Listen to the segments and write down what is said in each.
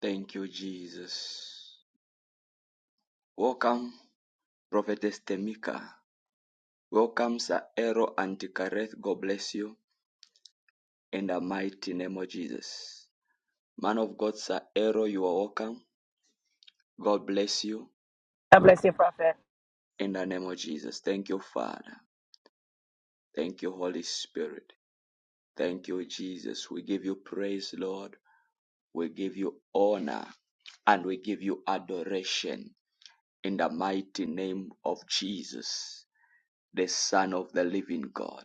Thank you, Jesus. Welcome, Prophetess Temika. Welcome, Sir Ero Antikareth. God bless you in the mighty name of Jesus. Man of God, Sir Ero, you are welcome. God bless you God bless you, Prophet. in the name of Jesus. Thank you, Father. Thank you, Holy Spirit. Thank you, Jesus. We give you praise, Lord. We give you honor and we give you adoration in the mighty name of Jesus, the Son of the living God.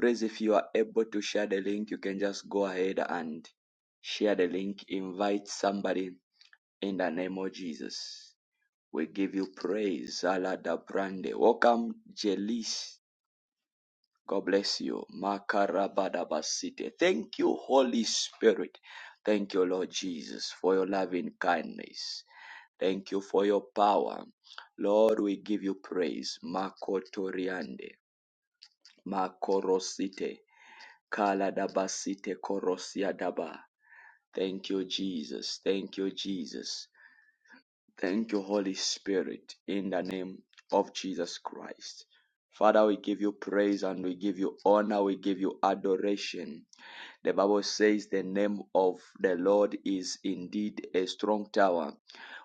please if you are able to share the link you can just go ahead and share the link invite somebody in the name of jesus we give you praise alada brande welcome jelis god bless you makarabadabasite thank you holy spirit thank you lord jesus for your loving kindness thank you for your power lord we give you praise makotoriande makorosite Kala Kaladabasite korosia daba. Thank you, Jesus. Thank you, Jesus. Thank you, Holy Spirit, in the name of Jesus Christ. Father, we give you praise and we give you honor, we give you adoration. The Bible says the name of the Lord is indeed a strong tower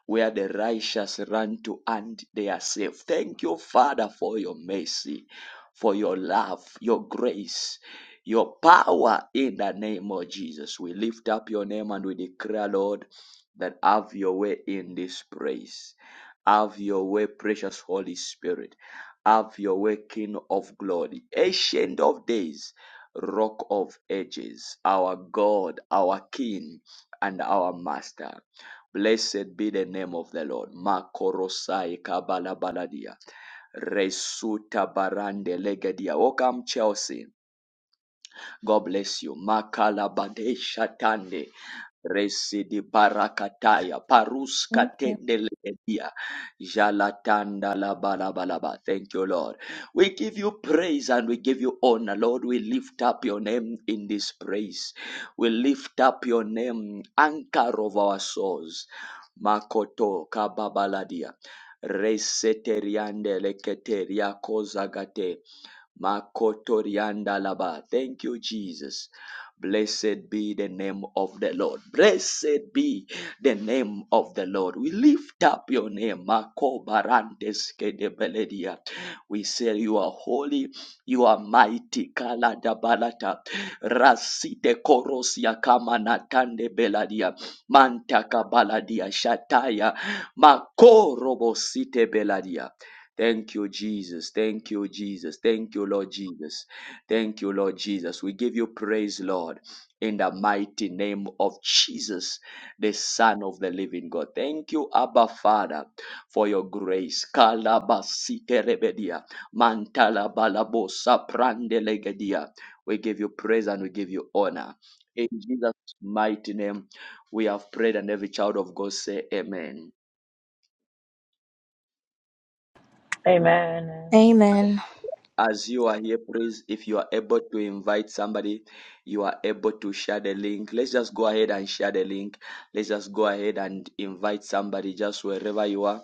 where the righteous run to and they are safe. Thank you, Father, for your mercy, for your love, your grace, your power in the name of Jesus. We lift up your name and we declare, Lord that have your way in this praise. Have your way, precious Holy Spirit. Have your way, King of glory, ancient of days, rock of ages, our God, our King, and our Master. Blessed be the name of the Lord. Makorosai Kabala Baladia. Resuta Barande Legadia. Welcome, Chelsea. God bless you. Makalabade shatande. Residi parakataya paruska Thank you. tendelegedia jalatanda la balabalaba. Thank you, Lord. We give you praise and we give you honor, Lord. We lift up your name in this praise. We lift up your name, anchor of our souls. Makoto kababaladia. Reseteriande leketeria kozagate. Makotorianda laba. Thank you, Jesus. Blessed be the name of the Lord. Blessed be the name of the Lord. We lift up your name. Makobarantes kedebeledia. We say you are holy, you are mighty. Kala dabalata. Rasite korosia kama beladia. Manta kabaladia shataya. Makorobosite beladia. Thank you, Jesus. Thank you, Jesus. Thank you, Lord Jesus. Thank you, Lord Jesus. We give you praise, Lord, in the mighty name of Jesus, the Son of the living God. Thank you, Abba Father, for your grace. Kalabasiterebedia, mantalabalabosa prandelegedia. We give you praise and we give you honor. In Jesus' mighty name, we have prayed, and every child of God say, Amen. Amen. Amen. as you are here, please, if you are able to invite somebody, you are able to share the link. Let's just go ahead and share the link. Let's just go ahead and invite somebody just wherever you are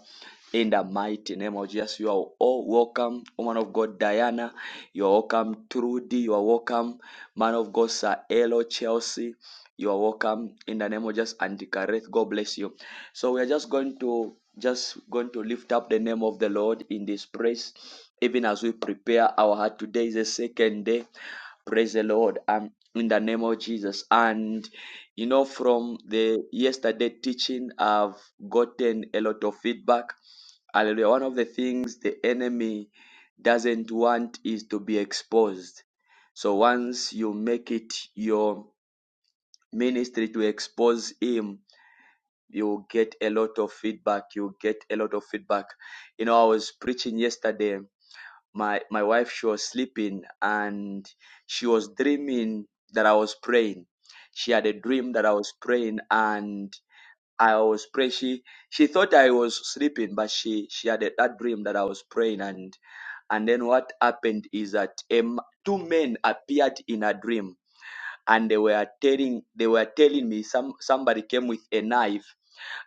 in the mighty name of Jesus. You are all welcome, woman of God Diana. You are welcome, Trudy. You are welcome, man of God Sir Elo Chelsea. You are welcome in the name of Jesus. Antikareth, God bless you. So we are just going to just going to lift up the name of the Lord in this praise, even as we prepare our heart. Today is the second day. Praise the Lord. Um, in the name of Jesus. And you know, from the yesterday teaching, I've gotten a lot of feedback Hallelujah. One of the things the enemy doesn't want is to be exposed. So once you make it your ministry to expose him, you'll get a lot of feedback. You'll get a lot of feedback. You know, I was preaching yesterday. My my wife she was sleeping and she was dreaming that I was praying. She had a dream that I was praying and I was praying. She she thought I was sleeping, but she she had that dream that I was praying, and and then what happened is that um, two men appeared in a dream, and they were telling they were telling me some somebody came with a knife,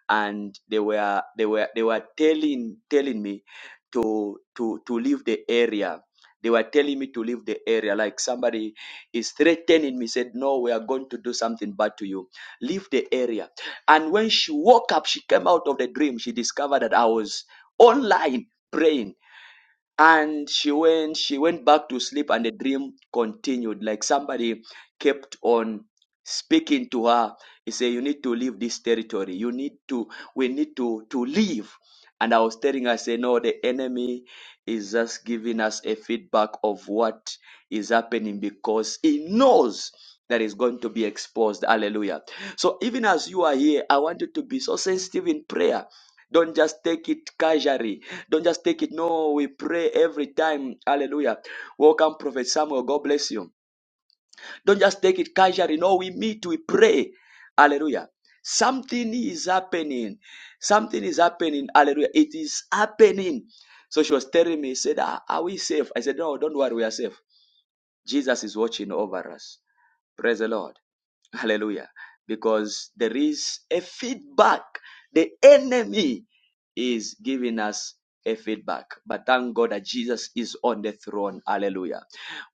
and they were they were they were telling telling me to to to leave the area they were telling me to leave the area like somebody is threatening me said no we are going to do something bad to you leave the area and when she woke up she came out of the dream she discovered that i was online praying and she went she went back to sleep and the dream continued like somebody kept on speaking to her he said you need to leave this territory you need to we need to to leave and i was telling her I say no the enemy is just giving us a feedback of what is happening because he knows that is going to be exposed hallelujah so even as you are here i want you to be so sensitive in prayer don't just take it casually don't just take it. No, we pray every time. Hallelujah. Welcome, Prophet Samuel. God bless you. Don't just take it casually. No, we meet, we pray. Hallelujah. Something is happening. Something is happening. Hallelujah. It is happening. So she was telling me, said, "Ah, Are we safe? I said, No, don't worry, we are safe. Jesus is watching over us. Praise the Lord. Hallelujah. Because there is a feedback. The enemy is giving us a feedback. But thank God that Jesus is on the throne. Hallelujah.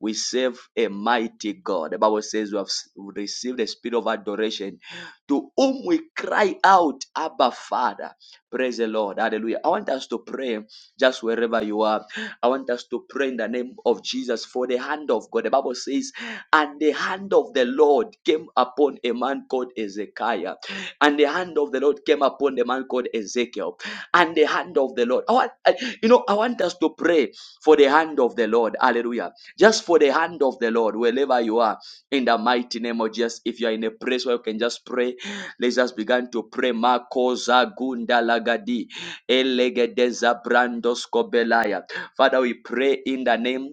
We serve a mighty God. The Bible says we have s- received the spirit of adoration to whom we cry out, Abba Father. Praise the Lord. Hallelujah. I want us to pray just wherever you are. I want us to pray in the name of Jesus for the hand of God. The Bible says and the hand of the Lord came upon a man called Ezekiah, and the hand of the Lord came upon a man called Ezekiel, and the hand of the Lord. I want, I- you know, I want us to pray for the hand of the Lord. Hallelujah. Just for the hand of the Lord, wherever you are, in the mighty name of Jesus. If you are in a place where you can just pray, let's just begin to pray. Marcos Agunda Lagadi, Elegedeza Brandos Kobelaya. Father, we pray in the name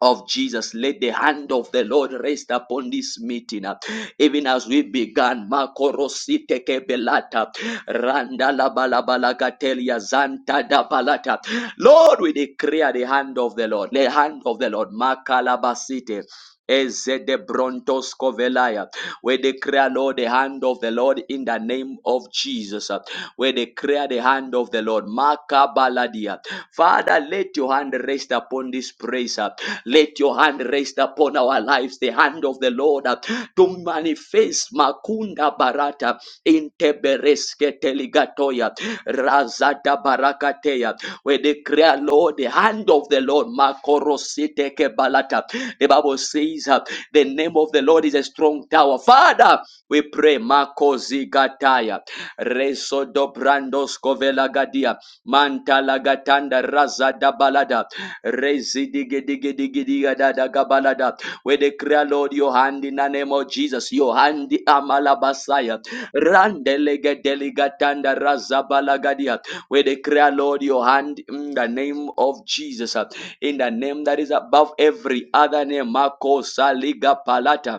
of Jesus. Let the hand of the Lord rest upon this meeting. uh, Even as we began, Makorosite belata, Randa la Balabalagatelia Zanta da Balata. Lord, we declare the hand of the Lord, the hand of the Lord, Makalabasite. Ezede brontos kovelaya. We declare, Lord, the hand of the Lord in the name of Jesus. uh, We declare the hand of the Lord. Makabaladia. Father, let your hand rest upon this praise. Let your hand rest upon our lives, the hand of the Lord, uh, to manifest Makunda Barata in Tebereske Teligatoya, Razada Barakateya. We declare, Lord, the hand of the Lord, Makorosite Kebalata. The Bible says, uh, the name of the Lord is a strong tower. Father, we pray, Makozigataya, Reso Dobrandos Kovela Gadia, Mantala Gatanda Razada Balada. Rezidigidigidigidiyadadagabalada. We declare, Lord, your hand in the name of Jesus, your hand amalabasaya. Randelegedeligatanda razabalagadia. We declare, Lord, your hand in the name of Jesus, in the name that is above every other name. Mako saliga palata.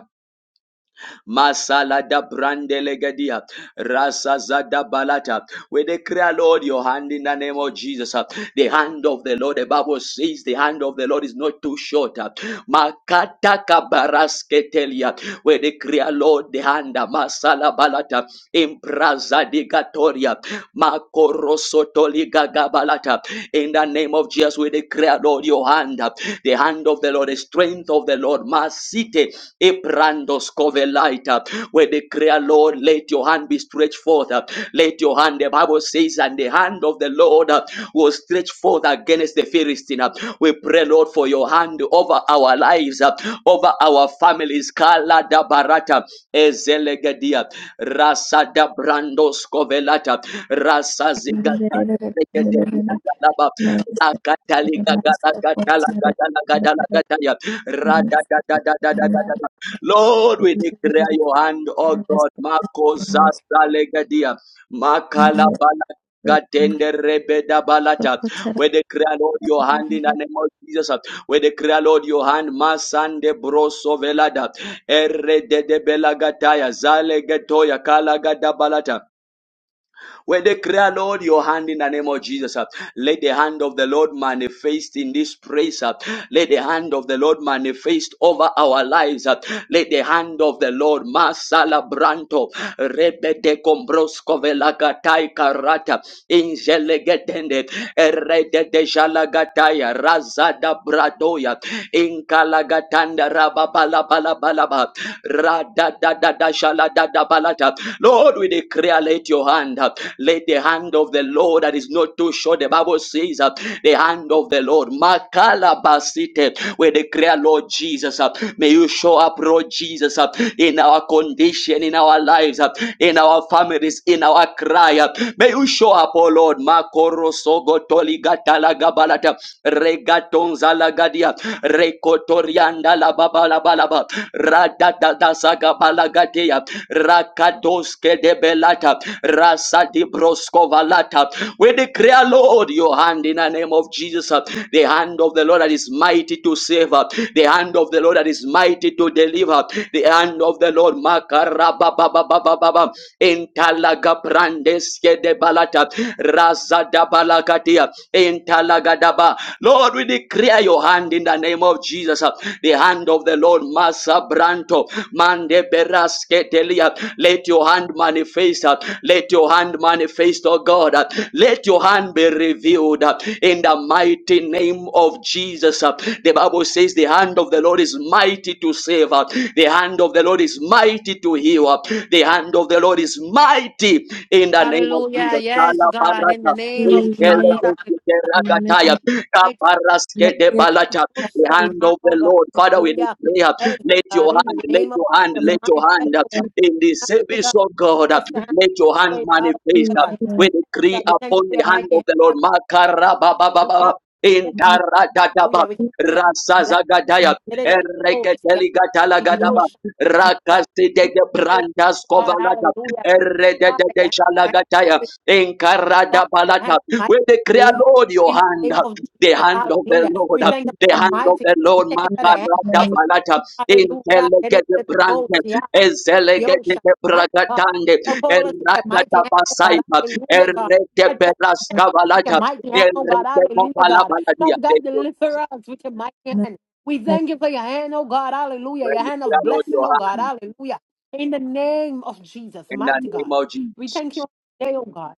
Masala da brandelegadia. Rasa zada balata. We declare, Lord, your hand in the name of Jesus. uh, The hand of the Lord. The Bible says the hand of the Lord is not too short. uh, Makata kabarasketelia. We declare, Lord, the hand. uh, Masala balata. Imprazadicatoria. Makorosotoligabalata. In the name of Jesus, we declare, Lord, your hand. uh, The hand of the Lord. The strength of the Lord. Masite. Ibrandos covelaita. We declare, Lord, let your hand be stretched forth. uh, Let your hand, the Bible says, and the hand of the Lord uh, was stretched forth against the Philistine. uh. We pray, Lord, for your hand over our lives, uh, over our families. Kala da barata ezelegedia rasa da brandos covelata rasa zigata Amen. Amen. Laba, Akatali Gagala Gatala Gatala Gadala Gataya, Rada da da da da da da Lord, we declare your hand, oh God, Marcos Legadia, makalabala Bala. rebeda balata. We declare, Lord, your hand in the name of Jesus. We declare, Lord, your hand. Masande broso velada. Ere de de bela gataya. Zale getoya. balata. We declare, Lord, your hand in the name of Jesus. uh, Let the hand of the Lord manifest in this place. uh, Let the hand of the Lord manifest over our lives. uh, Let the hand of the Lord, Masala Branto, Rebe de Combrosko Velagatai Karata, Injelegetende, Erede de Jalagataya, Razada Bradoya, Inkalagatanda Rababala Balaba, Rada Lord, we declare, let your hand, uh, let the hand of the Lord that is not too short. The Bible says, uh, the hand of the Lord. Makalabasite. We declare, Lord Jesus, uh, may you show up, Lord Jesus, uh, in our condition, in our lives, uh, in our families, in our cry. uh, May you show up, oh Lord. Makorosogotoligata lagabalata. Regatonza lagadia. reko kotorianda la baba la balaba radadada saga balagatea rakadoske de belata rasadi broskovalata we declare lord your hand in the name of jesus uh, the hand of the lord that is mighty to save uh, the hand of the lord that is mighty to deliver the hand of the lord makarabababababa intalaga brandeske de balata razada balagatea Entalagadaba. Lord, we declare your hand in the name of Jesus. uh, The hand of the Lord, Massa Branto, Mande Berasketelia. Let your hand manifest. uh, Let your hand manifest, oh God. uh, Let your hand be revealed uh, in the mighty name of Jesus. uh. The Bible says the hand of the Lord is mighty to save. uh, The hand of the Lord is mighty to heal. uh, The hand of the Lord is mighty in the name of Hallelujah. Yes, God, Jesus. in the name of Jesus. Hallelujah. Thank you, Ragataya, mighty Kaparaske de God. Balata, Good the hand strength, of oh the God. Lord. Father, we need Hallelujah. prayer. Yes, Let God, your in hand, the let name of your hand, Jesus. let Maria your Manifest, hand uh, oh God. in the Mighty service God, of God. uh, bless your hands Let in your this hand place. manifest. Hallelujah, uh, God. We Yes, God, decree we thank you upon for the your hand mighty of the hands. Lord. Makarabababa. Hallelujah. Yes, Intaradadaba hallelujah. We thank you for your blessed Rasazagadaya the host, yeah, Ereketeli Gatala to the Gadaba ocean, God. Rakasi de We thank you for your Brandas oh God. Kovalata Hallelujah. Erede God, that your hands are de mighty. God, your Enkaradabalata. hand is We mighty to declare, deliver Lord, your in the hand, name of the Jesus. hand of the Hallelujah. Lord, We thank you the for the hand of mighty. the We Lord, thank you for the hand of God. Makaradabalata. Hallelujah. That is Intelegete the most, branche, yeah, the ocean. ezelegete My God. bragatande, Uphold us with the mighty hand, oh God. erakatabasaita, Hallelujah, God. My God, protect us with your ereteberaskabalata, mighty hand, oh God. Hallelujah, God. My eretebopalabaladia. God, Thank you. deliver us with your mighty hand. We thank you for your hand, oh God. Hallelujah. We Your hand declare, of Lord, blessing, your oh God. hand Hallelujah. In the name of Jesus, in the mighty name God. of We Jesus. thank you today, oh God.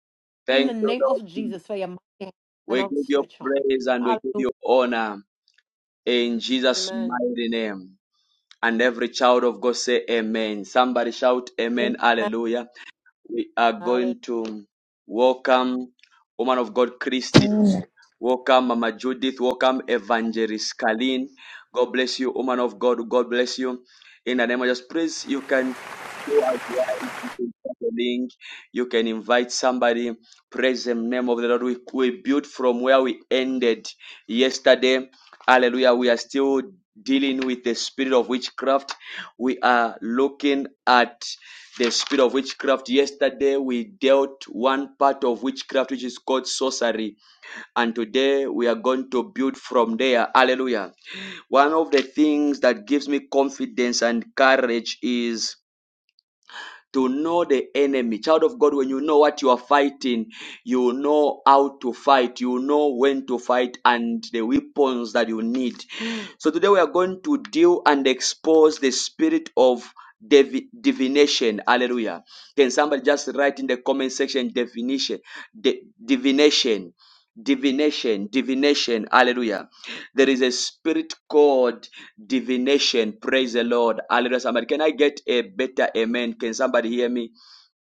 In Thank the you, name Lord. of Jesus. Jesus, for your mighty hand and We give you outstretched arm. praise and we give Hallelujah. you honor in Jesus' Amen. mighty name. And every child of God say amen. Somebody shout amen. Amen. Hallelujah. We are Hallelujah. going to welcome woman of God Christy. Welcome Mama Judith. Welcome Evangelist Kalin. God bless you, woman of God. God bless you. In the name of Jesus, please, you can go out there, you can share the link. You can invite somebody. Praise the name of the Lord. We, we built from where we ended yesterday. Hallelujah. We are still dealing with the spirit of witchcraft. We are looking at the spirit of witchcraft. Yesterday we dealt one part of witchcraft, which is called sorcery. And today we are going to build from there. Hallelujah. One of the things that gives me confidence and courage is to know the enemy. Child of God, when you know what you are fighting, you know how to fight, you know when to fight, and the weapons that you need. So today we are going to deal and expose the spirit of divi- divination. Hallelujah. Can somebody just write in the comment section definition? di- divination. Divination, divination, hallelujah. There is a spirit called divination. Praise the Lord. Hallelujah. Somebody, can I get a better amen? Can somebody hear me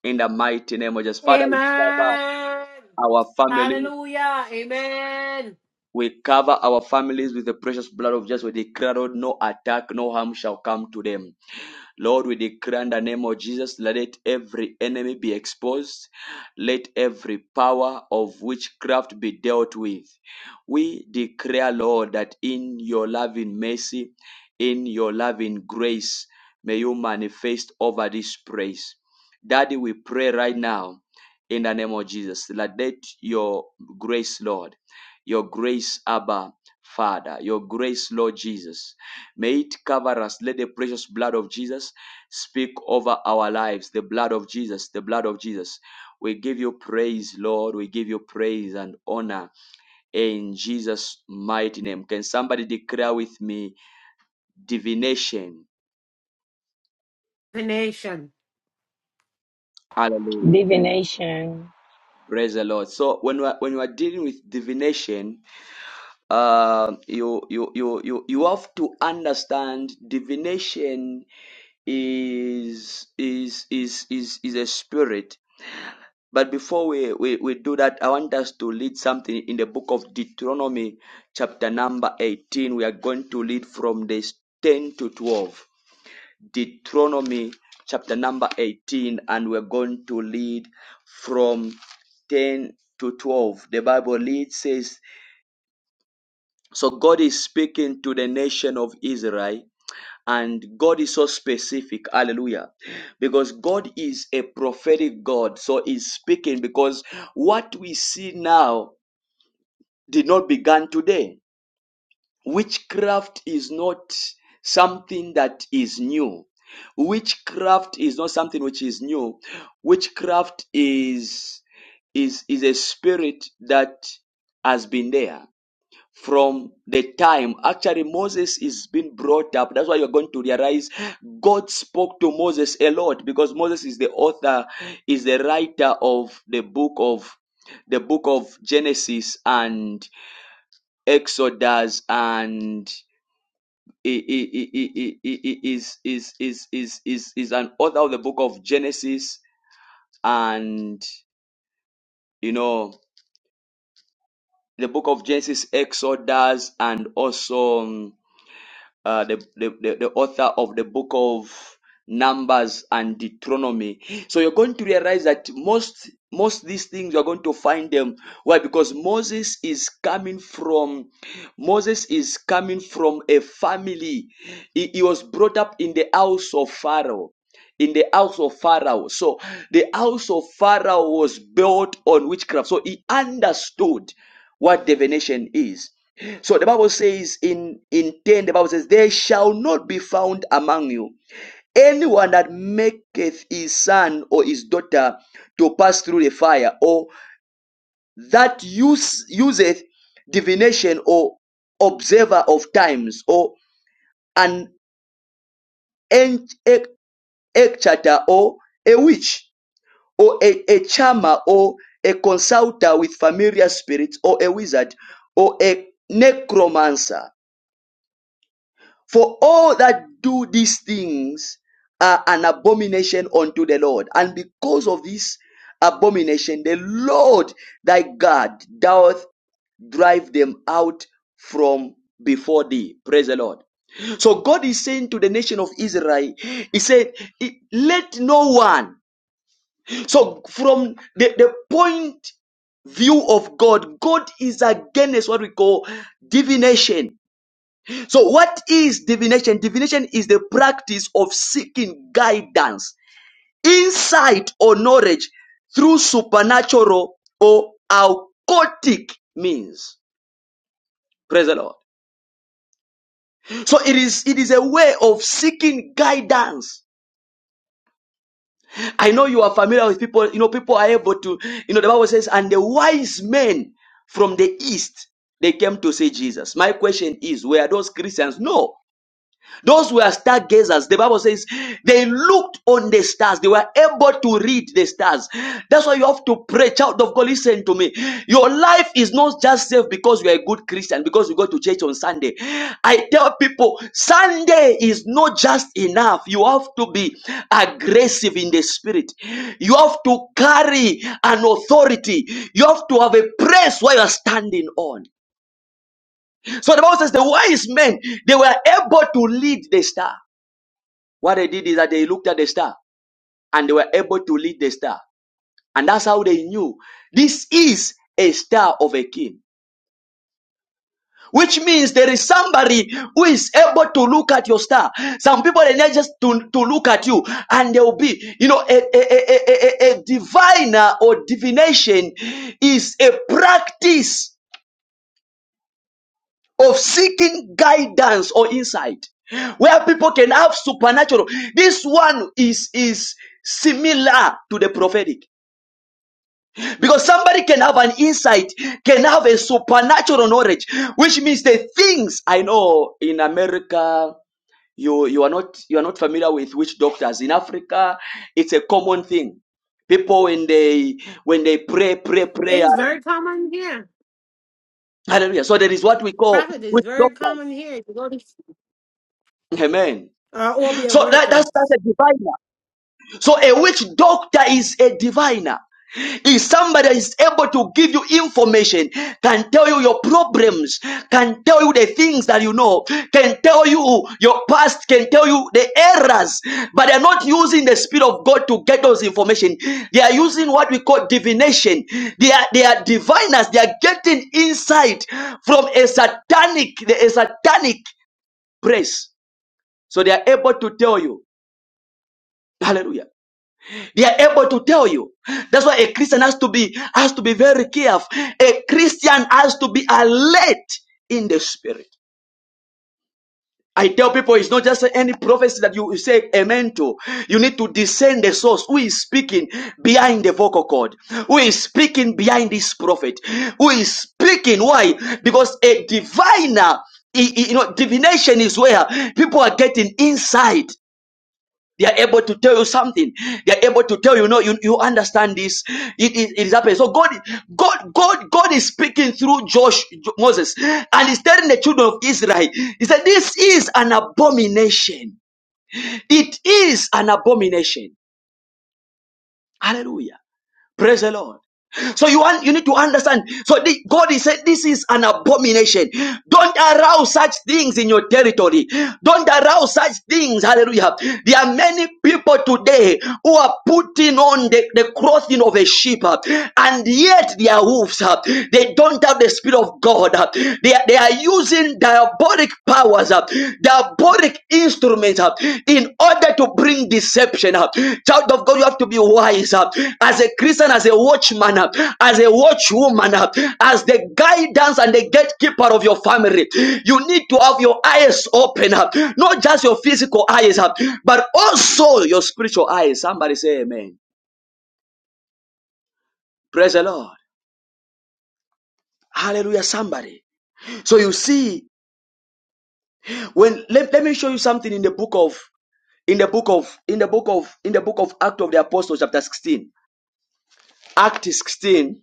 in the mighty name of Jesus? Father, we cover Amen. our family. Hallelujah. Amen. We cover our families with the precious blood of Jesus. We declare, Lord, no attack, no harm shall come to them. Lord, we declare in the name of Jesus, let every enemy be exposed. Let every power of witchcraft be dealt with. We declare, Lord, that in your loving mercy, in your loving grace, may you manifest over this praise. Daddy, we pray right now in the name of Jesus. Let that let your grace, Lord, your grace, Abba, Father, your grace, Lord Jesus. May it cover us. Let the precious blood of Jesus speak over our lives. The blood of Jesus, the blood of Jesus. We give you praise, Lord. We give you praise and honor in Jesus' mighty name. Can somebody declare with me divination? The nation. Hallelujah. Divination. Praise the Lord. So when you are, when you are dealing with divination, uh, you, you you you you have to understand divination is is is is is a spirit But before we, we, we do that, I want us to read something in the book of Deuteronomy, chapter number 18. We are going to read from this 10 to 12. Deuteronomy, chapter number 18, and we're going to read from 10 to 12. The Bible reads, says, So God is speaking to the nation of Israel and God is so specific. Hallelujah. Because God is a prophetic God. So he's speaking because what we see now did not begin today. Witchcraft is not something that is new. Witchcraft is not something which is new. Witchcraft is is is a spirit that has been there from the time actually Moses is being brought up. That's why you're going to realize God spoke to Moses a lot because Moses is the author, is the writer of the book of the book of Genesis and Exodus and is is is is is is an author of the book of Genesis and you know the book of Genesis, Exodus, and also um, uh, the, the, the, the author of the book of Numbers and Deuteronomy. So you're going to realize that most most these things you're going to find them. Why? Because Moses is coming from Moses is coming from a family. He, he was brought up in the house of Pharaoh in the house of Pharaoh. So the house of Pharaoh was built on witchcraft. So he understood what divination is. So the Bible says in, in 10, the Bible says, There shall not be found among you anyone that maketh his son or his daughter to pass through the fire, or that use, useth divination or observer of times, or an enchant- or a witch or a, a charmer or a consulter with familiar spirits or a wizard or a necromancer. For all that do these things are an abomination unto the Lord. And because of this abomination, the Lord thy God doth drive them out from before thee. Praise the Lord. So God is saying to the nation of Israel, He said, Let no one so, from the, the point view of God, God is against what we call divination. So, what is divination? Divination is the practice of seeking guidance, insight, or knowledge through supernatural or occultic means. Praise the Lord. So it is it is a way of seeking guidance I know you are familiar with people, you know, people are able to, you know, the Bible says, and the wise men from the east, they came to see Jesus. My question is, were those Christians? No. Those were stargazers. The Bible says they looked on the stars. They were able to read the stars. That's why you have to pray. Child of God, listen to me. Your life is not just safe because you are a good Christian, because you go to church on Sunday. I tell people, Sunday is not just enough. You have to be aggressive in the spirit. You have to carry an authority. You have to have a place where you are standing on. So the Bible says the wise men, they were able to lead the stars. What they did is that they looked at the star and they were able to lead the star. And that's how they knew this is a star of a king. Which means there is somebody who is able to look at your star. Some people they need just to, to look at you and they'll be, you know, a, a, a, a, a a diviner or divination is a practice of seeking guidance or insight where people can have supernatural. This one is, is similar to the prophetic. Because somebody can have an insight, can have a supernatural knowledge, which means the things I know in America, you you are not you are not familiar with witch doctors. In Africa, it's a common thing. People when they when they pray, pray, prayer. It's very common here. Hallelujah. So there is what we call Prophet witch is very doctors. common here. If You go to Amen. uh, or be a So that, worker. that's that's a diviner. So a witch doctor is a diviner. Is somebody is able to give you information, can tell you your problems, can tell you the things that you know, can tell you your past, can tell you the errors, but they are not using the Spirit of God to get those information. They are using what we call divination. They are they are diviners. They are getting insight from a satanic, the a satanic place. So they are able to tell you. Hallelujah. They are able to tell you. That's why a Christian has to be has to be very careful. A Christian has to be alert in the spirit. I tell people it's not just any prophecy that you say amen to. You need to discern the source who is speaking behind the vocal cord, who is speaking behind this prophet, who is speaking. Why? Because a diviner, you know, divination is where people are getting insight they are able to tell you something. They are able to tell you, no, you, you understand this. It is it is happening. So God, God, God, God is speaking through Josh Moses, and He's telling the children of Israel. He said, "This is an abomination. It is an abomination." Hallelujah. Praise the Lord. So you want you need to understand. So the, God is said this is an abomination. Don't arouse such things in your territory. Don't arouse such things. Hallelujah. There are many people today who are putting on the, the clothing of a sheep, uh, and yet they are wolves. uh, They don't have the spirit of God. uh, They they are using diabolic power powers, uh, diabolic instruments uh, in order to bring deception. uh. Child of God, you have to be wise uh, as a Christian, as a watchman, uh, as a watchwoman, uh, as the guidance and the gatekeeper of your family. You need to have your eyes open, uh, not just your physical eyes, uh, but also your spiritual eyes. Somebody say amen. Praise the Lord. Hallelujah, somebody. So you see, when let, let me show you something in the book of in the book of in the book of in the book of Act of the Apostles, chapter 16. Act 16,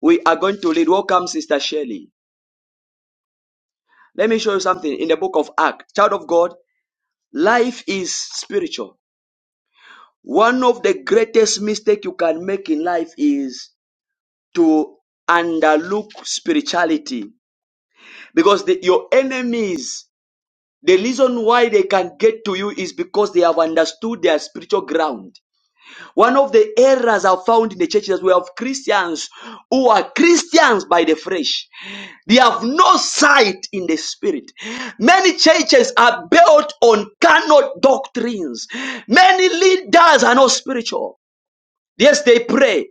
we are going to read. Welcome, Sister Shelley. Let me show you something in the book of Act. Child of God, life is spiritual. One of the greatest mistake you can make in life is to underlook spirituality because the, your enemies the reason why they can get to you is because they have understood their spiritual ground One of the errors I've found in the churches we have Christians who are Christians by the flesh. They have no sight in the spirit. Many churches are built on carnal doctrines. Many leaders are not spiritual. Yes, they pray.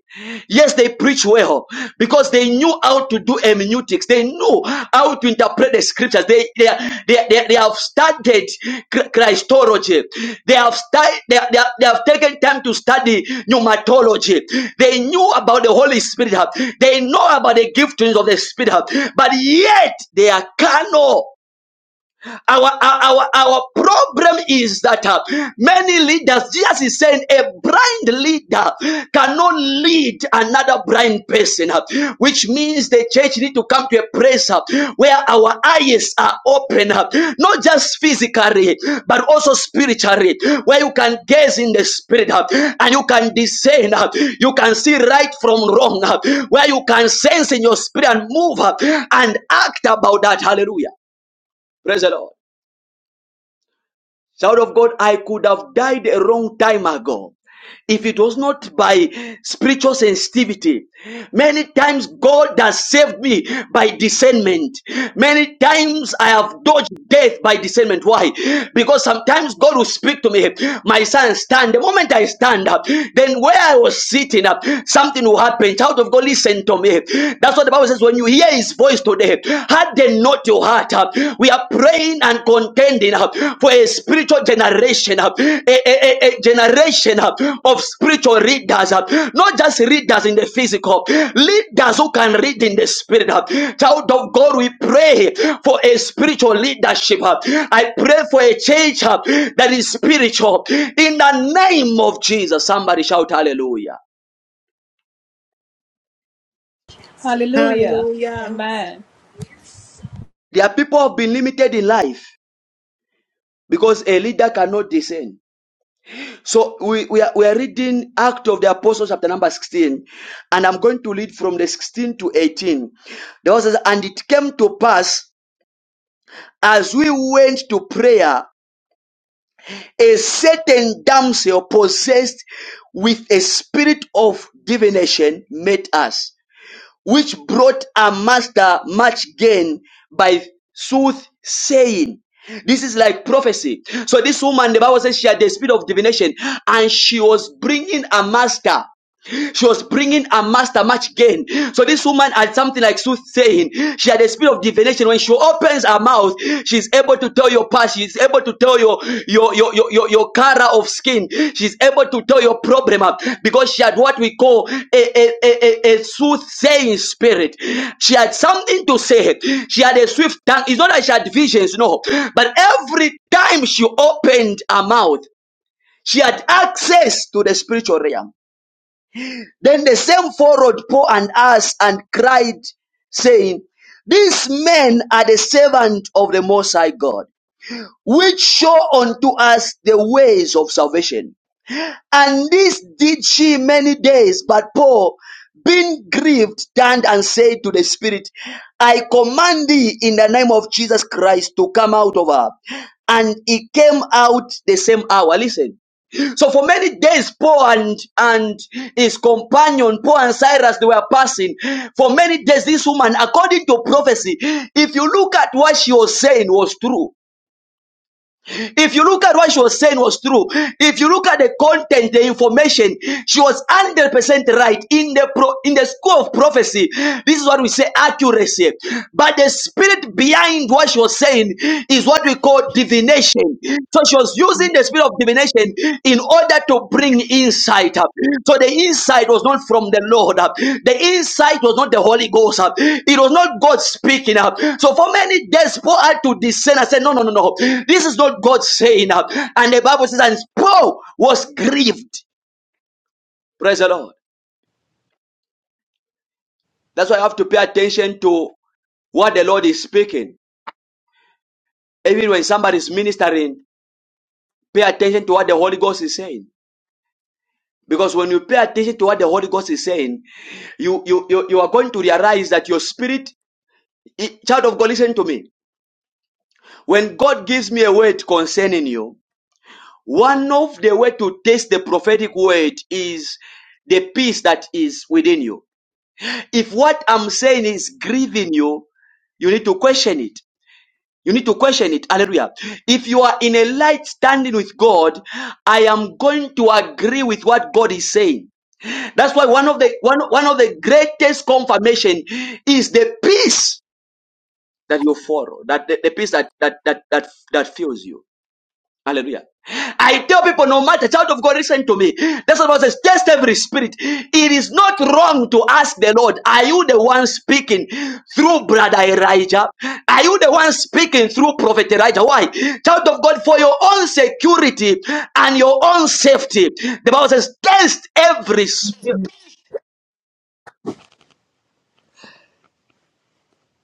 Yes, they preach well because they knew how to do hermeneutics. They knew how to interpret the scriptures. They they are- they, are- they, are- they have studied Chri- Christology. They have studied. They, are- they, are- they have taken time to study pneumatology. They knew about the Holy Spirit. They know about the giftings of the Spirit. But yet they are carnal our our our problem is that uh, many leaders jesus is saying a blind leader cannot lead another blind person uh, which means the church need to come to a place uh, where our eyes are open up not just physically but also spiritually where you can gaze in the spirit uh, and you can discern uh, you can see right from wrong uh, where you can sense in your spirit and move up and act about that hallelujah praise the lord Child of God, I could have died a long time ago if it was not by spiritual sensitivity. Many times God has saved me by discernment. Many times I have dodged death by discernment. Why? Because sometimes God will speak to me, my son, stand. The moment I stand up, then where I was sitting up, something will happen. Child of God, listen to me. That's what the Bible says when you hear his voice today, harden not your heart uh, We are praying and contending uh, for a spiritual generation, uh, a, a- a- a generation uh, of spiritual readers, uh, not just readers in the physical, leaders who can read in the spirit. uh. Child of God, we pray for a spiritual leadership. uh. I pray for a church that is spiritual in the name of Jesus. Somebody shout hallelujah. Hallelujah. Hallelujah. Amen. There are people who have been limited in life because a leader cannot discern. So we, we, are, we are reading Act of the Apostles chapter number 16, and I'm going to read from the 16 to 18. The Bible says, and it came to pass as we went to prayer, a certain damsel possessed with a spirit of divination met us, which brought our master much gain by soothsaying. This is like prophecy. So this woman, the Bible says she had the spirit of divination and she was bringing a master. She was bringing a master much gain. So this woman had something like soothsaying. She had a spirit of divination. When she opens her mouth, she's able to tell your past. She's able to tell your your your your your, your color of skin. She's able to tell your problem up because she had what we call a a, a, a a soothsaying spirit. She had something to say. She had a swift tongue. It's not that she had visions, no. But every time she opened her mouth, she had access to the spiritual realm. Then the same followed Paul and us and cried, saying, These men are the servants of the Most High God, which show unto us the ways of salvation. And this did she many days, but Paul, being grieved, turned and said to the Spirit, I command thee in the name of Jesus Christ to come out of her. And he came out the same hour. Listen so for many days, Paul and, and his companion, Paul and Cyrus, they were passing. For many days, this woman, according to prophecy, if you look at what she was saying was true. If you look at what she was saying was true. If you look at the content, the information, she was 100% right in the pro, in the school of prophecy. This is what we say accuracy. But the spirit behind what she was saying is what we call divination. So she was using the spirit of divination revelation in order to bring insight. uh. So the insight was not from the Lord. uh. The insight was not the Holy Ghost. uh. It was not God speaking. uh. So for many days, Paul had to discern and say, No, no, no, no. This is not God saying. uh." And the Bible says, And Paul was grieved. Praise the Lord. That's why I have to pay attention to what the Lord is speaking. Even when somebody is ministering, pay attention to what the Holy Ghost is saying. Because when you pay attention to what the Holy Ghost is saying, you you you, you are going to realize that your spirit i- child of god listen to me when god gives me a word concerning you one of the way to taste the prophetic word is the peace that is within you if what i'm saying is grieving you you need to question it you need to question it hallelujah if you are in a light standing with god i am going to agree with what god is saying That's why one of the one, one of the greatest confirmation is the peace that you follow, that the, the peace that that that that that fills you. Hallelujah. I tell people, no matter child of God, listen to me. That's what God says. Test every spirit. It is not wrong to ask the Lord, are you the one speaking through brother Elijah? Are you the one speaking through prophet Elijah? Why? Child of God, for your own security and your own safety. The Bible says, test every spirit.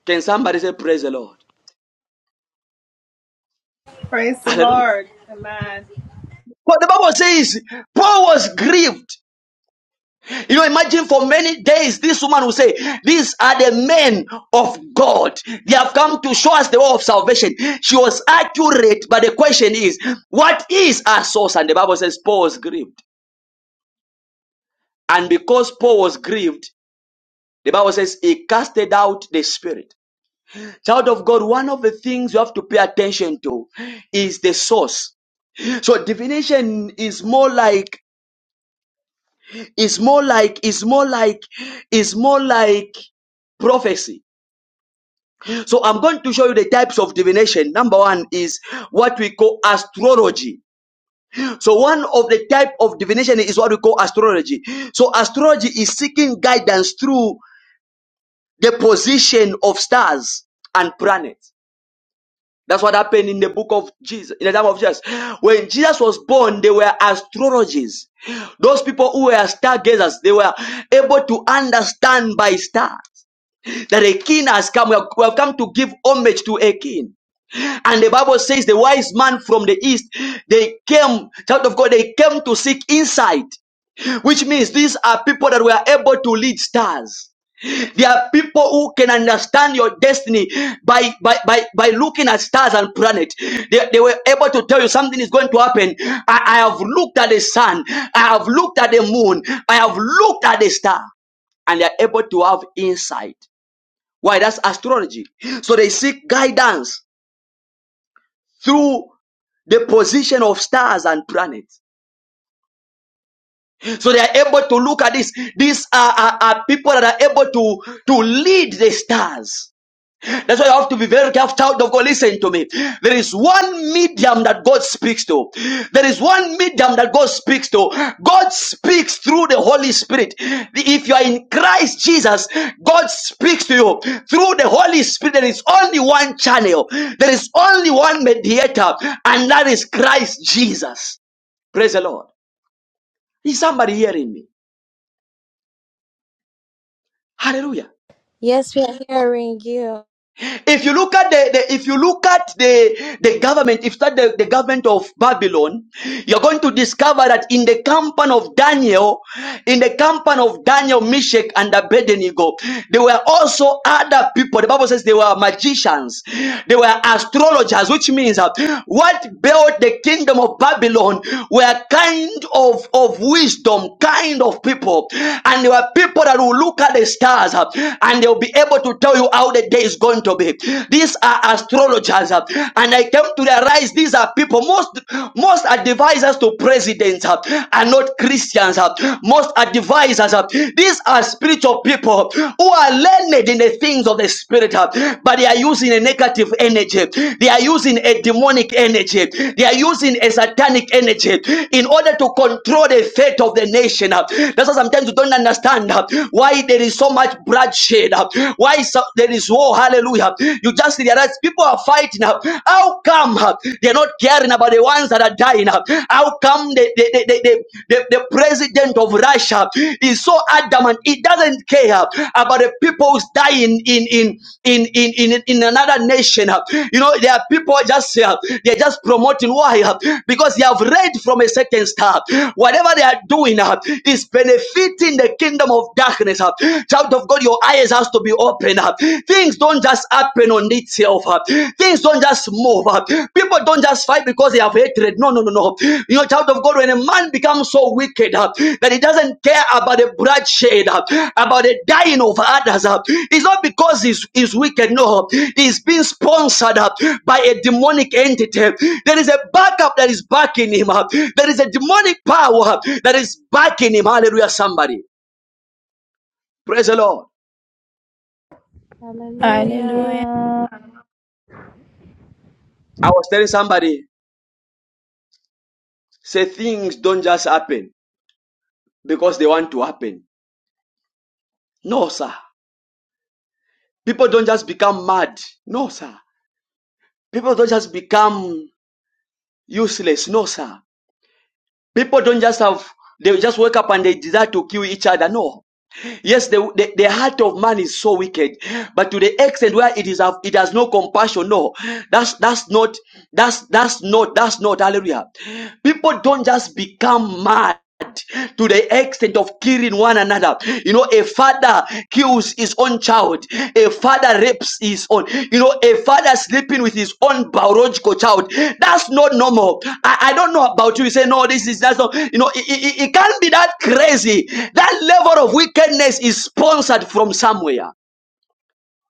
Can somebody say, Praise the Lord? Praise the Hallelujah. Lord. Amen. But the Bible says Paul was grieved. You know, imagine for many days this woman will say, These are the men of God. They have come to show us the way of salvation. She was accurate, but the question is, What is our source? And the Bible says Paul was grieved. And because Paul was grieved, the Bible says he casted out the spirit. Child of God, one of the things you have to pay attention to is the source. So divination is more like It's more like it's more like it's more like prophecy. So I'm going to show you the types of divination. Number one is what we call astrology. So one of the type of divination is what we call astrology. So astrology is seeking guidance through the position of stars and planets. That's what happened in the book of Jesus, in the time of Jesus. When Jesus was born, they were astrologers. Those people who were stargazers, they were able to understand by stars. that a king has come. We have, we have come to give homage to a king. And the Bible says the wise man from the east, they came, child of God, they came to seek insight, which means these are people that were able to lead stars. They are people who can understand your destiny by, by, by, by looking at stars and planet. They, they were able to tell you something is going to happen. I, I have looked at the sun. I have looked at the moon. I have looked at the star. And they are able to have insight. Why? That's astrology. So they seek guidance through the position of stars and planets. So they are able to look at this. These are, are, are people that are able to, to lead the stars. That's why you have to be very careful, child of God. Listen to me. There is one medium that God speaks to. There is one medium that God speaks to. God speaks through the Holy Spirit. If you are in Christ Jesus, God speaks to you through the Holy Spirit. There is only one channel. There is only one mediator, and that is Christ Jesus. Praise the Lord. Is somebody hearing me? Hallelujah. Yes, we are hearing you. If you look at the, the if you look at the, the government, if that the, the government of Babylon, you're going to discover that in the company of Daniel, in the company of Daniel, Meshach, and Abednego, there were also other people. The Bible says they were magicians, they were astrologers, which means uh, what built the kingdom of Babylon were kind of, of wisdom, kind of people. And there were people that will look at the stars uh, and they'll be able to tell you show you how the day is going to be. These are astrologers, uh, and I came to realize these are people. Most most are advisors to presidents uh, are not Christians. uh, Most advisors, uh, these are spiritual people who are learned in the things of the spirit, uh, but they are using a negative energy. They are using a demonic energy. They are using a satanic energy in order to control the fate of the nation. uh. That's why sometimes you don't understand uh, why there is so much bloodshed bloodshed. Why so, there is war? Hallelujah. You just realize people are fighting. How come they're not caring about the ones that are dying? How come the, the, the, the, the, the, the president of Russia is so adamant? He doesn't care about the people who's dying in, in, in, in, in, in another nation. You know, there are people just they're just promoting why? Because they have read from a certain star. Whatever they are doing uh, is benefiting the kingdom of darkness up. Child of God, your eyes has to be open up. Things don't just happen on itself up. Things don't just move up. People don't just fight because they have hatred. No, no, no, no. You know, child of God, when a man becomes so wicked up that he doesn't care about the bloodshed up, about the dying of others up, it's not because he's, he's wicked. No, he's being sponsored up by a demonic entity. There is a backup that is backing him up. There is a demonic power that is backing him. Hallelujah, somebody. Praise the Lord. Hallelujah. Hallelujah. I was telling somebody, say things don't just happen because they want to happen. No, sir. People don't just become mad. No, sir. People don't just become useless. No, sir. People don't just have, they just wake up and they desire to kill each other. No. Yes, the, the, the heart of man is so wicked, but to the extent where it is it has no compassion. No, that's that's not that's that's not that's not hallelujah. People don't just become mad to the extent of killing one another. You know, a father kills his own child. A father rapes his own. You know, a father sleeping with his own biological child. That's not normal. I, I don't know about you. You say, no, this is that's not, you know, it, it, it can't be that crazy. That level of wickedness is sponsored from somewhere.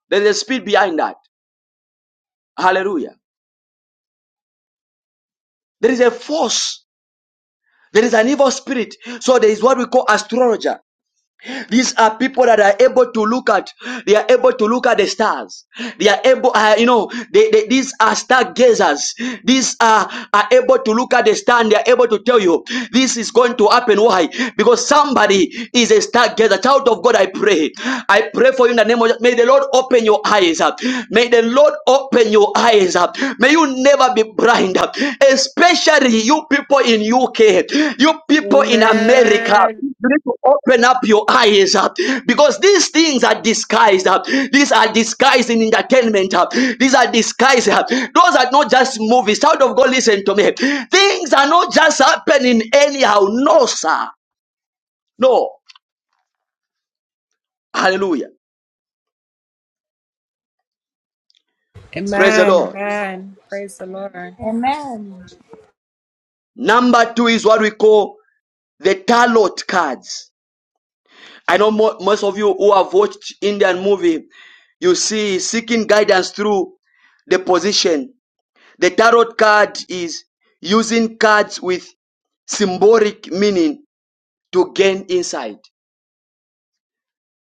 There's a spirit behind that. Hallelujah. There is a force. There is an evil spirit. So there is what we call astrologer. These are people that are able to look at, they are able to look at the stars. They are able, uh, you know, they, they, these are stargazers. These are, are able to look at the star and they are able to tell you this is going to happen. Why? Because somebody is a stargazer. Child of God, I pray. I pray for you in the name of, Jesus. may the Lord open your eyes up. May the Lord open your eyes up. May you never be blind up. Especially you people in UK, you people in America. Amen. You need to open up your eyes uh, because these things are disguised. uh, these are disguised in entertainment. uh, these are disguised. uh, those are not just movies. Child of God, listen to me. Things are not just happening anyhow. No, sir. No. Hallelujah. Praise the Amen. Lord. Amen. Praise the Lord. Amen. Amen. Number two is what we call the tarot cards. I know mo- most of you who have watched Indian movie, you see seeking guidance through the position The tarot card is using cards with symbolic meaning to gain insight.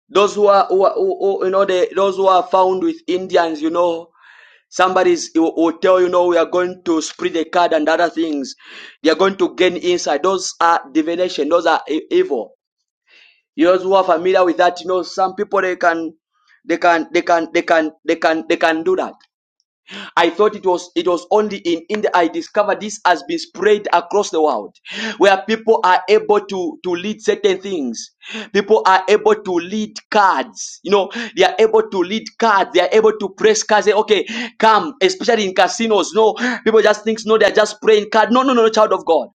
Those who are, who are who, who- you know, the, those who are found with Indians, you know, somebody will, tell you, know, we are going to spread the card and other things. They are going to gain insight. Those are divination. Those are e- evil. You know, Those who are familiar with that, you know, some people they can, they can, they can, they can, they can, they can do that. I thought it was it was only in India I discovered this has been spread across the world where people are able to to lead certain things. People are able to lead cards. You know, they are able to lead cards. They are able to press cards. Say, okay, come. Especially in casinos, no people just think no, they are just playing card. No, no, no, no, child of God.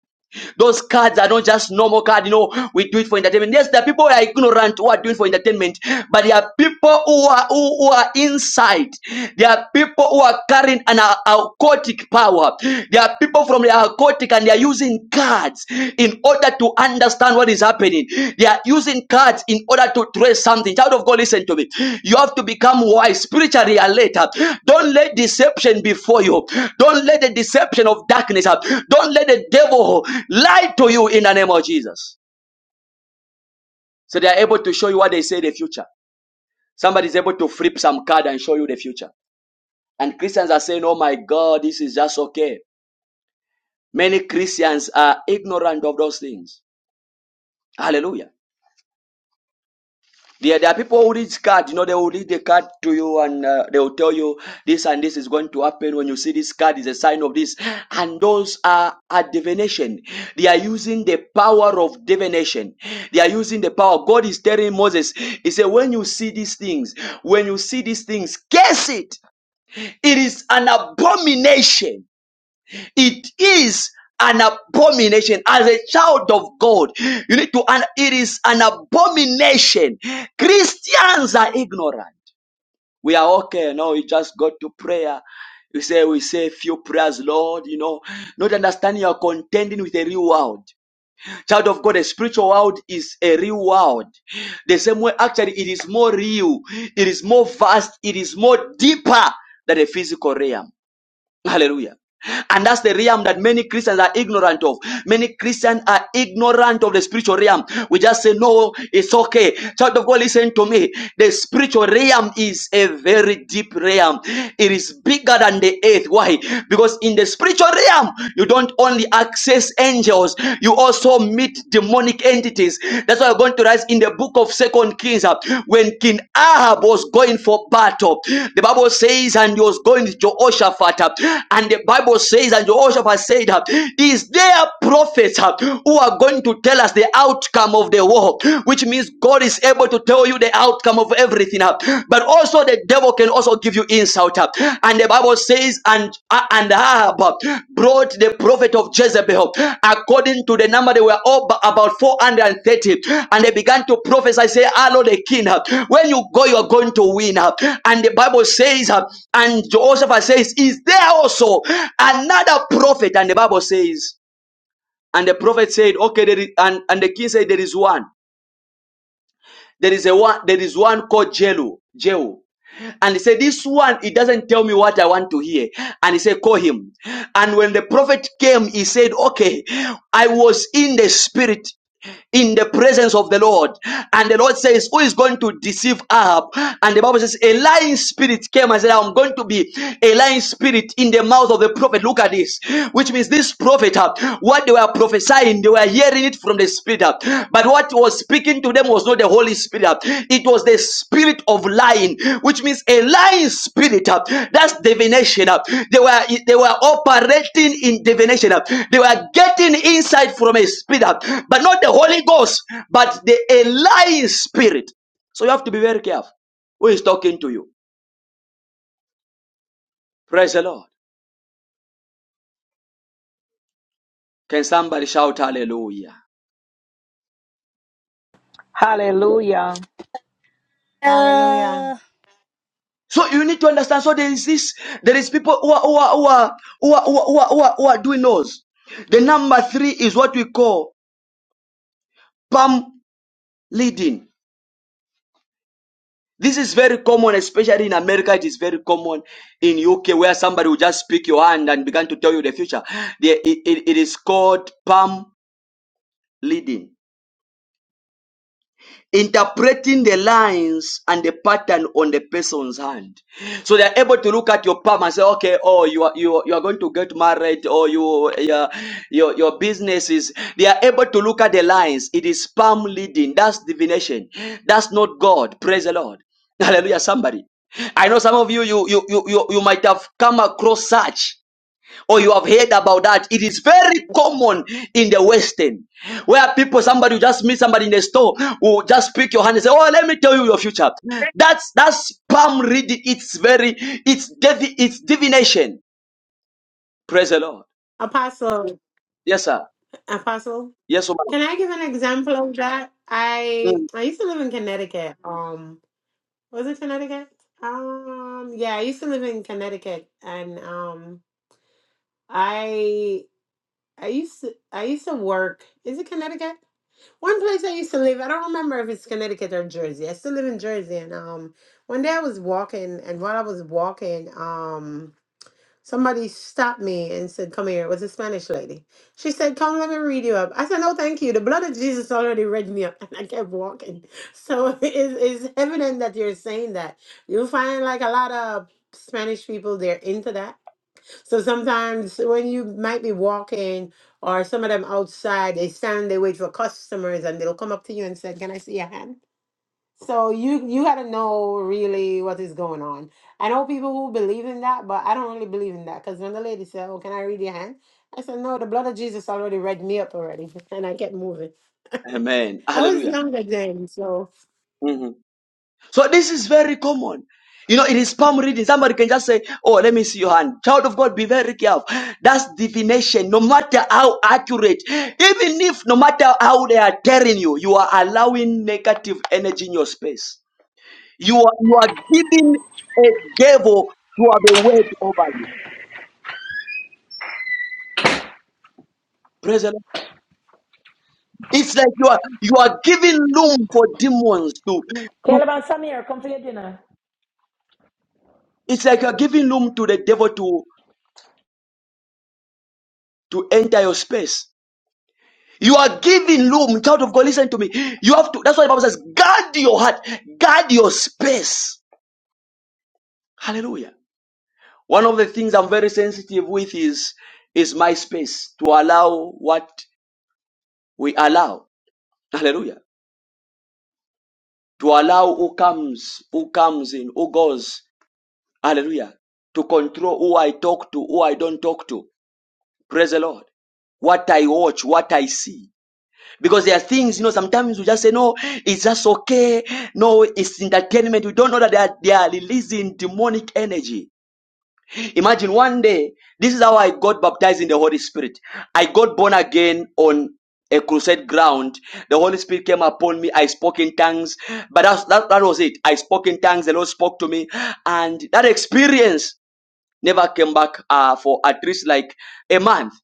Those cards are not just normal cards. you know, we do it for entertainment. Yes, there are people who are ignorant who are doing it for entertainment, but there are people who are who, who are inside. There are people who are carrying an al- alcotic power. There are people from the alcotic and they are using cards in order order to understand what is happening. They are using cards in order to trace something. Child of God, listen to me. You have to become wise spiritually and later. Don't let deception before you. Don't let the deception of darkness up. Don't let the devil lie to you in the name of Jesus. So they are able to show you what they say the future. Somebody is able to flip some card and show you the future. And Christians are saying, Oh my God, this is just okay. Many Christians are ignorant of those things. Hallelujah. There, there are people who read card, you know, they will read the card to you and uh, they will tell you this and this is going to happen when you see this card is a sign of this. And those are a divination. They are using the power of divination. They are using the power. God is telling Moses, He said, when you see these things, when you see these things, curse it. It is an abomination. It is an abomination as a child of God. You need to, and it is an abomination. Christians are ignorant. We are okay. No, we just go to prayer. You say, we say a few prayers, Lord, you know, not understanding you're contending with a real world. Child of God, the spiritual world is a real world. The same way, actually, it is more real, it is more vast, it is more deeper than the physical realm. Hallelujah. And that's the realm that many Christians are ignorant of. Many Christians are ignorant of the spiritual realm. We just say, no, it's okay. Child of God, listen to me. The spiritual realm is a very deep realm. It is bigger than the earth. Why? Because in the spiritual realm, you don't only access angels, you also meet demonic angels entities. That's why we're going to rise in the book of Second Kings. uh, When King Ahab was going for battle, the Bible says, and he was going with Jehoshaphat, uh, and the Bible says, and Jehoshaphat said, uh, Is there prophets uh, who are going to tell us the outcome of the war? Which means God is able to tell you the outcome of everything. uh, But also the devil can can also give you insult. And the Bible says, and uh, and Ahab brought the prophet of Jezebel according to the number they were all about 430, and they began to prophesy, say, Hello, the king. When you go, you are going to win. And the Bible says, uh, and Jehoshaphat says, Is there also another prophet? And the Bible says, and the prophet said, Okay, there is, and, and the king said, There is one. There is a one, there is one called Jelu. Jehu. And he said, This one, he doesn't tell me what I want to hear. And he said, Call him. And when the prophet came, he said, Okay, I was in the spirit in the presence of the Lord. And the Lord says, Who is going to deceive Ahab? And the Bible says, A lying spirit came and said, I'm going to be a lying spirit in the mouth of the prophet. Look at this, which means this prophet uh, What they were prophesying, they were hearing it from the Spirit. uh, But what was speaking to them was not the Holy Spirit. uh, It was the spirit of lying, which means a lying spirit. uh, That's divination. uh, They were they were operating in divination. uh, They were getting insight from a spirit, uh, but not the Holy Ghost, but the a lying spirit. So you have to be very careful. Who is talking to you? Praise the Lord. Can somebody shout hallelujah? Hallelujah. Hallelujah. Yeah. So you need to understand. So there is this, there is people who are, who are, who are, who are, who are, who are, who are doing those. The number three is what we call palm leading. This is very common, especially in America. It is very common in UK where somebody will just pick your hand and begin to tell you the future. There- it it- it is called palm leading. interpreting the lines and the pattern on the person's hand. So they're able to look at your palm and say, okay, oh, you are, you, are- you are going to get married or you, yeah, your, your business is, they are able to look at the lines. It is palm leading. That's divination. That's not God. Praise the Lord. Hallelujah. Somebody. I know some of you, you, you, you, you, you might have come across such or you have heard about that. It is very common in the Western, where people, somebody will just meet somebody in the store, will just pick your hand and say, "Oh, let me tell you your future." That's that's palm reading. It's very, it's divi- it's divination. Praise the Lord. Apostle. Yes, sir. Apostle. Yes, woman. Can I give an example of that? I Mm. I used to live in Connecticut. Um Was it Connecticut? Um, yeah, I used to live in Connecticut and um I I used to I used to work. Is it Connecticut? One place I used to live, I don't remember if it's Connecticut or Jersey. I still live in Jersey and um one day I was walking and while I was walking, um Somebody stopped me and said, Come here. It was a Spanish lady. She said, Come, let me read you up. I said, No, thank you. The blood of Jesus already read me up. And I kept walking. So it is evident that you're saying that. You'll find like a lot of Spanish people, they're into that. So sometimes when you might be walking or some of them outside, they stand, they wait for customers and they'll come up to you and say, Can I see your hand? So you you got to know really what is going on. I know people who believe in that, but I don't really believe in that because when the lady said, "Oh, can I read your hand?" I said, "No, the blood of Jesus already read me up already," and I kept moving. Amen. I was Hallelujah. younger then, so Mm-hmm. So this is very common. You know, it is palm reading. Somebody can just say, Oh, let me see your hand. Child of God, be very careful. That's divination, no matter how accurate. Even if, no matter how they are telling you, you are allowing negative energy in your space. You are, you are giving a devil to have a word over you. Praise the Lord. It's like you are, you are giving room for demons to, to- Caleb and Samir, come for your dinner. it's like you are giving room to the devil to, to enter your space. You are giving room, child of God. Listen to me. You have to. That's why the Bible says, guard your heart, guard your space. Hallelujah. One of the things I'm very sensitive with is is my space to allow what we allow. Hallelujah. To allow who comes, who comes in, who goes. Hallelujah. To control who I talk to, who I don't talk to. Praise the Lord. What I watch, what I see. Because there are things, you know, sometimes we just say, no, it's just okay. No, it's entertainment. We don't know that they are, they are releasing demonic energy. Imagine one day, this is how I got baptized in the Holy Spirit. I got born again on a crusade ground. The Holy Spirit came upon me. I spoke in tongues, but that's, that, that was it. I spoke in tongues. The Lord spoke to me. And that experience never came back uh, for at least like a month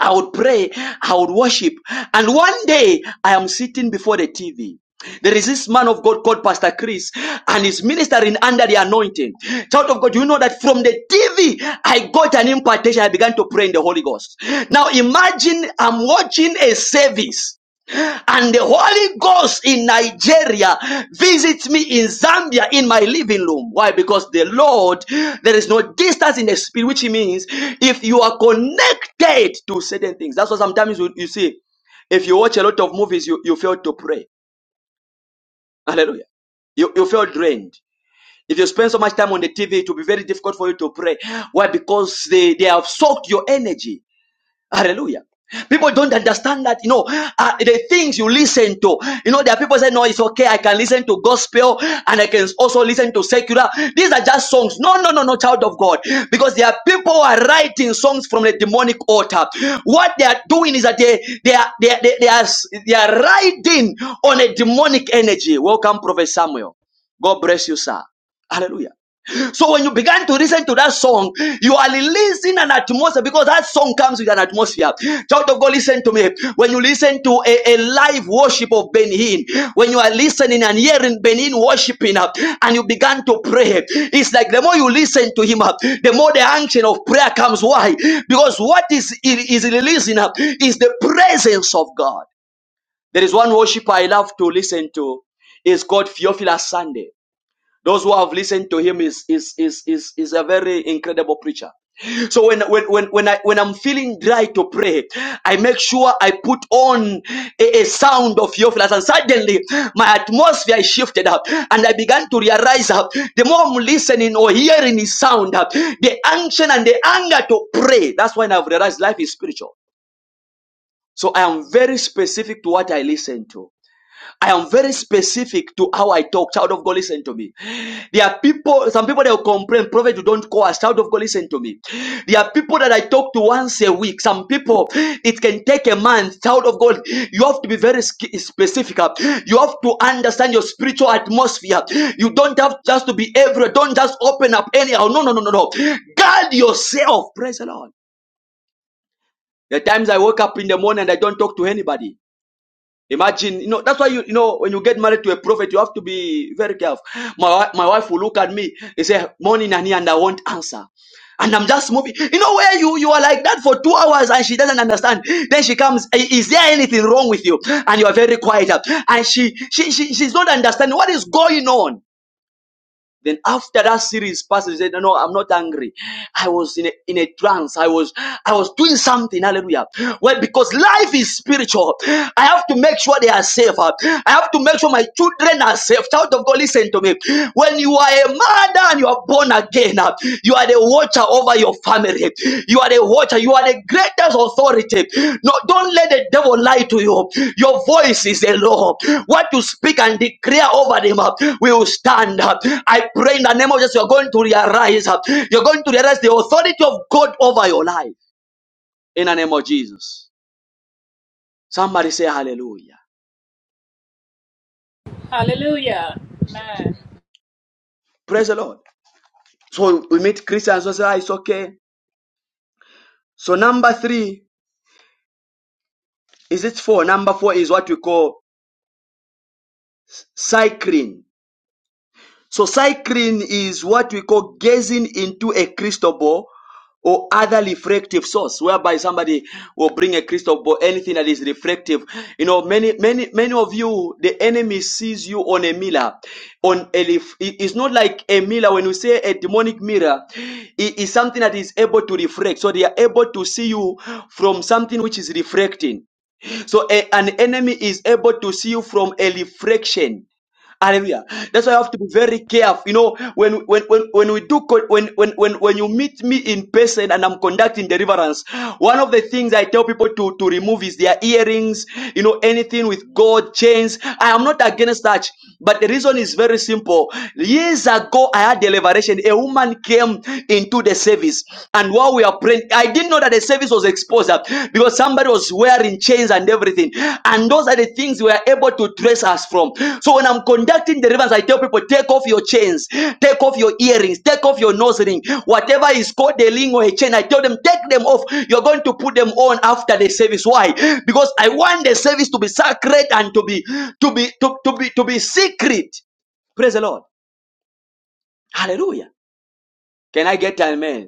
I would pray, I would worship. And one day I am sitting before the TV. There is this man of God called Pastor Chris and he's ministering under the anointing. Child of God, you know that from the TV, I got an impartation. I began to pray in the Holy Ghost. Now imagine I'm watching a service and the Holy Ghost in Nigeria visits me in Zambia in my living room. Why? Because the Lord, there is no distance in the spirit, which means if you are connected to certain things. That's why sometimes you, you see, if you watch a lot of movies, you, you fail to pray. Hallelujah. You, you feel drained. If you spend so much time on the TV, it will be very difficult for you to pray. Why? Because they, they have soaked your energy. Hallelujah. People don't understand that, you know, uh, the things you listen to. You know, there are people say, no, it's okay. I can listen to gospel and I can also listen to secular. These are just songs. No, no, no, no, child of God. Because there are people who are writing songs from the demonic altar. What they are doing is that they, they are, they, are- they, they are, they are riding on a demonic energy. Welcome, Prophet Samuel. God bless you, sir. Hallelujah. So when you began to listen to that song, you are releasing an atmosphere because that song comes with an atmosphere. Child of God, listen to me. When you listen to a, a live worship of Benin, when you are listening and hearing Benin worshiping up and you began to pray, it's like the more you listen to him up, the more the action of prayer comes. Why? Because what is is releasing up is the presence of God. There is one worshiper I love to listen to. It's called Theophilus Sunday. Those who have listened to him is is is is, is a very incredible preacher. So when when when when I when I'm feeling dry to pray, I make sure I put on a, a sound of Theophilus, and suddenly my atmosphere is shifted up, and I began to realize up. the more I'm listening or hearing his sound, up, the unction and the anger to pray. That's when I've realized life is spiritual. So I am very specific to what I listen to. I am very specific to how I talk. Child of God, listen to me. There are people, some people they'll complain, prophet, you don't call us. Child of God, listen to me. There are people that I talk to once a week. Some people, it can take a month. Child of God, you have to be very sk- specific. ah. You have to understand your spiritual atmosphere. You don't have just to be everywhere. Don't just open up anyhow. No, no, no, no, no. Guard yourself. Praise the Lord. There are times I wake up in the morning and I don't talk to anybody. Imagine, you know, that's why you, you know, when you get married to a prophet, you have to be very careful. My, wi- my wife will look at me and say, Morning, Nani, and I won't answer. And I'm just moving. You know, where you, you are like that for two hours and she doesn't understand. Then she comes, "Eh, Is there anything wrong with you? And you are very quiet. And she, she, she she's not understanding what is going on. Then after that series passes, he said, No, no, I'm not angry. I was in a, in a trance. I was I was doing something. Hallelujah. Well, because life is spiritual. I have to make sure they are safe. I have to make sure my children are safe. Child of God, listen to me. When you are a mother and you are born again, you are the watcher over your family. You are the watcher. You are the greatest authority. No, don't let the devil lie to you. Your voice is the law. What you speak and declare over them uh, will stand up. I pray in the name of Jesus, you're going to realize. uh, You're going to realize the authority of God over your life. In the name of Jesus. Somebody say hallelujah. Hallelujah. Amen. Praise the Lord. So we meet Christians who say, ah, it's okay. So number three, is it four? Number four is what we call cycling. So cycling is what we call gazing into a crystal ball or other refractive source, whereby somebody will bring a crystal ball, anything that is refractive. You know, many, many, many of you, the enemy sees you on a mirror. On a it's not like a mirror. When we say a demonic mirror, it is something that is able to refract. So they are able to see you from something which is refracting. So a- an enemy is able to see you from a reflection. Hallelujah. That's why you have to be very careful. You know, when when when, when we do co- when, when when when you meet me in person and I'm conducting deliverance, one of the things I tell people to, to remove is their earrings, you know, anything with gold chains. I am not against that, but the reason is very simple. Years ago I had a revelation. A woman came into the service, and while we are praying, I didn't know that the service was exposed uh, because somebody was wearing chains and everything. And those are the things we are able to trace us from. So when I'm conducting deliverance, I tell people take off your chains, take off your earrings, take off your nose ring, whatever is called a ring or a chain. I tell them take them off. You're going to put them on after the service. Why? Because I want the service to be sacred and to be to be to, to be to be secret. Praise the Lord. Hallelujah. Can I get an amen?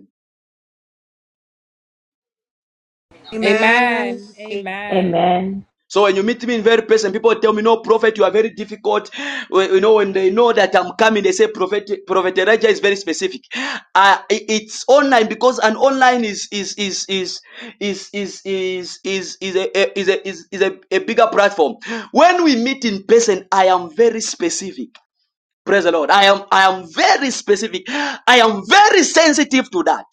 amen, Amen. Amen. Amen. So when you meet me in very person, people tell me, no, prophet, you are very difficult. Well, You know, when they know that I'm coming, they say, prophet, prophet Elijah is very specific. Uh, i- it's online because an online is, is, is, is, is, is, is, is, is, a, a- is, a, is, is a, a bigger platform. When we meet in person, I am very specific. Praise the Lord. I am, I am very specific. I am very sensitive to that.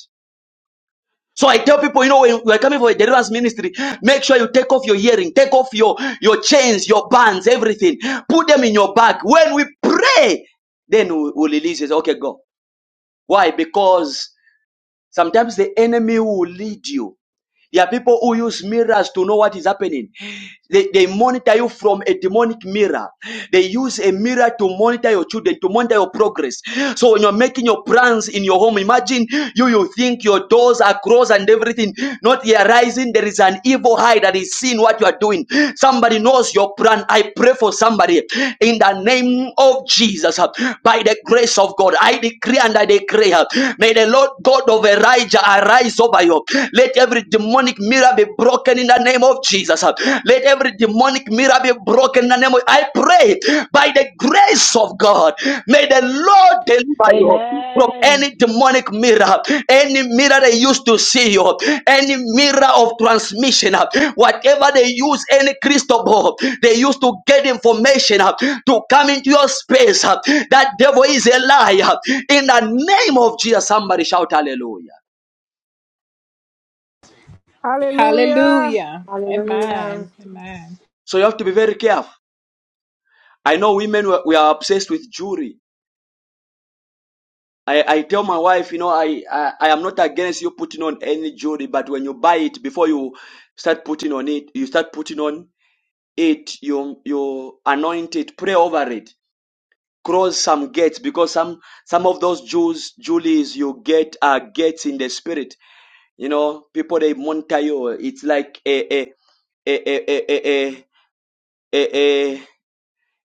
So I tell people, you know, when you are coming for a deliverance ministry, make sure you take off your hearing, take off your, your chains, your bands, everything. Put them in your bag. When we pray, then we will release it. Okay, go. Why? Because sometimes the enemy will lead you. There are people who use mirrors to know what is happening. They, they monitor you from a demonic mirror. They use a mirror to monitor your children, to monitor your progress. So when you're making your plans in your home, imagine you you think your doors are closed and everything, not realizing there is an evil eye that is seeing what you are doing. Somebody knows your plan. I pray pray for somebody in the name of Jesus. uh, By the grace of God, I decree and I declare: May the Lord God of Elijah arise over you. Let every demonic mirror be broken in the name of Jesus. uh, Let every demonic mirror be broken in the name of I pray by the grace of God. May the Lord deliver you from Amen. any demonic mirror, any mirror they used to see you, any mirror of transmission, uh, whatever they use, any crystal ball, they used to get information uh, to come into your space. uh, That devil is a liar. In the name of Jesus, somebody shout hallelujah. Hallelujah. Hallelujah. hallelujah, Amen. Amen. So you have to be very careful. I know women, we we are obsessed with jewelry. I, I tell my wife, you know, I, I, I am not against you putting on any jewelry, but when you buy it, before you start putting on it, you start putting on it you you anoint it pray over it close some gates because some some of those jews julies you get are gates in the spirit you know people they monitor you it's like a a a a a a a, a, a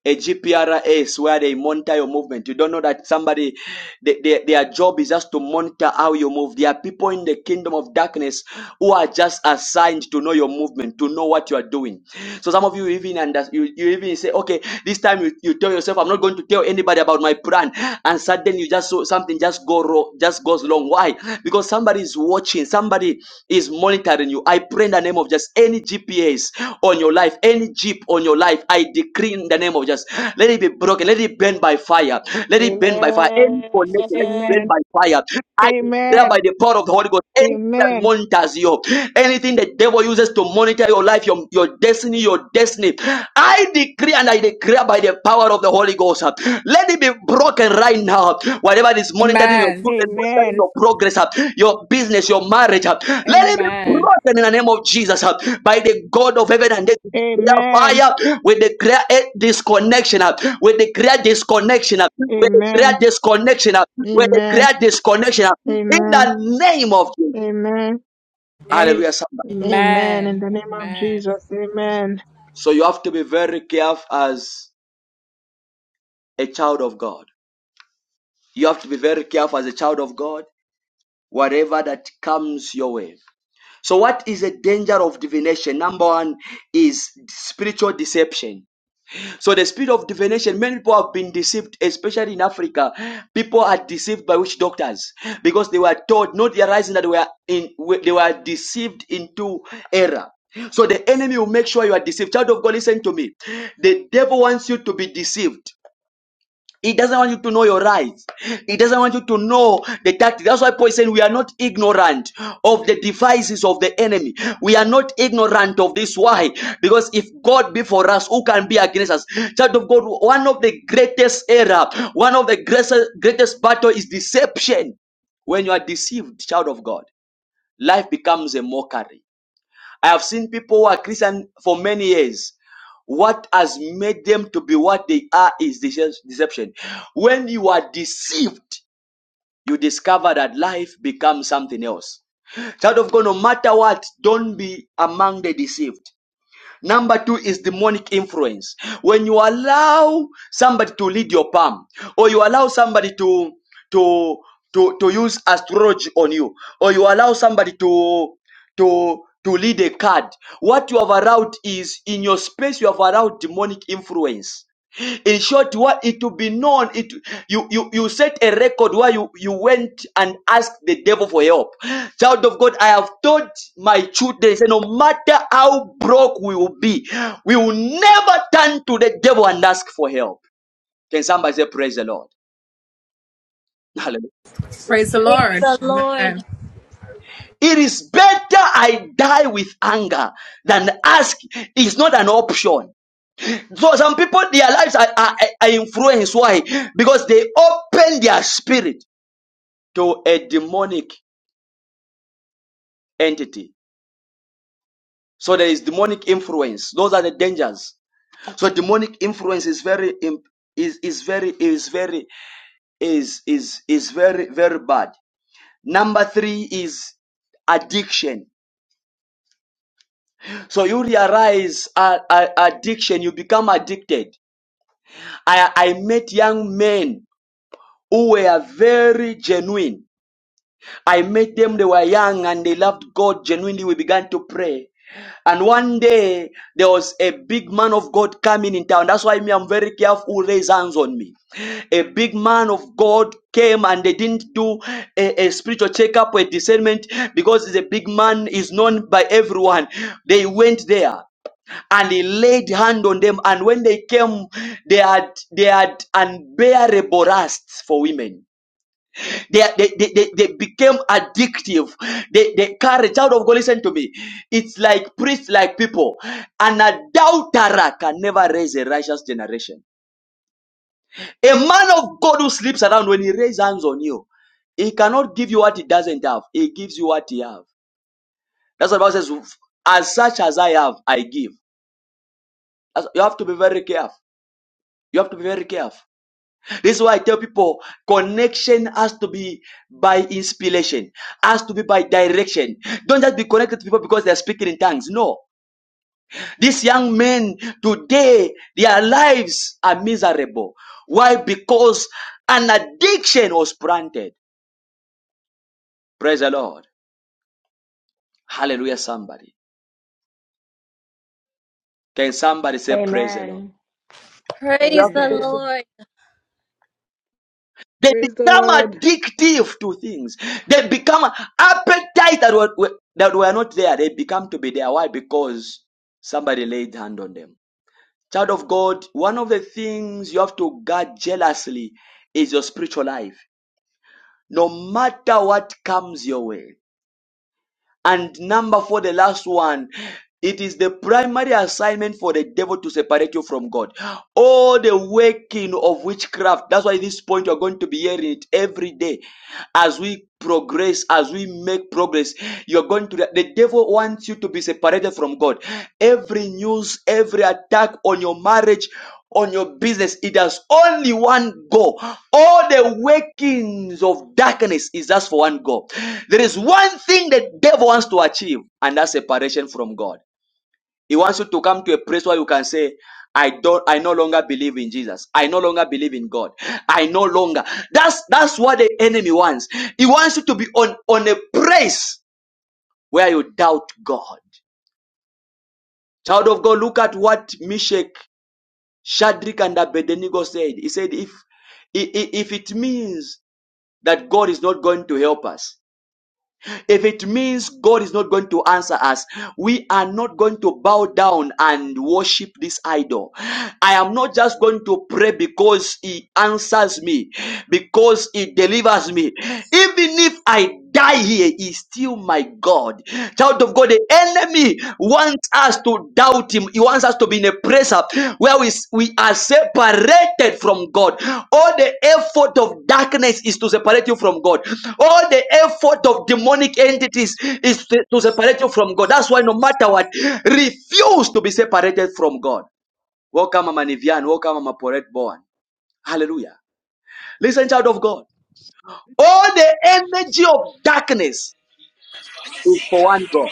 a GPRS where they monitor your movement. You don't know that somebody, they, they- their job is just to monitor how you move. There are people in the kingdom of darkness who are just assigned to know your movement, to know what you are doing. So some of you even under, you, you even say, okay, this time you, you tell yourself, I'm not going to tell anybody about my plan. And suddenly you just saw something just go wrong, just goes wrong. Why? Because somebody is watching. Somebody is monitoring you. I pray in the name of just any GPS on your life, any Jeep on your life. I decree in the name of just let it be broken, let it burn by fire, let it burn by fire. Any connection, let it burn amen. Amen. by fire. I declare by Amen. the power of the Holy Ghost, anything that Amen. monitors you, anything the devil uses to monitor your life, your, your destiny, your destiny, I decree and I declare by the power of the Holy Ghost, uh, let it be broken right now. Whatever is monitoring your Amen. children, monitoring Amen. your progress, uh, your business, your marriage, uh, let it be Amen. broken in the name of Jesus uh, by the God of heaven and earth. We declare Amen. fire with the clear disconnection, uh, with the clear disconnection, uh, with the clear Amen. disconnection. uh, where they Amen. create disconnection in Amen. the name of Jesus. Amen. Hallelujah. somebody. Amen. In Amen. the name of Amen. Jesus. Amen. So you have to be very careful as a child of God. You have to be very careful as a child of God, whatever that comes your way. So, what is the danger of divination? Number one is spiritual deception. So the spirit of divination, many people have been deceived, especially in Africa. People are deceived by witch doctors because they were told, not realizing that they were in, they were deceived into error. So the enemy will make sure you are deceived. Child of God, listen to me. The devil wants you to be deceived. He doesn't want you to know your rights. He doesn't want you to know the tactics. That's why Paul is saying we are not ignorant of the devices of the enemy. We are not ignorant of this. Why? Because if God be for us, who can be against us? Child of God, one of the greatest error, one of the greatest greatest battle is deception. When you are deceived, child of God, life becomes a mockery I have seen people who are Christian for many years. What has made them to be what they are is deception. When you are deceived, you discover that life becomes something else. Child of God, no matter what, don't be among the deceived. Number two is demonic influence. When you allow somebody to lead your palm, or you allow somebody to to to, to use astrology on you, or you allow somebody to to to lead a card, what you have allowed is in your space you have allowed demonic influence in short, what it will be known, it you you you set a record where you you went and asked the devil for help. Child of God, I have taught my children, say, no matter how broke we will be, we will never turn to the devil and ask for help. Can somebody say praise the Lord? Hallelujah. Praise the Praise Lord. the Lord. Amen. It is better I die with anger than ask. It's not an option. So some people, their lives are, are, are influenced. Why? Because they open their spirit. to a demonic entity. So there is demonic influence. Those are the dangers. So demonic influence is very is is very is very is is is very very bad. Number three is addiction. So you realize uh, uh, addiction, you become addicted. I I met young men who were very genuine I met them, they were young and they loved God genuinely. We began to pray. And one day there was a big man of God coming in town. That's why me, I'm very careful who raise hands on me. A big man of God came and they didn't do a, a spiritual checkup or a discernment because he's a big man, is known by everyone. They went there and he laid hand on them and when they came they had they had unbearable lusts for women they, they, they, they, they became addictive. They, they carry, child of God, listen to me. It's like priests, like people. An adulterer can never raise a righteous generation. A man of God who sleeps around when he raises hands on you, he cannot give you what he doesn't have. He gives you what he have. That's what the Bible says. As such as I have, I give. That's- You have to be very careful. You have to be very careful. This is why I tell people connection has to be by inspiration, has to be by direction. Don't just be connected to people because they're speaking in tongues. No. These young men today, their lives are miserable. Why? Because an addiction was planted. Praise the Lord. Hallelujah, somebody. Can somebody say, Praise the Lord? Amen. Praise the Amen. Lord. They Praise the become Lord. addictive to things. They become appetite that were, were- that were not there. They become to be there. Why? Because somebody laid hand on them. Child of God, one of the things you have to guard jealously is your spiritual life. No matter what comes your way. And number four, the last one, it is the primary assignment for the devil to separate you from God. All the working of witchcraft. That's why this point you're going to be hearing it every day. As we progress, as we make progress, you're going to the devil wants you to be separated from God. Every news, every attack on your marriage, on your business. It has only one goal. All the workings of darkness is just for one goal. There is one thing the devil wants to achieve, and that's separation from God. He wants you to come to a place where you can say, I don't I no longer believe in Jesus. I no longer believe in God. I no longer. That's that's what the enemy wants. He wants you to be on, on a place where you doubt God. Child of God, look at what Meshach Shadrach and Abednego said, He said, if, if it means that God is not going to help us, if it means God is not going to answer us, we are not going to bow down and worship this idol. I am not just going to pray because He answers me, because He delivers me. Even if I die here, He is still my God. Child of God, the enemy wants us to doubt him. He wants us to be in a place uh, where we, we are separated from God. All the effort of darkness is to separate you from God. All the effort of demonic entities is to, to separate you from God. That's why no matter what, refuse to be separated from God. Welcome, Mama Nivian. Welcome, Mama Poret Bowen. Hallelujah. Listen, child of God. All the energy of darkness is for one God.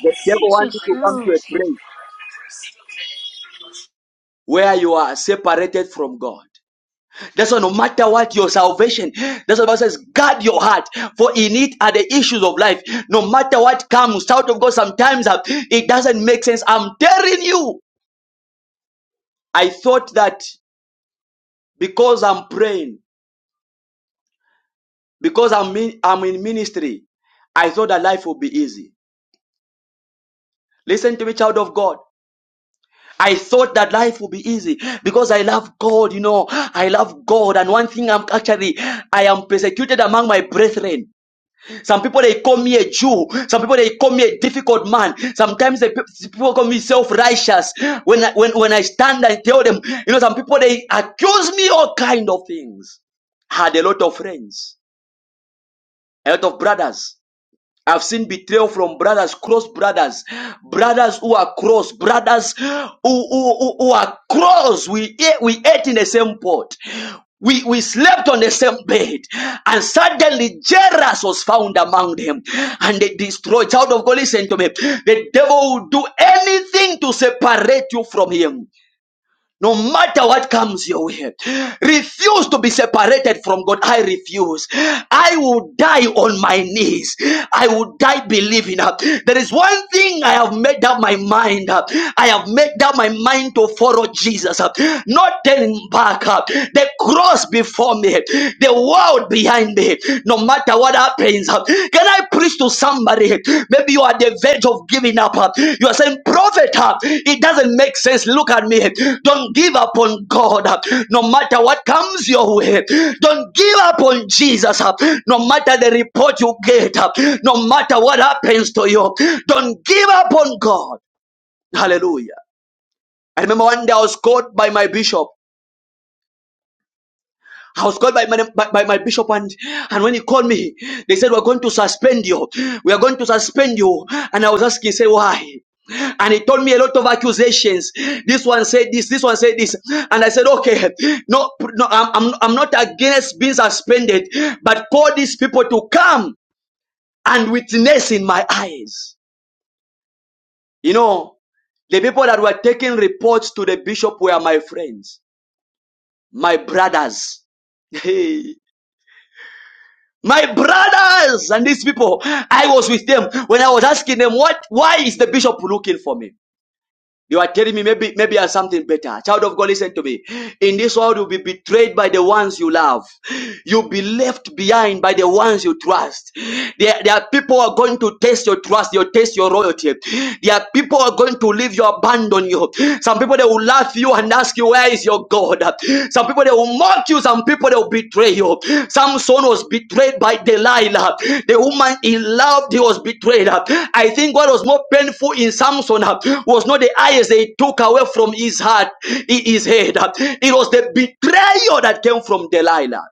The devil It's wants you to come to a yourself. place. where you are separated from God. That's why no matter what your salvation, that's why the Bible says, guard your heart, for in it are the issues of life. No matter what comes out of God, sometimes uh, it doesn't make sense. I'm telling you, I thought that because I'm praying, because I'm in, I'm in ministry, I thought that life would be easy. Listen to me, child of God. I thought that life would be easy because I love God, you know. I love God, and one thing I'm actually I am persecuted among my brethren. Some people they call me a Jew. Some people they call me a difficult man. Sometimes they, people call me self-righteous. When I, when when I stand and tell them, you know, some people they accuse me all kind of things. I had a lot of friends, a lot of brothers. I've seen betrayal from brothers, cross brothers, brothers who are cross, brothers who, who, who, who are cross. We ate, we ate in the same pot. We, we slept on the same bed and suddenly Jairus was found among them and they destroyed. Child of God, listen to me. The devil will do anything to separate you from him. No matter what comes your way, refuse to be separated from God. I refuse. I will die on my knees. I will die believing. uh, There is one thing I have made up my mind. uh, I have made up my mind to follow Jesus. uh, Not turning back. uh, The cross before me, the world behind me no matter what happens. Can I preach to somebody? Maybe you are at the verge of giving up. You are saying, Prophet, it doesn't make sense. Look at me. Don't give up on God. No matter what comes your way, don't give up on Jesus. No matter the report you get, no matter what happens to you, don't give up on God. Hallelujah. I remember one day I was called by my bishop. I was called by my, by, by my bishop and, and when he called me, they said, we're going to suspend you. We are going to suspend you. And I was asking, say, why? And he told me a lot of accusations. This one said this, this one said this. And I said, okay, no, no I'm, I'm, I'm not against being suspended, but call these people to come and witness in my eyes. You know, the people that were taking reports to the bishop were my friends, my brothers. My brothers and these people, I was with them when I was asking them, what, why is the bishop looking for me? They were telling me maybe, maybe I have something better. Child of God, listen to me. In this world, you'll be betrayed by the ones you love. You'll be left behind by the ones you trust. There, there are people who are going to test your trust, your test your loyalty. There are people who are going to leave you, abandon you. Some people, they will laugh you and ask you, where is your oh God. Some people they will mock you, some people they will betray you. Samson was betrayed by Delilah. The woman he loved, he was betrayed. I think what was more painful in Samson was not the eyes they took away from his heart, his head. It was the betrayal that came from Delilah.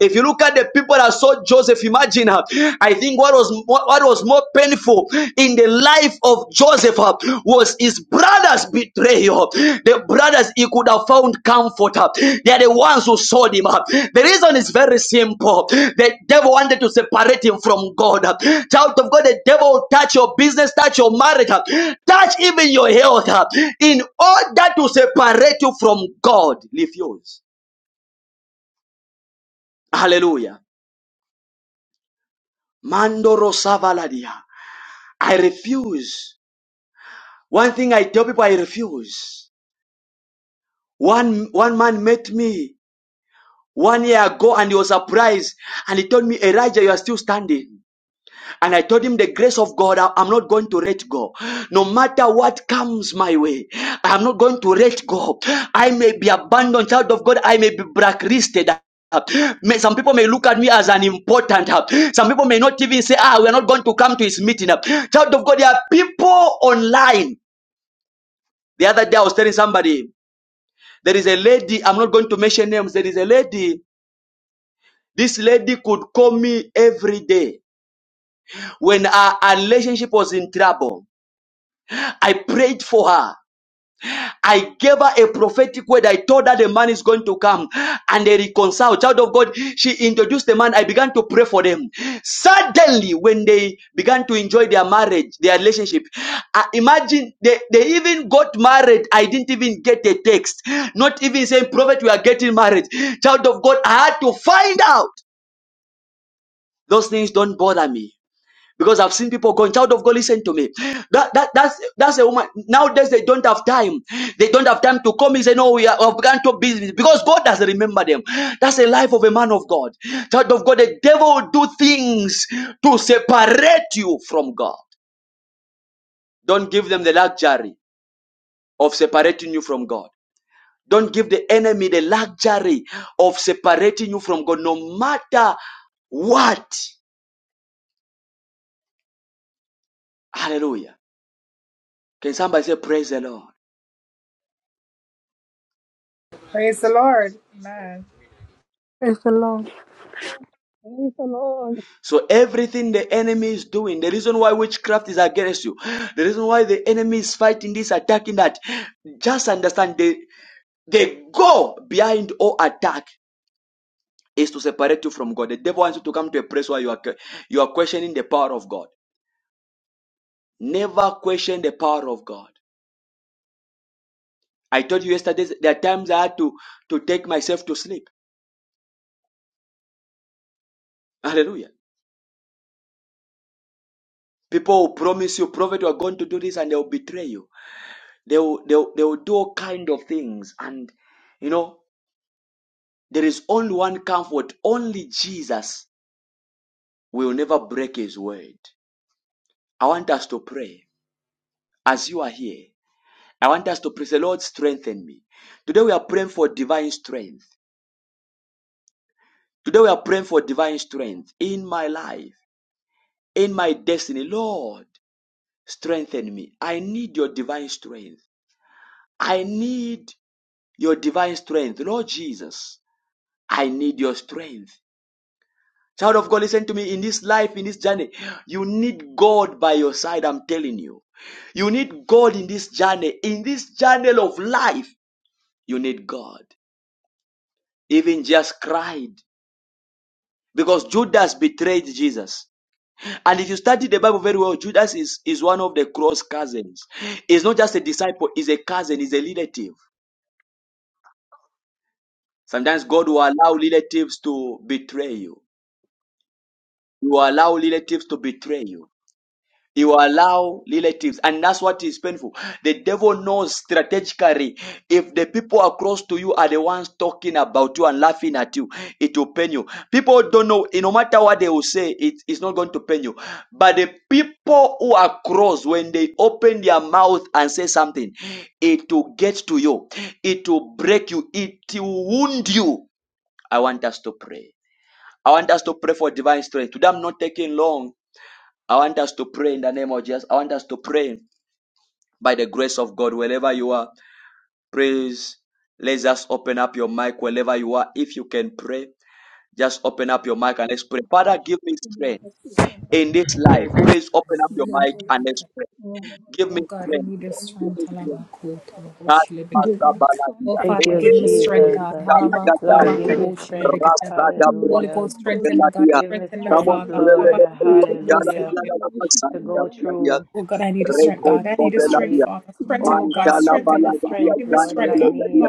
If you look at the people that saw Joseph, imagine her. I think what was mo- what was more painful in the life of Joseph uh, was his brothers' betrayal. The brothers he could have found comfort. uh, They are the ones who sold him. uh. The reason is very simple. The devil wanted to separate him from God. uh. Child of God, the devil will touch your business, touch your marriage, uh, touch even your health, uh, in order to separate you from God. Lift yours. Hallelujah. Mandoro Savaladia. I refuse. One thing I tell people I refuse. One one man met me one year ago and he was surprised and he told me, Elijah, you are still standing. And I told him the grace of God, I- I'm not going to let go. No matter what comes my way, I'm not going to let go. I may be abandoned, child of God. I may be blacklisted. May- Some people may look at me as an important. Some people may not even say, ah, we're not going to come to his meeting. Child of God, there are people online. The other day I was telling somebody, there is a lady, I'm not going to mention names, there is a lady, this lady could call me every day when our our relationship was in trouble. I prayed for her. I gave her a prophetic word. I told her the man is going to come and they reconcile. Child of God, she introduced the man. I began to pray for them. Suddenly, when they began to enjoy their marriage, their relationship, I imagine they, they even got married. I didn't even get a text, not even saying, Prophet, we are getting married. Child of God, I had to find out. Those things don't bother me. Because I've seen people going, child of God, listen to me. That, that that's that's a woman. Nowadays they don't have time. They don't have time to come and say, No, we are have gone to business because God doesn't remember them. That's the life of a man of God. Child of God, the devil will do things to separate you from God. Don't give them the luxury of separating you from God. Don't give the enemy the luxury of separating you from God, no matter what. Hallelujah. Can somebody say, Praise the Lord? Praise the Lord. Amen. Praise the Lord. Praise the Lord. So everything the enemy is doing, the reason why witchcraft is against you, the reason why the enemy is fighting this, attacking that, just understand the the goal behind all attack is to separate you from God. The devil wants you to come to a place where you are que- you are questioning the power of God. Never question the power of God. I told you yesterday there are times I had to to take myself to sleep. Hallelujah. People will promise you, prophet, you are going to do this, and they will betray you. They will, they will, they will do all kind of things, and you know There is only one comfort. Only Jesus will never break his word. I want us to pray as you are here. I want us to pray, say, Lord, strengthen me. Today we are praying for divine strength. Today we are praying for divine strength in my life, in my destiny. Lord, strengthen me. I need your divine strength. I need your divine strength. Lord Jesus, I need your strength. Child of God, listen to me. In this life, in this journey, you need God by your side. I'm telling you. You need God in this journey. In this journey of life, you need God. Even just cried because Judas betrayed Jesus. And if you study the Bible very well, Judas is, is one of the cross cousins. He's not just a disciple, he's a cousin, he's a relative. Sometimes God will allow relatives to betray you. He will allow relatives to betray you. He will allow relatives, and that's what is painful. The devil knows strategically if the people across to you are the ones talking about you and laughing at you, it will pain you. People don't know, eh, no matter what they will say, it is not going to pain you. But the people who are cross, when they open their mouth and say something, it will get to you, it will break you, it will wound you. I want us to pray. I want us to pray for divine strength. Today I'm not taking long I want us to pray in the name of Jesus. I want us to pray by the grace of God wherever you are. Please, let's just open up your mic wherever you are. If you can pray, just open up your mic and let's pray. Father, give me strength in this life. Please open up your mic and let's pray. Give Oh me God, we strength. need your Lord. Give me strength. strength. Halabaku, Tolobo, Shilibigitaba. Oh Thank Father, you, give me strength, Jesus. Eh, God. Uh, Halabaku, Lord, give Tolobo, me strength. Shilibigitaba. Holy Hallelujah. Ghost, strengthen me, God. Give me Strengthen me, Come strength, on, Father. pray Lord. Halabaku, Tolobo, se. with Hallelujah. Hallelujah. To go us. through. Oh God, I need a strength, Record God. I of need a the strength, Labia. Hallelujah. Father. Strengthen me, Oh Man, God. God, give me Strengthen me, Kalabala, the Father. Gadia, strength, Give me Lord, that strength, I Daniel, God. need. Gadia.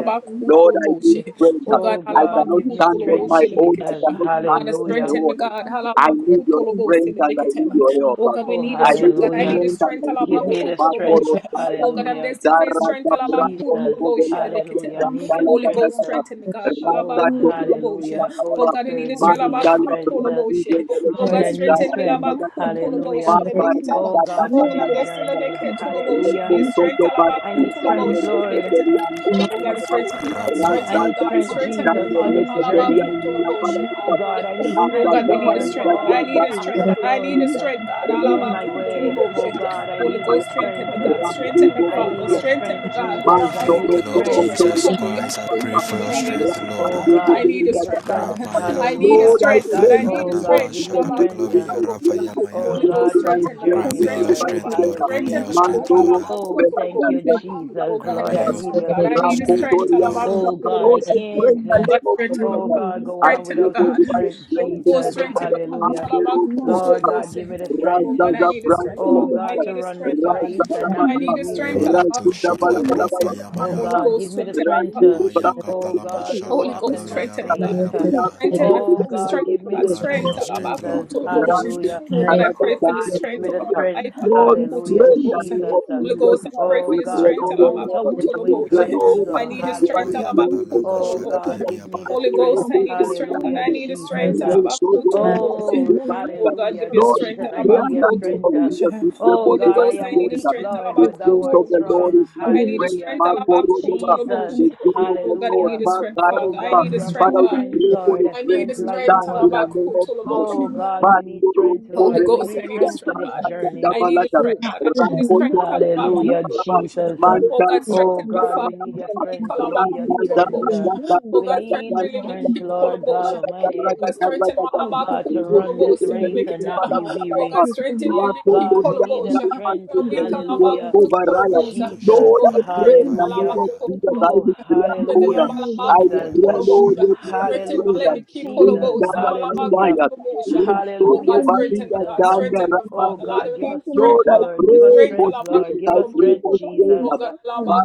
Lord, I do pray Oh that God, Oh I God, cannot give me stand on strength, my halabakutoloboshe own. I Jesus. lebeketeba. cannot stand Father, on my Hallelujah. strengthen me, own. God. I need your halabakutoloboshe strength and I need lebeketeba. your help. Oh God, we Oh, need a I need strength, your God. I hallelujah. need a strength and strength. I need Give your me help. the Man, for strength. us, halabakutoloboshe Gaia. oh God, I'm Hallelujah. destined for your Zara, strength. Zabra, Jesus, Alabakutolobo Kodela, Gaia, hallelujah. I shelebeketeba. need your Zara, Holy Gaia, strength. Ghost, uh, Gaia. strengthen me, God. Rasa, Oh, Kodia, Gaia, Alabakutolobo she. hallelujah. Oh Holy Gaia. God, I need a Spirit, give Man, strength. me your strength. Kalabala, uh, Alabakutolobo Gadia, she. Oh Lord, God, I Gaia, need Zara, strengthen me. strength. Gaia, Gaia. Alabakutolobo Hallelujah. shelebeketeba. Oh, God, Oh for God, this I'm destined journey. for Hallelujah. your strength. I need Alabakutolobo strength, Lord. shelebeketeba. Oh God, strengthen me, God, I strengthen Ramaya. me, need God, strength, strengthen me, Jesus, for Father. this journey. Halabakutoloboshe, Oh, God, Hallelujah. I need Oh strength, God, we need a Lord, for strength, God. I all need the a strength, God. I need a obstacles uh, strength, God. in my way. Oh, Halabakutoloboshe. God, I Holy need your Ghost, strengthen me, strength. uh, God. Strengthen me, I Thank Father. need you. your Strengthen me, strength, God. Lord, I Jesus. I pray need Thank your you, Lord strength. Halabakutoloboshe, uh, Jesus Hallelujah. Christ. I pray Oh for God, your I need a strength, strength, Lord. Oh Uh, Father. I God, give need a me the strength, strength. God. Ramaya, I need a Hallelujah. strength, God. I in Labathaya the need a Oh name Kata, of God, strength. give masha me Jesus, Mashakata give me strength. uh, Glavia, divine Halabakutoloboshe. Ravaya strength, Maya. Oh Holy give me Ghost, God, for divine this strengthen me, strength, God. Grant journey, give me me your Strengthen Lord. me, divine Father. strength, strength. Lord. Grant me Strengthen Hallelujah. your me, Mando, God. strength, Lord. Uh, Robo, Oh, Bella, thank you, Halabakutoloboshe. Gaza, Oh Jesus. God, Grant I Lord, me need I a your need strength. your God, I need a strength. strength, strength. All Rakotoria, Lord. about Uh, cool Oh God, I Lord, I emotion. pray can't. in the uh, Oh God, name of strengthen my Jesus. Oh Father. God, go I on Strengthen my pray without for your God. divine strength, Holy strength in the Ghost, Jesus. name of strengthen my the God. Hallelujah. All Father, about Lord, for the cool Lord Lord. God, give me emotion. the Oh strength. God, uh, I Rastaza need a brand strength, Oh Father. I legacy. God, to need a run this strength, God. race Rastaza and I not balaba. be need a strength. weary. All about Leveranto Rastaza Shodada cool balaba balaba emotion. Rapaya Oh Maya. Holy balaba. God, Ghost, give me the strengthen my strength to, Father. Rastaza Maya balaba. oh Katala God, to Holy Mashakata walk Ghost, and not Glavia, strengthen my faint. God. Rapaya uh, Maya. Strengthen my Oh Rakotoria, Father. the God, Strengthen give my me God. the Lord, Grant me strength, your Strengthen strength, Jesus. Lord. Grant Lord, me your Alabakutulabotion. we pray Hallelujah. strength, Oh God, Lord. I pray for your Give strength me the over my strength. life. Pray for your Hallelujah. in the strength, Alabakutulabotion. name Lord. Jesus. I of Uh, Holy pray for Jesus. Ghost, your I pray strength. for We Oh your pray, God, to strength. Lord, in the mount name up of with Jesus. wings We like Alabakutulabotion. Rapa know that I eagle. need your Yamaya if I pray, Lord, strength. divine Maya Hallelujah. prayer in the Katala Oh name of Mashakata God, Alabakutulabotion. Jesus. give me Yebeaba. the Holy My God, we Ghost, strength. I pray need your for the strength. God, Hallelujah, I angels. need your And strength. Jesus. we Uh, show you the light of Alabakutulabotion. Oh, your Oh Father. God, give hallelujah, me your Lord, strength. we Jesus. I pray need in your the name strength. of Uh, Jesus. We Alabakutulabotion. pray Oh for Holy God, I Ghost, divine I am need your strength. weak, strength. Lord, The but thou strength of art the Lord Alabakutulabotion. strong. is my I need your strength. Hallelujah. strength. My God, Lord, Lord. Jesus, The Alabakutulabotion. joy of Oh the God, I Lord, need hallelujah. a my strength, God, Oh Father. my I God. God, need a you are my strength, Father, we God. strength, pray for Lord, the a I need strength a strength to like strength. no stand in other. the name Talabaku of Jesus. Oh toloboshi. God, we Man, need you know, strength, for Holy the Lord. We Ghost, life need of I the need a strength strength, for Lord, this God. I can journey. I never need a let us. strength, God. I Right need a for strength. joy, yeah, yeah, Talabaku la, Hallelujah, la, la, la. toloboshi. Jesus. Uh, Man, Oh da, God, da, da, oh strengthen my da, da, da, God, we Father. da, need We are your da, da. weak, strength. We need your Talabaku Right, da, da, da, da, da, strength. toloboshi. Uh, Oh we God, strengthen need da, the really strength, big Lord God kolobosha. Oh Almighty. God, strengthen Oh God, Malabaku to run this toloboshi. race and not be lebeketeba. Oh da, weary. God, strengthen da, da, libiki God, we need da, the da. kolobosha. strength. We are weak, Hallelujah. Talabaku Lebaranto toloboshi. Jesus, Lord, Oh Shabada I God, pray strengthen in Rapa the name hallelujah. of Yamaya Malabaku Jesus. toloboshi. I Oh, declare, Strengthen Lord, hallelujah, Maya I Jesus. Katala declare, Lord, let Mashakata me my pray leg, Yebeaba. that Hallelujah, key in Jesus. kolobosha. Ghana, Hallelujah. Messiah, Halabakutulobosha. Risto, Oh God, Hallelujah, strengthen my Zobadika, Jesus. God, Uh, Tanya, strengthen my Oh, Father. Rabbi, Lord, God, we give need us the strength, strength, Lord, God. I I need Lord. the Give pray us strength. for strength, Lord. strength. Give I us Halabakutulobosha. pray strength, for strength. Jesus. Oh God, Uh,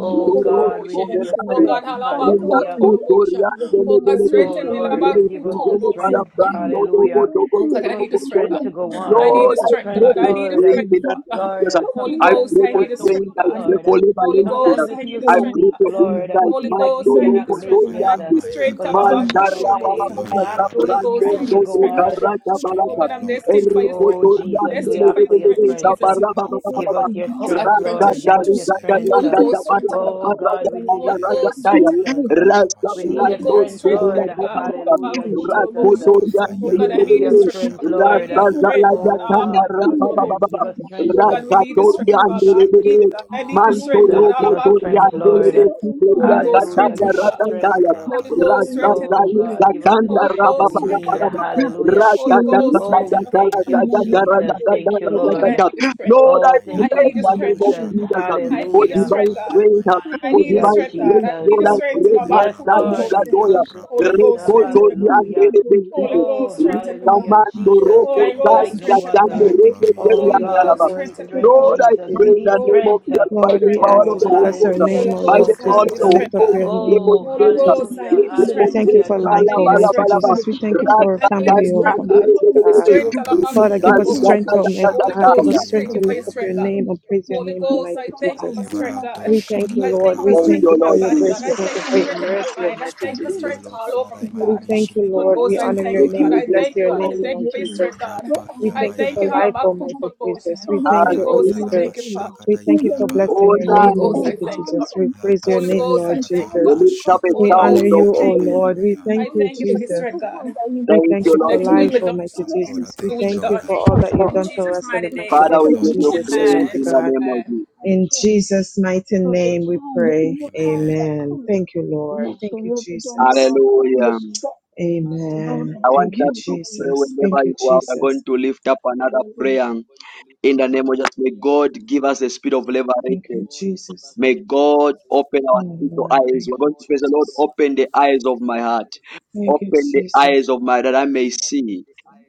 Oh, God, we need your Oh Obedaya, God, strength. Ila, Hallelujah. Kotoria, halabakutulobosha. Dele, Oh God, Dele, Dele. Oh strengthen me, Lord, uh, give Resi, us the Dele, halabakutulobosha. strength. Balabrando, Dogo, Hallelujah. Dogo, Oh God, Give I us need a the strength, Dogo, God. strength to go I on. Give need us a Lord, the I strength, pray strength, God. I for need a Lord. Uh, strength, strength in us. Father. Lord, Yes, uh, sir. Holy I sometimes Ghost, pray I we for are need a so strength, strength. weak, I God. pray Lord. Uh, for Holy liberation. Sometimes Ghost, we I need feel a I so strength, pray weak, for God. Lord, and we insight. Holy feel like we Mando Ghost, I need cannot a robo strength, make God. I it. Ramaya Uh, need a toriando. Maya strength, But Katala Lord Alabaku, Manta God raba Mashakata Almighty, raba Tolobosa. we Glovia raba ask for Rapa Holy your brando Ghost, I Yamaya. strength to need a soto go strength, God. on. Uh, carraca Oh Strengthen balaca. God, me, I'm Lord. El destined for your Strengthen robo me, strength, Oh, God. Lord. Jesus, toriando we le Destined for ask de your for de de your de strength, strength. Strengthen saba uh, Jesus. me, raba Lord, raba raba Give Father us raba. your Oh Almighty, God, strength, in my Raca strengthen me, Lord. mission Give God. us to cali your serve raca you, strength. Holy raca uh, Lord. raca Ghost, strengthen me, raca God. Oh, raca God, we need Holy your raca Ramaya raca strength, Ghost, raca. strengthen Ramaya Jesus. me, uh, Katala Rasta We need Holy your Mashakata Brando Ghost, strength, Yebeaba. strengthen Sudila Lord. me, God. Gabata, Hallelujah, Jesus. uh, Alabakutuloboshi. Rakotoria, Oh We God, I need Labafayakata need a your strength, strength, Mashakata Father. I Lord. Rasta need uh, a Gloria Zala strength, God. Oh, Rapayamaya Gatana, God, give us Rabba strength. Give Baba, Alabakutuloboshi. us strength. Oh uh, God, we Maya need a strength, Kadala Rakatoria, Father. I Mashakata need it, God. I Gloria need Oh, the Manto strength, God. Jesus, Rapayamaya give Robo us Toria, strength, Lord. Alabakutuloboshi. uh, Holy Sibia Ghost, Hallelujah. Gatana, Lebarantu strengthen me, Give us God. Shaparada strength. Ratataya, uh, Holy Ghost, Rapayamaya Rasta strengthen me, Oh, Zali God. God, give us the Gatana, Holy strength Rabba Ghost, we Baba, need. Maya strengthen me, uh, God. Katala Hallelujah. Holy Mashakata Rakatana, Ghost, Oh, strengthen we Gloria me, Gatana, thank Father. you, Rapayamaya Gatana, Jesus. Thank you, Gatana, Oh God, I Lord. Gatana, need a strength. Lord, I Oh, Maya I pray thank you, need in a the Katala name strength, God. of Jesus. Jesus Mashakata uh, I for need Gloria the Hallelujah. strength, divine God. grace, uh, Rapayamaya I for need the Yeah, divine strength, God. grace, I Jesus. need the Lord, I Uh, strength pray, till I'm back Yes, home, Master, full Lebarantu of you Lord, uh, got boasting. give Shaparada us oil. the Holy strength. Ghost, Uh, Rapayamaya strengthen Recoto me, God. riande Hallelujah. de Holy besite, Oh, Ghost, strengthen me, God. hallelujah, Rutamando Maya Jesus. Holy ropo Strength Katala Ghost, like sai no strengthen me, God. gatande other. Mashakata Lord, thank you rete for all Gloria Oh, that Holy you have terianda done God, lava. Ghost, we for us Rapayamaya need in strengthen the me, strength, mighty Father. Lord, name of I Jesus. We pray Jesus. in the need Oh, name God, of strength. Uh, I Jesus need the by Lord, the we strength, power ask of you Oh, the to Father. Holy bless your Ghost, Lebarantu uh, hallelujah, name, Holy O by Shaparada Lord the Ghost, I power need Jesus. of Jesus. the the Uh, We Holy lift strength, up Ghost, your Rapayamaya God. we pray name, for Oh, Holy Almighty grace, uh, Jesus. Ghost, I hallelujah, we need the pray We for strength. thank you grace, hallelujah. for life, I need alaba, the alaba, Almighty strength, alaba. Father. Jesus. We thank you for our I Rakata need the family, O strength, riande God. de I de Almighty de need the de de, God. strength, till I'm back Rutamando ropo home, Father, full give of us sai gatande Napasayakata strength, boasting. Almighty rete Holy Mashakata God. terianda Give Ghost, lava. us I Gloria strength thank to you for lift your up your strength, Rapayamaya God. name and praise your Holy name, Ghost, I Almighty thank you Jesus. for strength, God. Liberanto We thank you, I Shaparada thank Lord. you for We Thank strength thank you, in you my for Lord your body, Jesus. Rapayamaya God. grace. We I thank thank you you for for your strength in my mercy, mind. I Almighty thank you for Strengthen me, O Jesus. strength Lord all over Father, me, in my We God. thank mission you, Holy Lord. Ghost, We to I honor you, thank your We you, Lord. name. God. give We I you bless thank you, your God. I name, glory thank you Lord for your Jesus. strength, God. We Rapayamaya I thank you thank for you, Maya life, Halabaku, Holy Almighty Ghost. Jesus. We thank as Holy maya you, Holy Ghost, I Katala we Spirit. thank you, Father. Mashakata We thank you for Ibiaba blessing your Holy honor name, Ghost, I you. Almighty thank you, Lord. Jesus. We praise your Holy name, Ghost, Lord I Lapasayakata thank you, We Jesus. God. lift up a Mashakata We Holy honor sound Ghost, I of Gloria you, O thank you. praise. Lord. We maya thank I you, thank you for your Jesus. strength, God. We Thank thank you, you for Lord Let your Spirit will Jesus. of life, be the done, Most God. Almighty High God, I Jesus. Let We your thank will you, be thank you Lord. done. for all that you've In done for Jesus' us in mighty the mighty name. Father, Thank name you, of we Lord give you Jesus, Jesus praise Almighty Amen. in Christ. the God. name of Amen. Jesus. In Jesus' mighty name we pray. Amen. Amen. Thank you, Lord. Thank you, Jesus. Hallelujah. Amen. I want Thank you, us to pray Jesus. Thank whenever you, you are. We're going Jesus. to lift up another prayer in the name of Jesus. May God give us a spirit of Thank liberation. you, Jesus. May God open our Oh spiritual Lord, eyes. thank We're you, going to praise the Lord. Jesus. Open the eyes of my heart. Thank you, Open the eyes Jesus. of my that I may see.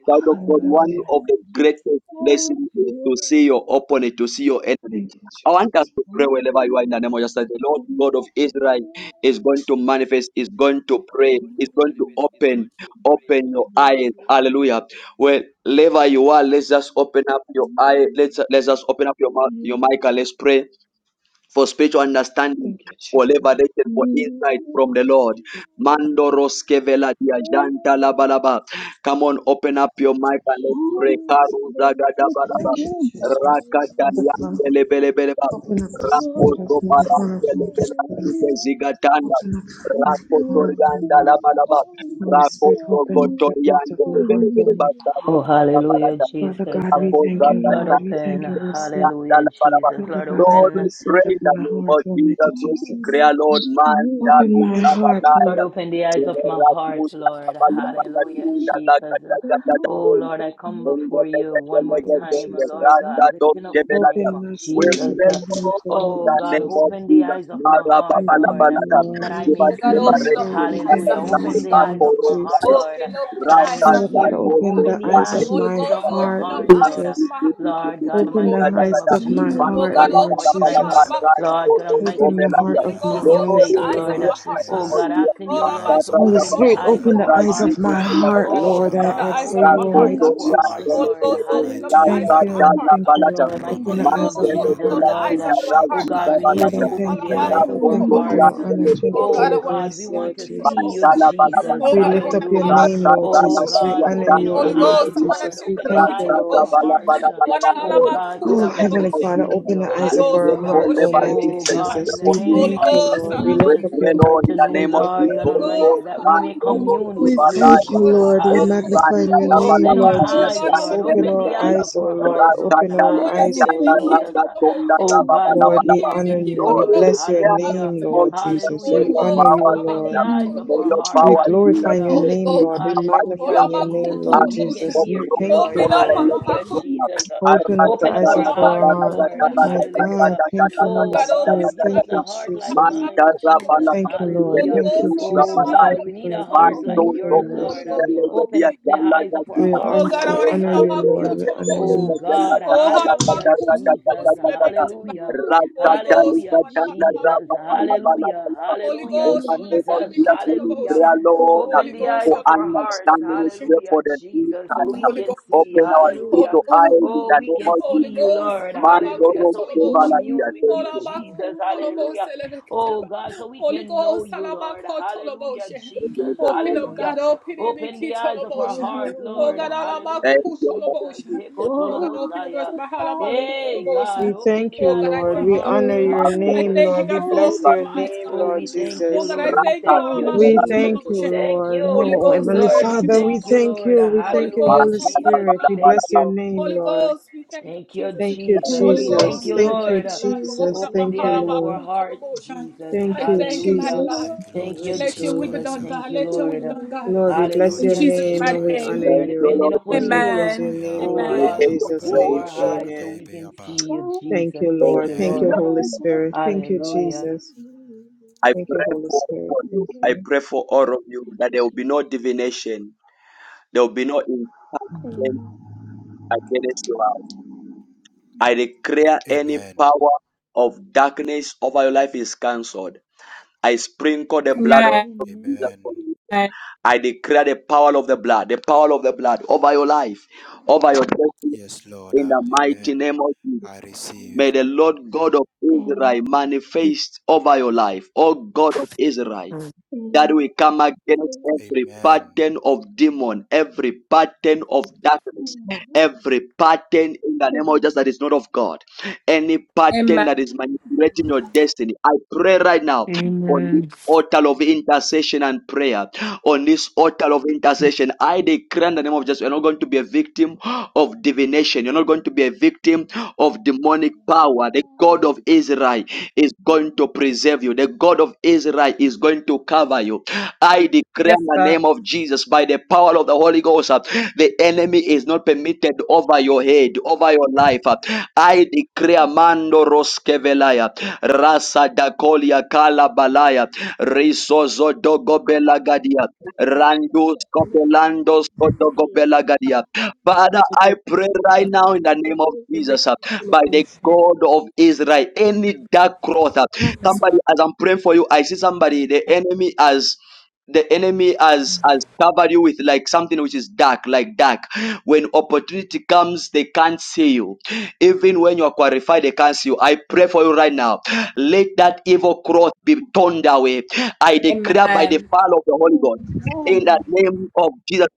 Child of God, one Hallelujah. of the greatest blessings is to see your opponent, to see your enemy. Thank you, I Jesus. want us to pray wherever you are in the name of Jesus. The Lord God of Israel is going to manifest, is going to pray, is going to open, open your eyes. Hallelujah. Wherever you are, let's just open up your eye. Let's let's just open up your mouth, your mic, and let's pray for spiritual understanding, Thank you, for Jesus. revelation, for insight from the Lord. Mando roskevela diajanta labalaba. Come on, open up your mic and let's pray. Karu zagadaba laba. Thank you, Jesus. Rakata Father God, liandelebelebeleba. open up the spirit of Rapoto my heart parante and the spirit levenati of- zigatanda. open up my Rapoto heart. rianda la balaba. Holy Spirit, Rapoto open up the fruit of kotoriande my levele heart, vele Almighty God. basata Oh, la hallelujah, balata. Father Jesus. God, Uh, we Rapoto thank you, Lord, Lord. We open. thank you, Holy Spirit. basata Hallelujah, la balaba. Jesus. Father Lord, God, Lord, open. open we the spirit pray of in the my name heart, of Almighty Jesus, we Jesus. declare, Lord, man, Open my Yaluta, heart, Lord, oh Balaya, open the eyes of my heart, Generatunta, Lord. Balabata, Hallelujah, Tunda, Laka, Jesus. Uh, Taka, Taka, Taka, Oh, Lord, Taka, I come Taka, before you Taka, one more Taka, Lord time, uh, Taka, Lord Jesus. we God, pray Lord, lifting up in the name Open of my slaves Jesus. of my Uh, heart, Oh, the Almighty God, name of Jesus. open the Jesus. eyes of my heart, We thank Lord, uh, you, Marababalabalaga. Lord. that I We Give may us Oh thank you, God, Holy see open you. up the Spirit. We liberation, eyes thank of Hallelujah. you my in the heart, Open mighty understanding, the heart God. eyes name for of of all my heart, fire. Jesus. Lord, uh, Open up the that I eyes Rasta, may Father of my God, hear Rasta, heart, you. God. open Open the the eyes eyes of Holy my Ghost, of my heart, open up heart, the eyes Lord. of Uh, Jesus. my heart. Lord God, Open mighty the name eyes of of my Jesus, we Oh heart, God, come one Lord more open up the Rasta, time. uh, Jesus. God. Lord God halabakutolobosha. Almighty, Open we the Open come heart Rasta. the Holy of heart my Ghost, seeking to your open up eyes, God, face, O the Lord, open eyes my of Lord. Uh, Lord my heart, heart, the, Oh God. heart, Jesus. God, asking the you, All Lord, eyes to of my Holy heart open to the Spirit, God. eyes uh, of open the our eyes of Hallelujah. heart. my Uh, Oh Rapa heart, God, Oh Lord. open I up the God, ask eyes Shamaya. for of open you, my the heart, eyes God. Almighty of our Let my heart, Jesus. Holy heart Lord. be Ghost, open inclined up to the you, Hallelujah. eyes Thank of Lord. uh, my you. heart, Thank you, God. In the Lord. mighty Open Holy the name Ramaya, eyes of Ghost, of my Maya open Jesus, up heart, the Lord. eyes Katalama, Lord. of Uh, my oh heart, Shakapa, God, God. we need you Lord, to I Gloria All thank open the you, about eyes Ramaya. Lord. I of who our thank told you for about heart. your it. Uh, honor. Thank you Oh for Thank God, oh your you. I wanna God, we grace, see the want Lord to big told see about you, Jesus. Mandala bala you. Jesus. bala. Oh We God, I lift up wanna your all Hallelujah. about name, Rasta who Lord told Oh bala Jesus. about We you. God, bala honor open you, our dante Holy le Ghost, Almighty eyes, I dia. wanna Lord. Jesus. see the We Open the big thank you, eyes Rasta told of about Lord. our you. bala hearts. bala uh, I bala wanna all oh bala. about God, who so Oh, that told we ne about may Heavenly ko you. Father, jira see open you. the Holy eyes of Ghost, ne our all ko Hallelujah. heart, about le Shelly bala Almighty make Oh it ne ever. God, in Jesus. the ko We name Holy thank of you, jira Ghost, Lord. all We Jesus, about lift pues this who up your told bueno name. In We about the you. afternoon, praise name of Jesus. We pray for never lose and we pray for insight. We pray, Lord, in the name of your Lord Jesus. name, God Holy Holy Lord. Almighty, Lord, Ghost, that all we man, about may Lord, who Lord, told commune about give We with us you. you, thank you, eyes. Oh Jesus. God, I Lord. We want Hallelujah. magnify to Esbanda your abortion. lava Open name, lava our Lord eyes, Jesus. Lord. Open le Open I the our eyes dia. eyes, of O our heart, Lord. Rasta Lord. Open dale our want to eyes, dante Hallelujah, see O the key Lord. Jesus. to rasta abortion. tonda Oh lava I God, so lava Lord, want we to we lava. can me honor see keep you, you. on the key to We Lord, Lord. it is bless your there. Hallelujah. name, abortion. Lord, Lord give Jesus. Hallelujah, Holy We glory of honor Ghost, Jesus. you, power. I Open about Lord. the who to eyes of our Below abortion. heart. we power, the glorify earth glorifying Hallelujah. your Holy name, Eh, Ghost, is Lord. we a magnify place all Hallelujah, where magnifying your about who Jesus. name, to So a Lord we can abortion. Jesus. single hear We you, thank robot Lord. you, Open holds up, the Lord. all about Hallelujah, who. legacy of Jesus. humanity. Open up the Open up eyes of our All about our hearts, who to heart. Lord. abortion. My God, Hallelujah. thank you, Oh Holy Oh God, open God, Spirit. give up, us God, Thank the you, open up heart my like Man heart Jesus. about thine, who charged a to Jesus. abortion. banana Thank you, to Lord. Holy Hallelujah. the Thank you, Ghost, roof of a open Oh up Jesus. my God, banana. Thank we you for need a your Man grace. celebration. heart Thank like you took for a yours, your Holy Lord. mercy, Ghost, banana I Lord. to want to Open the see up you, edge the of the banana. Man charged a God. eyes banana of to our We, Oh hearts, hon- God, I we want Lord. to hear honor you, about Lord. Hallelujah. We honor Oh you. Kutolobotion. God, Oh, Halaba hallelujah, Jesus, Kutolobos, hallelujah. Holy Ghost, I Hallelujah, the want to have roof of Jesus, a a Kutolobos. hallelujah, banana. Holy hallelujah, In Ghost, I the want to name see of Jesus, the Jesus, we do hallelujah. prayer, Kitolobotion. Lord, Holy Open the Ghost, eyes for I of our hearts, understanding is want to there hallelujah, for the Jesus, so inside. we Holy can Ghost, see, Open our Holy hallelujah. spiritual Ghost, eyes in Oh, the we name can of Holy see you, Jesus. Ghost, Lord, Man, Lord, hallelujah, Alabaku of so we could favor, Tolobosha, like you commune are with saying, you, thank Olabaku Jesus, Tolobosha, hallelujah. Oh, Levekataba, God, so we Holy can know Ghost, you, Lord, Alabaku hallelujah, Tolobosha, you. Jesus, open up, hallelujah. God, open it, Open Miki the eyes of our Tolobosha, heart, Oh Lord. God, Hallelujah, Thank Alabaku you, Lord, of Jesus. Tolobosha, Jesus. Oh God, open the doors, Hekotolomosaya. Mahalabaku Hey, Tolobosha. God, We open thank the you, Oh eyes God, I of Lord. our thank you, We heart. God. honor your Man, Lord, I of Hallelujah, name, thank you, Lord. We God, for favor, like Jesus. you bless are opening your my saying, eyes, name, Oh, God. Lord we thank you, Oh Jesus. God, I Lord. We thank Raka, you, thank you, Lord, We Halabaku like you. thank Jesus. you, We Tolobosha. thank Lord. you, Holy Thank Oh, you, Ghost, Heavenly I Lord, Lord. of thank We you, Jesus. Father, we thank Father. you, thank Lord. you. We Holy thank you, Man, Hallelujah, Ghost, Holy I Lord, of thank Jesus. you, Spirit. We We God. favor, like thank bless your you. name, Holy Lord. Ghost, we thank you, Thank you, Jesus. Thank you, Jesus. Holy you We are thank Ghost, Jesus. you, saying, I Thank you, Lord. thank you, God, for opening Jesus. up my Open Thank the you, eyes of our Lord. hearts, halabakutoroboshan. Jesus. Thank I you, thank you, mighty Hallelujah. Jesus. God. Thank you, In Lord Thank the you, eyes of Let Jesus your our will be Jesus. Christ. Lord. done, uh, Thank God. you, Let your will be Lord. done, God. Lord, we Thank you, bless Lord In your Hallelujah, Jesus' Jesus name mighty and we Jesus. Christ. uh, name. honor We are Thank you, you depending Lord, of upon as Jesus. we you, praise your Amen. name, Ramaya, oh Lord. We In God, give Maya Amen. to you open Jesus' up name, praise, Katalama, our eyes so amen. we can see Shakatayebeaba. you, Thank Jesus. you, Lord, Thank Lord. you, in Thank Amen. Jesus' you, Lord. Holy name. Spirit. Thank you, Hallelujah. Jesus. I Thank you, pray Holy for, for Spirit. you. Thank I you. pray for all of you that there will be no divination. There will be no intent against your life. I declare any Amen. power of darkness over your life is cancelled. I sprinkle the blood Amen. of Jesus on Amen. you. I declare the power of the blood, the power of the blood over your life, over your destiny, Yes, Lord. in uh, the mighty Amen. name of Jesus. I receive. May the Lord God of Israel manifest over your life. Oh God of Israel. that we come against every Amen. pattern of demon, every pattern of darkness, every pattern in the name of Jesus that is not of God, any pattern Amen. that is manipulating your destiny. I pray right now on this Amen. altar of intercession and prayer, on this altar of intercession, I declare in the name of Jesus, you're not going to be a victim of divination, you're not going to be a victim of demonic power. The God of Israel is going to preserve you, the God of Israel is going to cover you. I Yes, declare in the name of Jesus, by the power of the Holy Ghost, uh, the enemy is not permitted over your head, over your life. uh. I declare Mando Roskevelaya, Rasa Dakolia Kalabalaya, Risozo Dogobelagadia, Randu Skobelando skodogobela gadia. Father, I pray right now in the name of Jesus. uh, by the God of Israel. Any dark growth, uh, somebody, as I'm praying for you, I see somebody, the enemy has the enemy has has covered you with like something which is dark like dark when opportunity comes they can't see you even when you are qualified they can't see you i pray for you right now let that evil cross be torn away i declare by the amen. power of the holy Ghost, in the name of jesus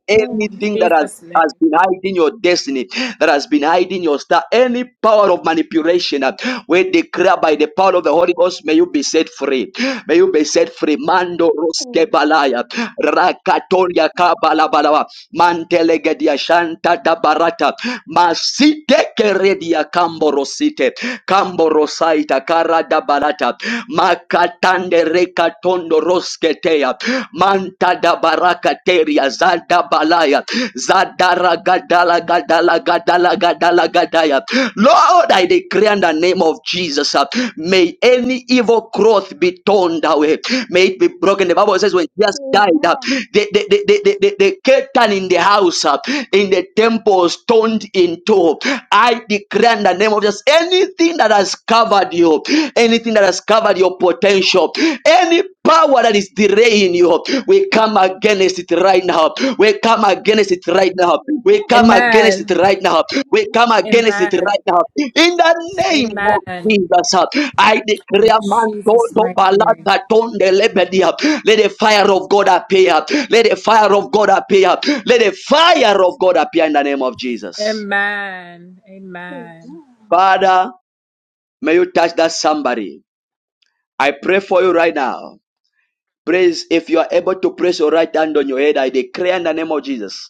In anything that has Jesus' name. has been hiding your destiny that has been hiding your star any power of manipulation we declare by the power of the Holy Ghost, may you be set free. May you be set free. Mando Ruskebalaya. Rakatoria Kabalabalaba mantelegedia shanta dabarata masite keredia kamborosite kamborosaita kara dabarata, makatande rekatondo rosketea manta dabaraka teria zada balaya zadara gadala gadala gadala gadala gadaya lord i declare in the name of jesus uh, may any evil cross growth be torn away. May it be broken. The Bible says when Jesus died, uh, the, the, the, the, the, the curtain in the house, uh, in the temple was turned into. I declare in the name of Jesus, anything that has covered you, anything that has covered your potential, any power that is delaying you, we come against it right now. We come against it right now. We come against Amen. it right now. We come against it Amen. right now. In the name of Amen. Jesus, I In declare man Jesus' todo mighty name. palata tonde lebedia. Let the fire of God appear. Let the fire of God appear. Let the fire of God appear in the name of Jesus. Amen. Amen. Father, may you touch that somebody. I pray for you right now. Praise if you are able to press your right hand on your head. I declare in the name of Jesus.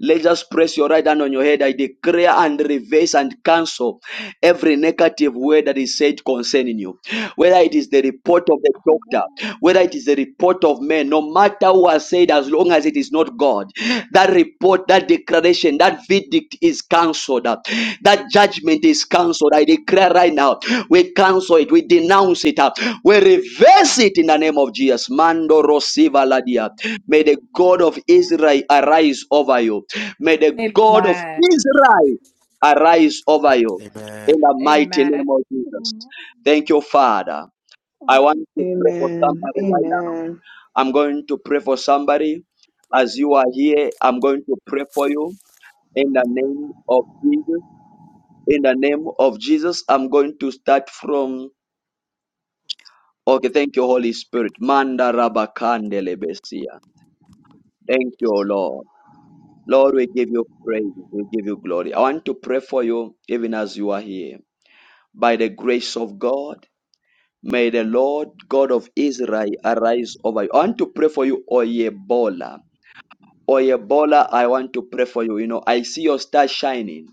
Let's just press your right hand on your head. I declare and reverse and cancel every negative word that is said concerning you. Whether it is the report of the doctor, whether it is the report of men, no matter who has said, as long as it is not God, that report, that declaration, that verdict is cancelled. That judgment is cancelled. I declare right now, we cancel it, we denounce it, we reverse it in the name of Jesus. Mando Rosiva Ladia. May the God of Israel arise over you. May the God of Amen. Israel arise over you in the Amen. mighty Amen. name of Jesus. Thank you, Father. I want to pray for Amen. somebody right now. Amen. I'm going to pray for somebody. As you are here, I'm going to pray for you in the name of Jesus. In the name of Jesus, I'm going to start from. Okay, thank you, Holy Spirit. Manda rabakandele besia. Thank you, its Lord. Lord, we give you praise. We give you glory. I want to pray for you even as you are here. by the grace of God. May the Lord God of Israel arise over you. I want to pray for you, Oyebola. Oyebola, I want to pray for you. You know, I see your star shining,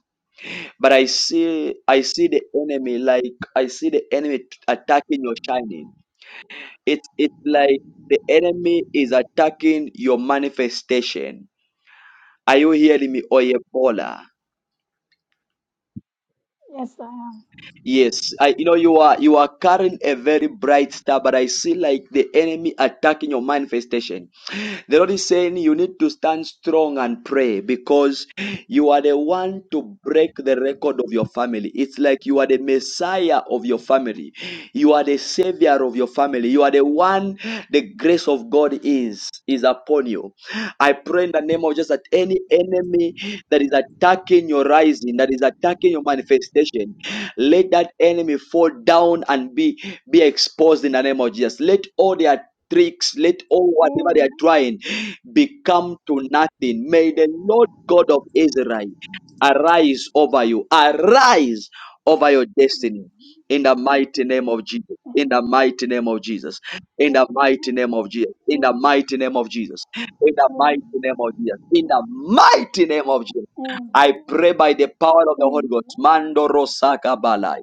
but I see I see the enemy like I see the enemy attacking your shining. It's it's like the enemy is attacking your manifestation. Are you hearing me, Oyebola? Yes, I you know you are you are carrying a very bright star, but I see like the enemy attacking your manifestation. The Lord is saying you need to stand strong and pray because you are the one to break the record of your family. It's like you are the Messiah of your family, you are the savior of your family, you are the one the grace of God is is upon you. I pray in the name of just that any enemy that is attacking your rising, that is attacking your manifestation. Let that enemy fall down and be, be exposed in the name of Jesus. Let all their tricks, let all whatever they are trying become to nothing. May the Lord God of Israel arise over you. Arise over your destiny. In the mighty name of Jesus. In the mighty name of Jesus. In the mighty name of Jesus. In the mighty name of Jesus. In the mighty name of Jesus. In the mighty name of Jesus. I pray by the power of the Holy Ghost. Mando Rosaka Balai.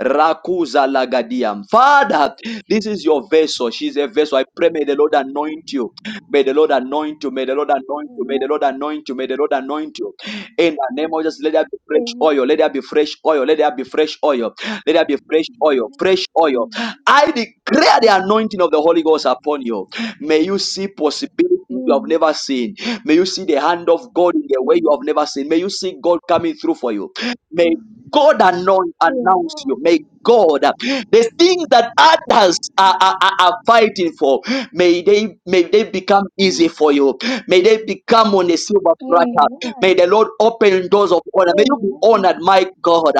Rakuza lagadiam. Father, this is your vessel. She's a vessel. I pray, may the Lord anoint you. May the Lord anoint you. May the Lord anoint you. May the Lord anoint you. May the Lord anoint you. In the name of Jesus, let there be fresh oil. Let there be fresh oil. Let there be fresh oil. Let there be fresh oil. Fresh oil. I declare the anointing of the Holy Ghost upon you. May you see possibilities you have never seen. May you see the hand of God in the way you have never seen. May you see God coming through for you. May. God anoint, announce you. May God, uh, the things that others are, are, are are fighting for, may they may they become easy for you. May they become on a silver platter. May the Lord open doors of honor. May you be honored, my God.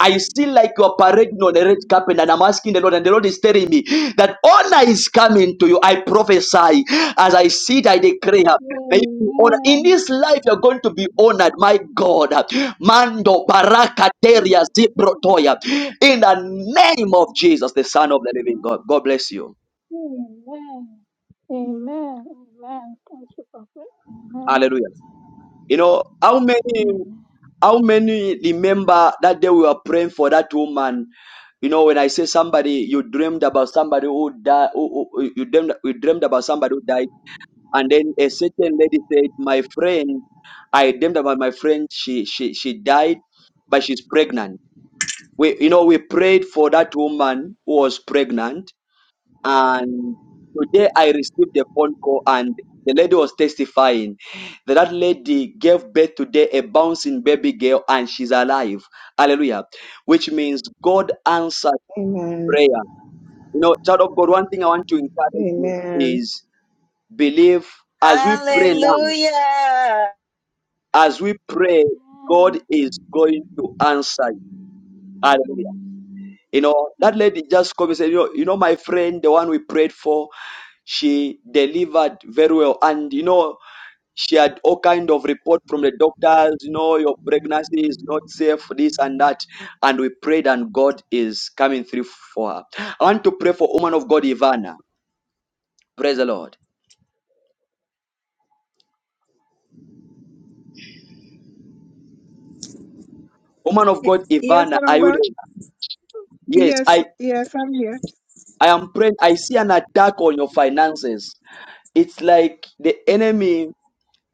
I feel like you're parading on a red carpet, and I'm asking the Lord, and the Lord is telling me that honor is coming to you. I prophesy as I see it, I declare. May you be honored. In this life, you're going to be honored, my God. Mando Baraka Teria Zibrotoya. In the name of Jesus, the Son of the Living God. God bless you. Hallelujah. You know, how many how many remember that day we were praying for that woman? You know, when I say somebody, you dreamed about somebody who died, who, who- you, dreamed, you dreamed about somebody who died, and then a certain lady said, My friend, I dreamed about my friend, she she she died, but she's pregnant we you know we prayed for that woman who was pregnant and today i received a phone call and the lady was testifying that that lady gave birth today a bouncing baby girl and she's alive hallelujah which means god answered Amen. prayer you know child of god one thing i want to encourage you Amen. is believe as we pray now Hallelujah. as we pray god is going to answer you Hallelujah. You know, that lady just come and said, you know, you know, my friend, the one we prayed for, she delivered very well. And, you know, she had all kind of report from the doctors, you know, your pregnancy is not safe, this and that. And we prayed and God is coming through for her. I want to pray for woman of God, Ivana. Praise the Lord. Woman of Y- God, Yes, Ivana, but I'm are you going. there? Yes, Yes, I, yes, I'm here. I am praying. I see an attack on your finances. It's like the enemy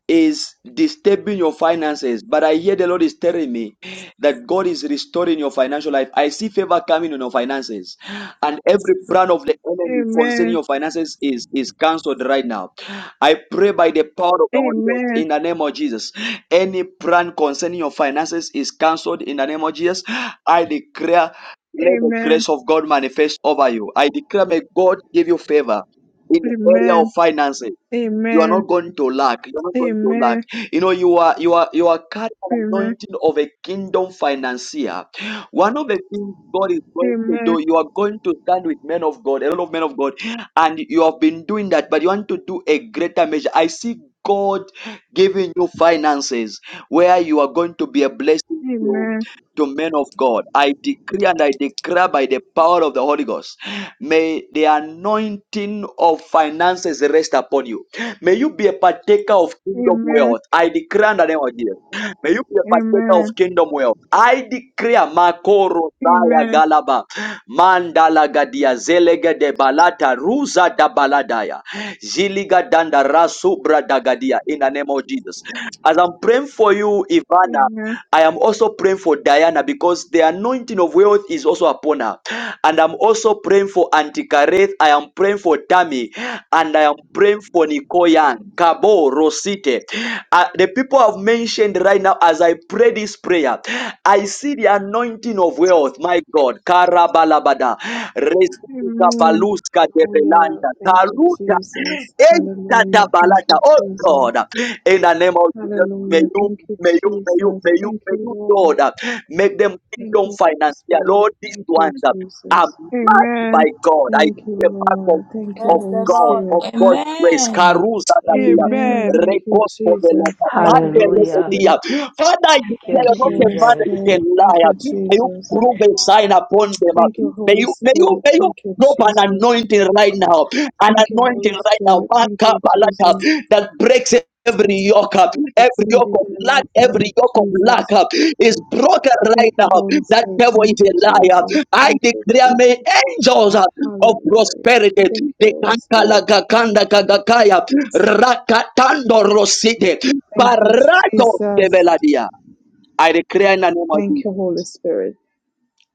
is disturbing your finances. But I hear the Lord is telling me that God is restoring your financial life. I see favor coming on your finances, and every plan of the enemy concerning Amen. your finances is is cancelled right now. I pray by the power of the Holy Ghost Amen. in the name of Jesus. Any plan concerning your finances is cancelled in the name of Jesus. I declare. Let the Amen. grace of God manifest over you. I declare, may God give you favor in the area of Amen. finances you are Amen. not going to lack you are not going to lack Amen. you know you are you are you are carrying an Amen. anointing of a kingdom financier one of the things god is going to Amen. do you are going to stand with men of god a lot of men of god and you have been doing that but you want to do a greater measure i see god giving you finances where you are going to be a blessing to Amen. to men of God, I decree and I declare by the power of the Holy Ghost, may the anointing of finances rest upon you. May you be a partaker of kingdom Amen. wealth. I declare in the name of Jesus. May you be a partaker of Amen. kingdom wealth. I declare Makoro Zaya Amen. Galaba Mandala Gadia Zelega de Balata Ruza da Baladaya Ziliga Danda Rasubra Dagadia in the name of Jesus. As I'm praying for you, Ivana. Amen. I am also praying for Diana because the anointing of wealth is also upon her. And I'm also praying for Auntie Kareth. I am praying for Tammy. And I am praying for Nicole Kabo, Rosite. Uh, the people I've mentioned right now as I pray this prayer, I see the anointing of wealth. My God. Karabalabada. Rezuka Amen. Baluska de Hallelujah. Thank you, Belanda. Jesus. Hallelujah. Thank Ekadabalata. you, Oh Jesus. God, in the name of Jesus, may Hallelujah. you, Thank you, may you, may you, Jesus. may you, Thank may you, you, Lord. Lord, make them Thank kingdom you, Holy Spirit. Thank you, hand am Jesus. marked by Amen. God. I Thank you, see the mark of, Lord. Thank you, Praise of Holy the God, Lord. Spirit. of God's Amen. grace. Carusa Dadia, Amen. Amen. Thank you, record for the Lord, Jesus. Thank you, Pate Holy Hallelujah. Spirit. Rekodia. Father, you Thank are you, Thank you, not a Holy man that Jesus. you Spirit. can Thank lie. you, May you Jesus. prove a sign upon Thank them. you, May Holy you, may you, Spirit. may you Thank you, drop an Jesus. anointing right now, an Thank you, Holy anointing right now, Spirit. Thank Maka you, Balaka, Jesus. that breaks every yoke up, I every receive yoke it of in the lack, mighty name of every yoke of Jesus. lack up is broken Thank right you, now. Holy That Spirit. devil Thank is you, a liar. Jesus. I Thank you, declare may Jesus. angels uh, of Hallelujah. prosperity Thank you, the Holy Spirit. kankalagakanda kagakaya rakatando roside Thank you, parado de Jesus. veladia. I declare in the name of Thank Jesus. you, Holy Spirit.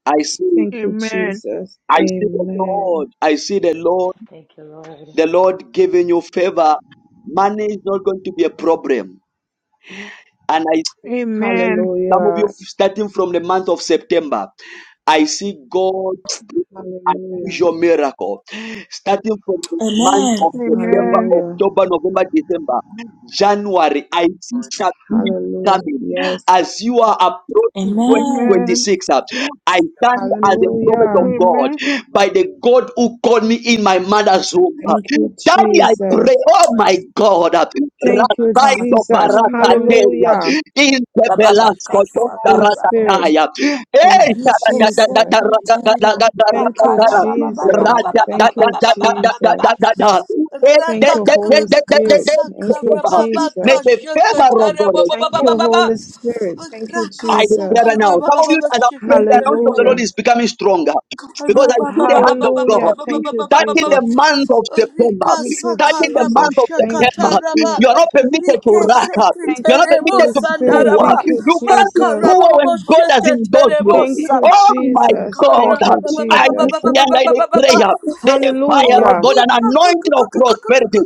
I see, Thank you, Amen. Jesus. I see the Amen. Lord. I see the Lord, Thank you, Lord. the Lord giving you favor. Money is not going to be a problem. And I Amen. some of you Hallelujah. starting from the month of September, I see God bring Hallelujah. unusual miracle. Starting from the month Amen. of September, Amen. Hallelujah. October, November, December, January, I see stability Hallelujah. coming. Yes. As you are approaching Amen. Amen. 2026, uh, I stand as a prophet Hallelujah. of God Amen. by the God who called me in my mother's womb. uh. Thank you, Daddy, I pray, Jesus. oh my God, uh, Thank you, Rakai God, do Jesus. barata Amen. Hallelujah. Teria, in Baba, Thank God, you, don't Holy Saka, barata Rabo. Spirit. Dobarataya. Thank Hey, you, da da da Rike, da da Jesus. da Seke, da da da Terebo, da Thank Saka, you, Raba, Baba, da Baba, Baba, Jesus. Raja Baba, da Thank da you, Baba, da Baba, da Baba, da da Jesus. Baba. da da da Hey, de Thank Raka, you, ka, de ka, de ka, Holy de ka, ka, de ka, de Spirit. de. Thank Saka, you, Raba, May Baka, Jesus. the Shaka, favor of God. Terebo, rest Baba, Thank upon Baba, you, you. Baba. Holy Spirit. Thank you, Raka, I Jesus. declare Saka, now. Raba, Some Baba, of you Baba, that are Shaka, praying, Thank the you, anointing of the Terebo. Lord Hallelujah. Jesus. is becoming stronger because I see the hand of Hallelujah. God. Thank you, Starting Karababababababababababababa. Jesus. the month of September, Rika Thank you, starting the sakarabo month Jesus. of Thank September, you, shakataraba. you are not Jesus. permitted to Rike rack up. Thank You are not you, sekiterebo permitted Holy to be Spirit. poor. sandaraba. Thank you, You can't be Jesus. poor Makarababo when God has endorsed you. sheketerebo Thank sa. you, Oh my Jesus. God, Thank you, I Jesus. declare and I Karabababababababababababa. declare that the fire Oh, of Hallelujah. God, an Rika anointing of prosperity,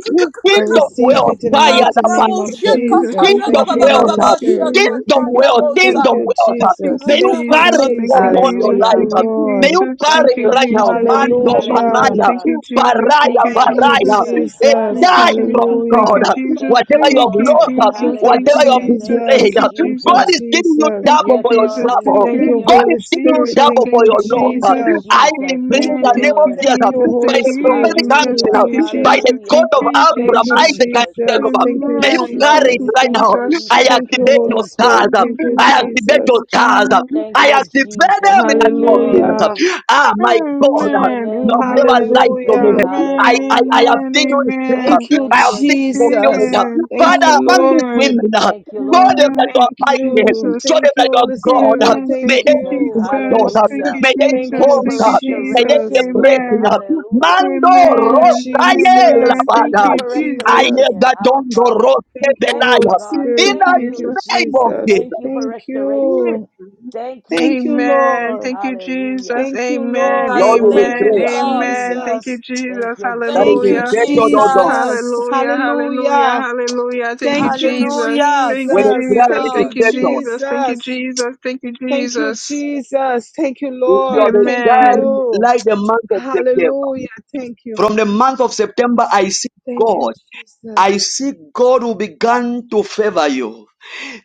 I kingdom receive wealth, it in the fire mighty that name Thank Karabo of you, passes, Jesus. Jesus. Thank you, kingdom Thank you, Jesus. wealth, Holy shakatarabababababa Thank you, Spirit. Jesus. kingdom Thank you, wealth, shakatarabo Jesus. sa. Thank kingdom you, wealth, Thank Jesus. may you, you Thank you, Jesus. Karababa. carry it Thank you, upon Jesus. your Jesus. Thank you, life. Thank Hallelujah. you, May Lord. you Jesus. Thank you, Jesus. carry Thank Thank you, you, right now. Jesus. Jesus. Thank you, Mando Hallelujah. Jesus. baraya, Thank Hallelujah. you, Jesus. Thank baraya, Thank you, you, Thank you, Jesus. Jesus. baraya Jesus. Thank you, die, Hallelujah. Jesus. Thank Hallelujah. you, God. Jesus. Thank you, Whatever you have Lord. lost, Thank you, Thank whatever you, you have Hallelujah. been Jesus. Thank you, delayed, Thank Jesus. you, Thank Jesus. you, God Jesus. is giving you Jesus. Thank double you, Yes, for your Jesus. Lord, we Thank trouble. Thank thank you, you, God Je- you. Holy is giving you Spirit. Jesus. double Thank for Thank you, you, your We thank loss. Jesus. you, Jesus. I Jesus. decree in Thank Amen. you, the name Thank of you, Lord. Thank you, Jesus. Jesus, by Holy Thank the you, Spirit. prophetic Thank Jesus. you, Hallelujah. Thank you, action, Jesus. by the Jesus. Hallelujah. God Thank of Thank you, you, Thank Abraham, you, Jesus. Isaac, and Jesus. Jacob, Jesus. Thank you, may you Yes, Amen. carry Thank Lord, it we you, Jesus. right thank now. you. We Jesus. I Thank thank you. you, We activate Holy your thank stars. Spirit. you. Thank you, Thank you, I Jesus. activate Thank Jesus. your you, stars. Jesus. Thank I you, activate Jesus. them in the Thank name you, of Lord. Amen. Hallelujah. Jesus. Ah, my God. In the Amen. You name have of never Amen. lied to Jesus. me. Hallelujah. I, Amen. I, I Hallelujah. have seen you in scripture. Amen. Amen. Thank you, I Thank have you, seen Jesus. Jesus. fulfillment. Amen. Thank Father, you, among these Amen. Lord. women, Thank you, show them Lord. Amen. that you Thank are Thank you, mighty. you. Jesus. Show them Thank you, that you are Holy Thank God. Spirit. you, Amen. Thank May Thank they you, Jesus. see you. windows. Jesus. Thank Hallelujah. you, May they Thank Thank Jesus. you you, bones. for Thank you, May they Jesus. be Jesus. restoration, Lord. Amen. blessing. Hallelujah. Mando Thank you, Thank Amen. you, rosaye Jesus. Jesus. Amen. Thank Thank Thank lavada. you you, you, for Jesus. Aye Jesus. restoration, Abba gadondo Father. rose Thank you, Thank Holy you, belaya. In God. Thank you, Spirit. Thank the Thank you, you, Jesus. name of Jesus. Jesus. Thank Jesus. you for Thank restoration. you. Yeah. Thank you, Thank you, Jesus. Amen. Lord. Thank you, Hallelujah. Jesus. Thank you, Thank Amen. you, Lord, Lord. we Thank Lord. Thank Amen. pray you, you, Lord. Amen. Hallelujah. Thank you, Jesus. Thank Jesus. you, that Thank it Thank is you, you, Jesus. Hallelujah. Thank settled, you, O Lord. God. Jesus. Jesus. Hallelujah. Hallelujah. Hallelujah. Hallelujah. Thank you, Thank you, Jesus. Hallelujah. Thank When you, it Thank is you, Jesus. settled, Jesus. it Thank is Thank Lord. you, you, settled. Jesus. Thank you, Jesus. Jesus. Thank you, Thank you, Jesus. Jesus. Thank you, If you Lord. have a Thank Amen. diary, you. like the month of September. Hallelujah. Thank From you. the month of September, I see Thank you, God. Jesus. I see God will begin to favor you.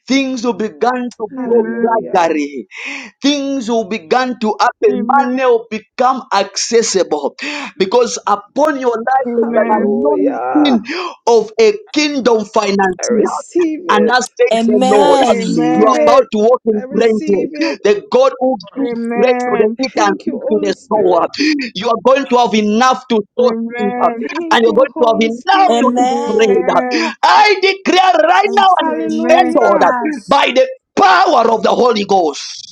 Things will begin to grow Amen. Hallelujah. gradually things will begin to happen. Amen. Money will become accessible because upon your life is Amen. an anointing Hallelujah. of a kingdom I financier. receive And it. that's says the I Lord. Amen. You receive are Amen. about it. to walk I in receive it. plenty. The God who gives bread to the Amen. eater and Thank you, food to Holy the sower. Spirit. You are going to have enough to sow seed, Amen. Thank and you're you, going to Holy have enough Spirit. to eat Amen. bread. Amen. I declare right Thank now and you, Jesus. Amen. declare, God, Hallelujah. by the power of the Holy Ghost.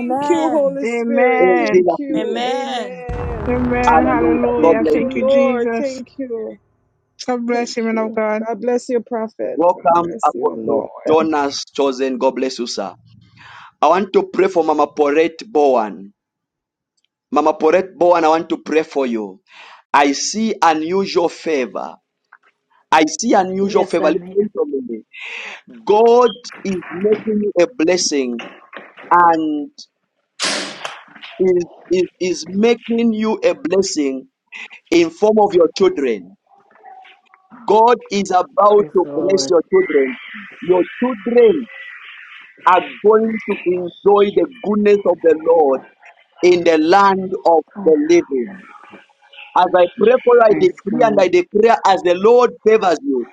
Thank you, Holy Spirit. In Amen. Jesus' Thank you. name. Amen. Amen. Amen. Hallelujah. God Hallelujah. Thank bless you, Thank you, you. Lord. Jesus. Thank you. God bless Thank you, man of you. God. God bless you, Prophet. God Welcome, bless you. and Apostle More oil. Jonas Chosen. God bless you, sir. I want to pray for Mama Porette Bowen. Mama Porette Bowen, I want to pray for you. I see unusual favor. I see unusual Yes, favor. I'm here. Listen to me. God is making you a blessing and is, is, is making you a blessing in form of your children. God is about Praise to the bless Lord. your children. Your children are. to enjoy the good Lord in the land of Oh, the living. As I pray for you, I praise decree and I God. declare as the Lord favors you.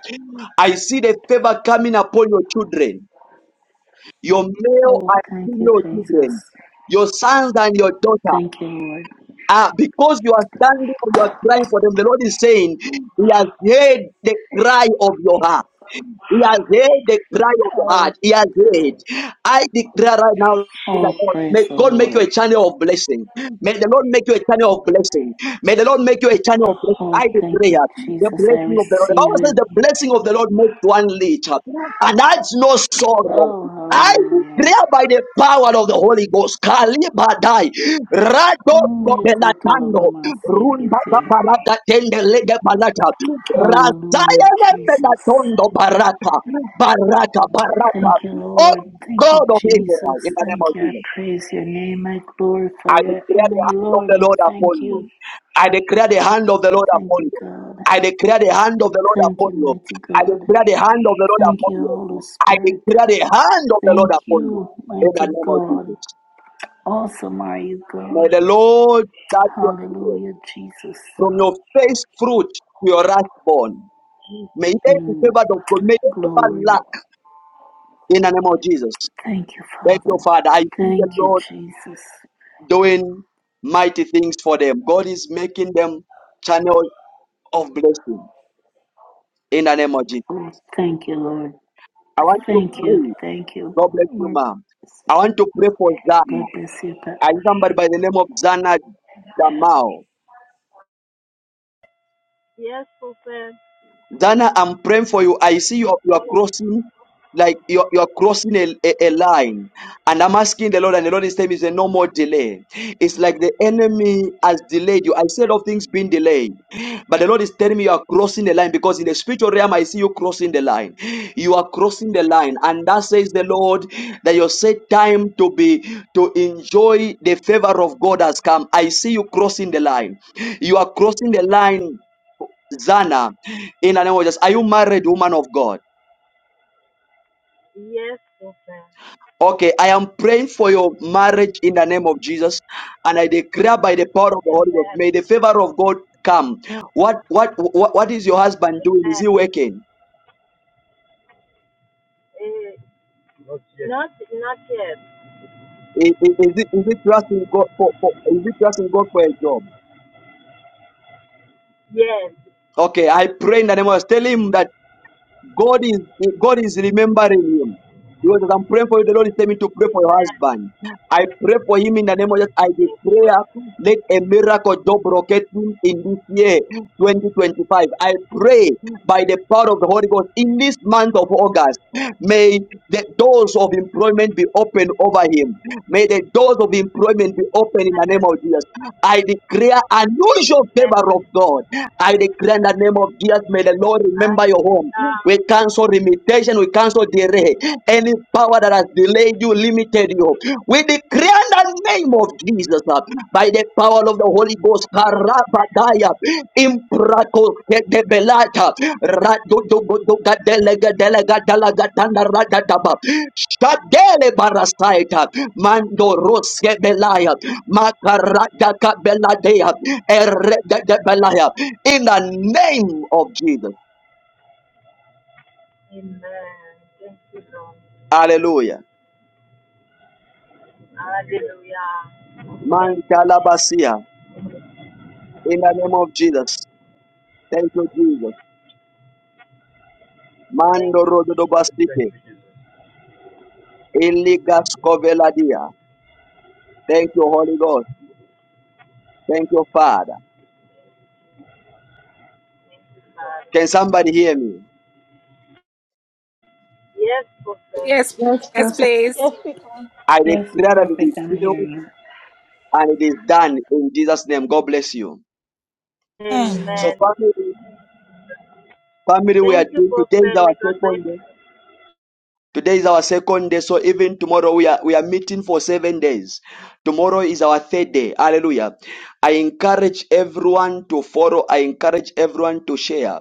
I see the favor coming upon your children, your male Oh, and thank you, female children, Jesus. your sons and your daughters. Thank you, Lord. Ah, because you are standing and you are crying for them, the Lord is saying, He has heard the cry of your heart. He has heard the cry of your heart. Oh, He has heard. I declare right now. oh, that God- May praise the God make you Lord. a channel of blessing. May the Lord make you a channel of blessing. May the Lord make you a channel of blessing. Oh, I thank you, declare the Jesus. I blessing of the Lord. The receive Bible says it. the blessing of the Lord makes one rich, and that's no sorrow. Oh, I hallelujah. declare by the power of the Holy Ghost, Kalibadai, Rado Nikotola kobelatando. mama Runda sekete. barata tende lega balata. Hallelujah, Razaya Jesus. belatondo barata. Barata, barata. Thank you, Oh Lord. Thank you, God of Jesus. Israel, in the name Thank of you. I Jesus. praise your name. I glorify I you. I declare honor the you, hand of Lord. the I Lord upon thank you. you. I declare the hand of the Lord Thank upon you, you. God. I declare the hand of the Lord Thank upon you, you. mighty I God. declare the hand of the Lord Thank upon you, Holy you. I Spirit. declare the hand of the Lord Thank upon you. you, In the mighty name of God. Jesus. Awesome are you, May God. the Lord touch you Hallelujah, Jesus. from your first fruit to your firstborn. May they be Mm, favored of God. May they never glory. lack in the name of Jesus. Thank you, Thank you, Father. Father. I see the Thank you, Lord Jesus. doing mighty things for them. God is making them channels of blessing in the name of Jesus. Oh, thank you, Lord. I want to Thank you. pray. Thank you, God bless you, ma'am. Mark. I want to pray for God Zana. bless you. Pa- I see somebody by the name of Zana Damao. Yes, Fulfan. Dana, I'm praying for you. I see you, you are crossing, like you're, you're crossing a, a, a line. And I'm asking the Lord, and the Lord is telling me, "There's no more delay. It's like the enemy has delayed you. I said of things being delayed. But the Lord is telling me you are crossing the line because in the spiritual realm, I see you crossing the line. You are crossing the line. And that says the Lord that your set time to be, to enjoy the favor of God has come. I see you crossing the line. You are crossing the line Zana. In the name of Jesus. Are you married, woman of God? Yes, Fulfan. Okay, I am praying for your marriage in the name of Jesus, and I declare by the power of the Holy Ghost, Amen. may the favor of God come. What what what, what is your husband doing? Is he working? Amen. Not yet. Not, not yet. Is, is, is he, is he trusting God for, for is he trusting God for a job? Yes. Okay, I pray in the name of Jesus. Tell him that God is God is remembering him. Because as I'm praying for you, the Lord is telling me to pray for your Amen. husband. I pray for him in the name of Jesus. I Thank you, declare, Lord. let a miracle job rocket him in this year, 2025. I pray by the power of the Holy Ghost in this month of August, may the doors of employment be open over him. May the doors of employment be open in the name of Jesus. I declare unusual favor Amen. of God. I declare in the name of Jesus, may the Lord I remember your home. shall We cancel limitation, we cancel delay. Any power that has delayed you, limited you. We declare in the name of Jesus, uh, by the power of the Holy Ghost, speak. Karabadaya, Imprato Debelata, Radodogodogadelega Delega Dalaga Tanda Ragadaba, Shadele Barasaita, Mando Roske Belaya, Makarada Kabeladea, Erede Debelaya, in the name of Jesus. Amen. Thank you, Lord. Hallelujah. Hallelujah. Thank you, Jesus. Mankalabasia, in the name of Jesus. Thank you, Jesus. Thank Mando you, Jesus. Rodobasike. Iligascoveladia. Thank you, Holy Ghost. Thank you, Father. Can somebody hear me? Yes, Prophet. Yes, Yes, yes, perfect. please. I Yes, declare that it Prophet, is I'm healed hearing you. and it is done in Jesus' name. God bless you. Amen. So, Amen. family, family we are Thank you, doing today is Prophet. our May God bless second day Today is our second day, so even tomorrow we are we are meeting for seven days. Tomorrow is our third day. Hallelujah. I encourage everyone to follow. I encourage everyone to share.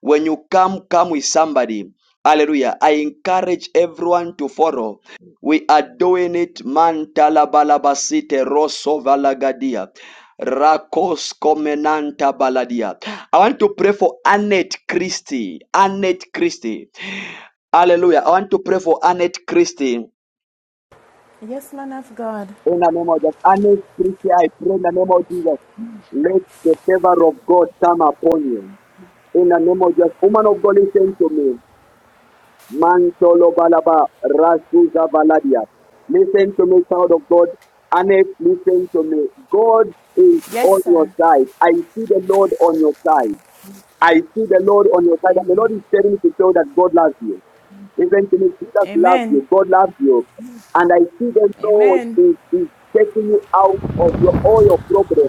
When you come, come with somebody. Hallelujah. I encourage everyone to follow. We are doing it. Mantala balabasite rosso valagadia. Rakos Comenanta Baladia. I want to pray for Annette Christie. Annette Christie. Hallelujah. I want to pray for Annette Christie. In Yes, man of God. the name of Jesus. Annette Christie, I pray in the name of Jesus. Let the favor of God come upon you. In the name of Jesus. Woman of God, listen to me. Mantolo balaba rasuza valadia. Listen to me, child of God. Annette, listen to me. God is on Yes, your sir. side. I see the Lord on your side. I see the Lord on your side. And the Amen. Lord is telling me to tell that God loves you. Eventually, Jesus loves Amen. you. God loves you. And I see that God Amen. is, is taking you out of your, all your problems.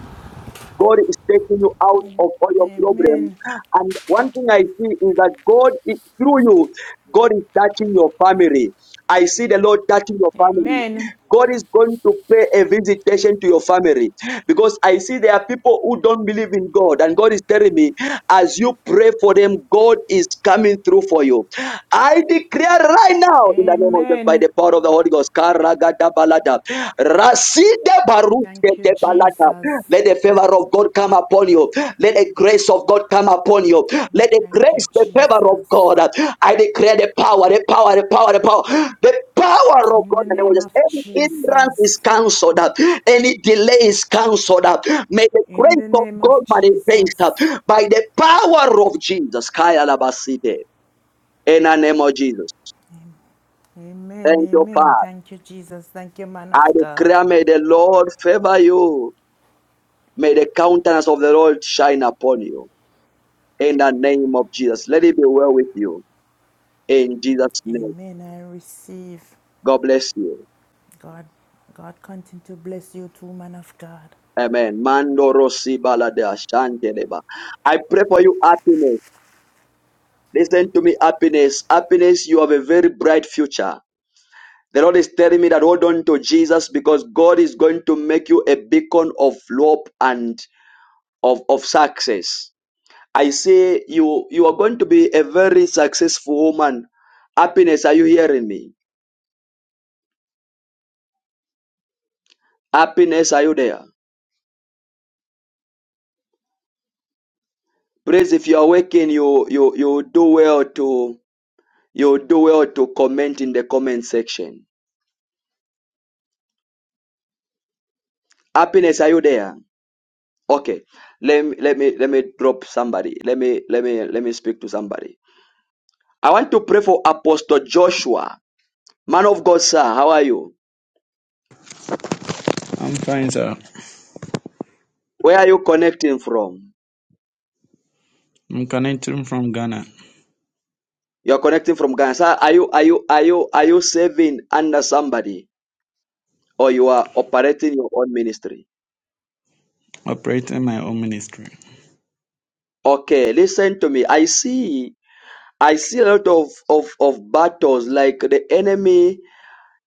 God is taking you out of all your problems. Amen. And one thing I see is that God is through you, God is touching your family. I see the Lord touching your family. Amen. God is going to pay a visitation to your family because I see there are people who don't believe in God, and God is telling me, as you pray for them, God is coming through for you. I declare right now in the name of Jesus by Amen. the power of the Holy Ghost. Karagada Balada, Raside baruske Thank you, de balada. Jesus. Let the favor of God come upon you. Let the grace of God come upon you. Let the Thank grace, you, the favor of Jesus. God. I declare the power, the power, the power, the power, the power of In God. the And it was name just of every hindrance is Jesus. cancelled. Any delay is cancelled. May the In the grace of name God of Jesus. manifest by the power of Jesus. Kaya labaside. In the name of Jesus. Amen. Thank you, Amen. Father. Thank you, Jesus. Thank you, man I of God. declare, may the Lord favor you. May the countenance of the Lord shine upon you. in the name of Jesus. Let it be well with you in Jesus' name. Amen. I receive. God bless you. God, God, continue to bless you too, man of God. Amen. Mando Rosi Balada Shanteleba. I pray for you happiness. Listen to me, happiness. Happiness, you have a very bright future. The Lord is telling me that hold on to Jesus because God is going to make you a beacon of hope and of, of success. I say you you are going to be a very successful woman. Happiness, are you hearing me? Happiness, are you there? Please, if you are working, you you you do well to you do well to comment in the comment section. Happiness, are you there? Okay, let me let me let me drop somebody. Let me let me let me speak to somebody. I want to pray for Apostle Joshua, man of God, sir. How are you? I'm fine, sir. Where are you connecting from? I'm connecting from Ghana, You are connecting from Ghana, sir. Are you are you are you are you serving under somebody or you are operating your own ministry? operating my own ministry. Okay, listen to me. I see I see a lot of, of, of battles, like the enemy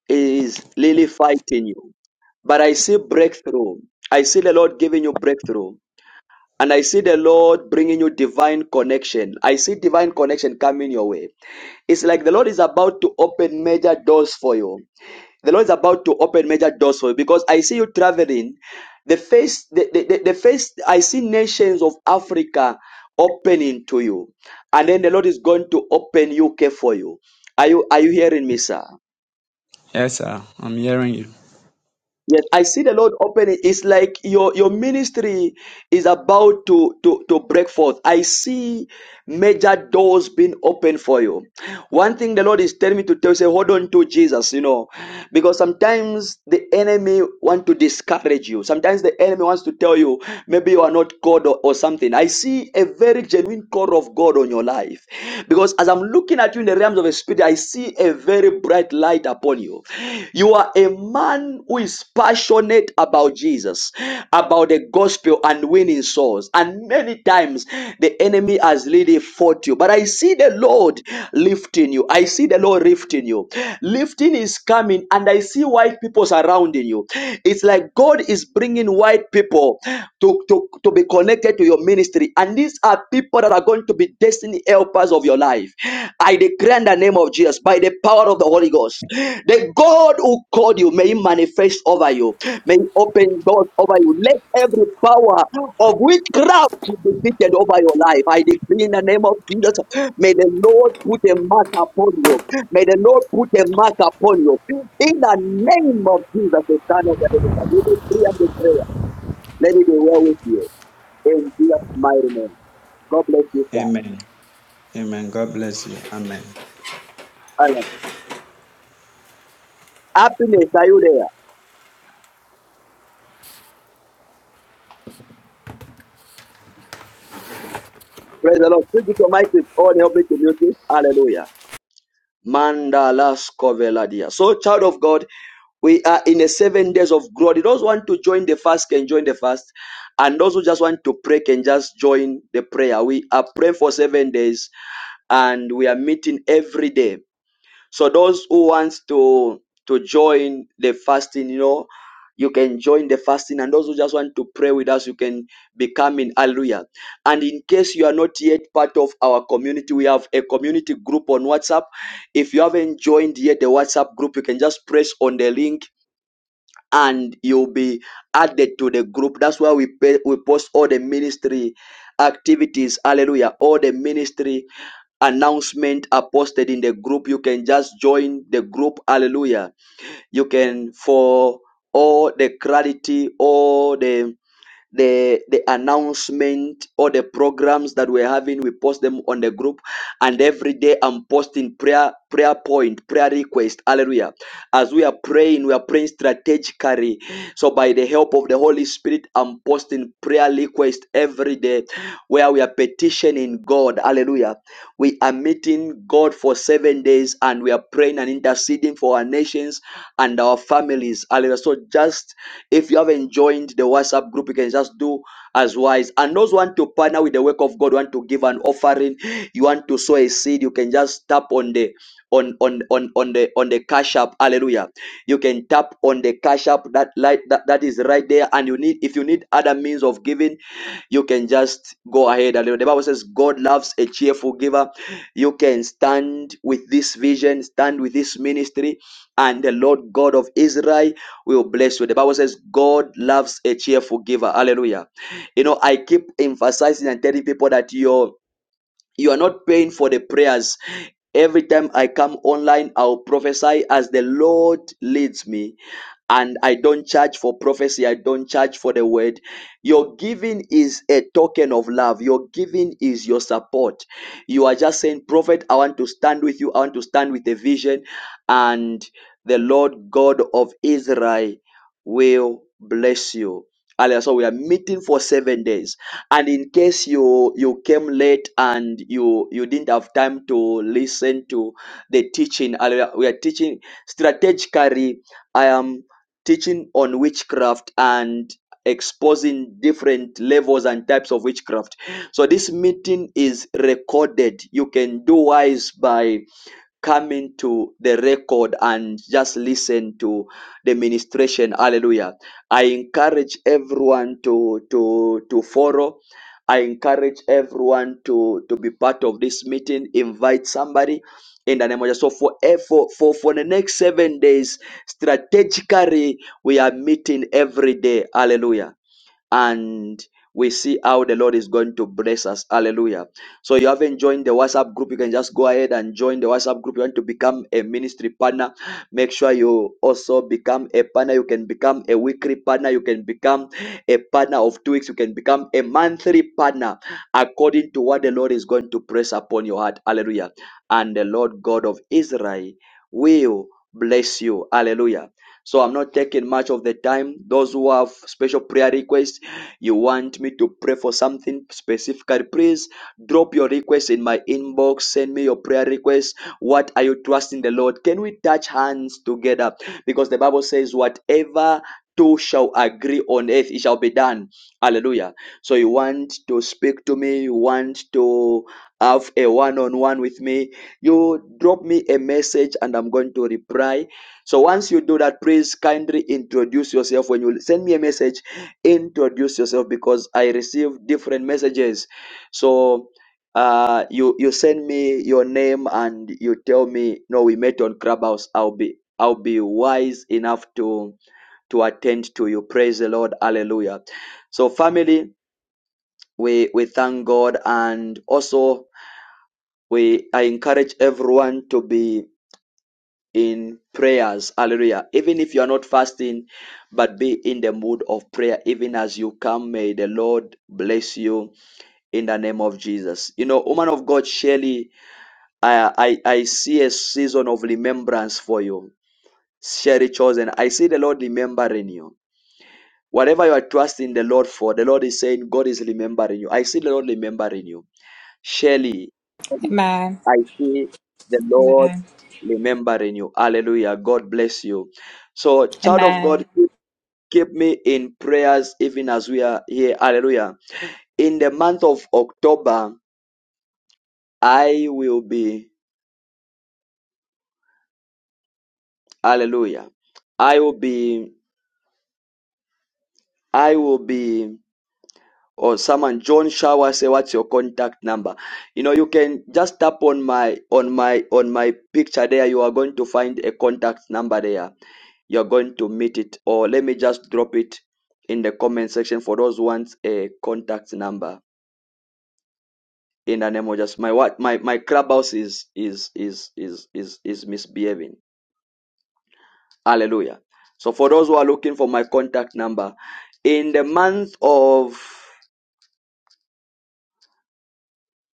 is really fighting you. But I see breakthrough. I see the Lord giving you breakthrough. And I see the Lord bringing you divine connection. I see divine connection coming your way. It's like the Lord is about to open major doors for you. The Lord is about to open major doors for you because I see you traveling. The first, the, the, the, the first, I see nations of Africa opening to you. And then the Lord is going to open UK for you. Are you, are you hearing me, sir? Yes, sir. I'm hearing you. Yes, I see the Lord opening. It's like your, your ministry is about to, to, to break forth. I see major doors being opened for you. One thing the Lord is telling me to tell you, say, hold on to Jesus, you know. because sometimes the enemy want to discourage you sometimes the enemy wants to tell you maybe you are not god or, or something i see a very genuine call of god on your life because as i'm looking at you in the realms of the spirit i see a very bright light upon you you are a man who is passionate passionate about Jesus, about the gospel and winning souls. And many times the enemy has really fought you. But I see the Lord lifting you. I see the Lord lifting you. Lifting is coming, and I see white people surrounding you. It's like God is bringing white people to, to, to be connected to your ministry. And these are people that are going to be destiny helpers of your life. I declare in the name of Jesus, by the power of the Holy Ghost, the God who called you, may He manifest over you. May He open doors over you. Let every power of witchcraft be defeated over your life. I declare in the name of Jesus, may the Lord put a mark upon you. May the Lord put a mark upon you. In the name of Jesus, the Son of the Living God, we decree and declare, let it be well with you in Jesus' mighty name. God bless you, sir. Amen. Amen. God bless you. Amen. Hallelujah. Happiness, are you there? Praise the Lord. Speak it to my kids. all help me to music. Hallelujah. Mandalas Coveladia. So, child of God, we are in a seven days of glory. Those who want to join the fast can join the fast. And those who just want to pray can just join the prayer. We are praying for seven days and we are meeting every day. So those who wants to to join the fasting, you know, you can join the fasting, and those who just want to pray with us, you can become in Hallelujah. And in case you are not yet part of our community, we have a community group on WhatsApp. If you haven't joined yet the WhatsApp group, you can just press on the link and you'll be added to the group. That's why we pay, we post all the ministry activities. Hallelujah! All the ministry announcement are posted in the group. You can just join the group. Hallelujah. You can for all the clarity, all the the the announcement or the programs that we're having we post them on the group and every day i'm posting prayer prayer point prayer request hallelujah as we are praying we are praying strategically so by the help of the holy spirit i'm posting prayer request every day where we are petitioning god hallelujah we are meeting god for seven days and we are praying and interceding for our nations and our families hallelujah so just if you haven't joined the WhatsApp group, you can just do as wise. And those want to partner with the work of God, want to give an offering, you want to sow a seed, you can just tap on the on on on on the on the cash app. Hallelujah. You can tap on the cash app that light that, that is right there. And you need if you need other means of giving, you can just go ahead. Hallelujah. The Bible says God loves a cheerful giver. You can stand with this vision, stand with this ministry, and the Lord God of Israel we will bless you. The Bible says God loves a cheerful giver. Hallelujah. You know, I keep emphasizing and telling people that you're you are not paying for the prayers. Every time I come online, I'll prophesy as the Lord leads me and I don't charge for prophecy, I don't charge for the word. Your giving is a token of love, your giving is your support. You are just saying, Prophet, I want to stand with you, I want to stand with a vision, and the Lord God of Israel will bless you. Hallelujah. So we are meeting for seven days. And in case you you came late and you you didn't have time to listen to the teaching, hallelujah, we are teaching strategically I am teaching on witchcraft and exposing different levels and types of witchcraft. So this meeting is recorded. You can do wise by come into the record and just listen to the ministration hallelujah i encourage everyone to to to follow i encourage everyone to to be part of this meeting invite somebody in the name of Jesus. So for, eh, for for for the next seven days, strategically we are meeting every day. Hallelujah and we see how the Lord is going to bless us. Hallelujah. So you haven't joined the WhatsApp group, you can just go ahead and join the WhatsApp group. You want to become a ministry partner, make sure you also become a partner. You can become a weekly partner, you can become a partner of two weeks, you can become a monthly partner according to what the Lord is going to press upon your heart. Hallelujah. And the Lord God of Israel will bless you. Hallelujah. So I'm not taking much of the time. Those who have special prayer requests, you want me to pray for something specifically? Please drop your request in my inbox. Send me your prayer request. What are you trusting the Lord? Can we touch hands together? Because the Bible says, whatever two shall agree on earth, it shall be done. Hallelujah. So you want to speak to me, you want to have a one on one with me, you drop me a message and I'm going to reply. So once you do that, please kindly introduce yourself when you send me a message introduce yourself because I receive different messages. So uh, you you send me your name and you tell me no, we met on Clubhouse. I'll be I'll be wise enough to to attend to you. Praise the Lord, Hallelujah. So family, we we thank God and also we I encourage everyone to be in prayers. Hallelujah. Even if you are not fasting, but be in the mood of prayer, even as you come. May the Lord bless you in the name of Jesus. You know, woman of God, Shirley, I, I, I see a season of remembrance for you. Shirley. chosen. I see the Lord remembering you. Whatever you are trusting the Lord for, the Lord is saying, God is remembering you. I see the Lord remembering you. Shirley, Amen. I see the Lord Amen. remembering you. Hallelujah. God bless you. So, child of God, Amen. keep me in prayers even as we are here. Hallelujah. In the month of October, I will be, hallelujah. I will be, I will be, or someone, John Shower, say, what's your contact number? You know, you can just tap on my, on my, on my picture there. You are going to find a contact number there. You're going to meet it, or let me just drop it in the comment section for those who want a contact number in the name of Jesus. My what my, my clubhouse is is is is is is misbehaving. Hallelujah. So for those who are looking for my contact number, in the month of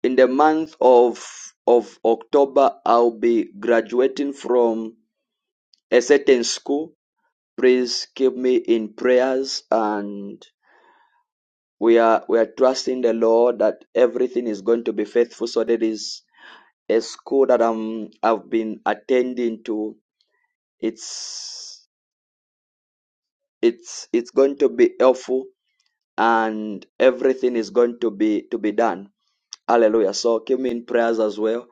in the month of of October, I'll be graduating from a certain school. Please keep me in prayers and we are we are trusting the Lord that everything is going to be faithful. So there is a school that I'm I've been attending to. It's it's it's going to be helpful and everything is going to be to be done hallelujah so keep me in prayers as well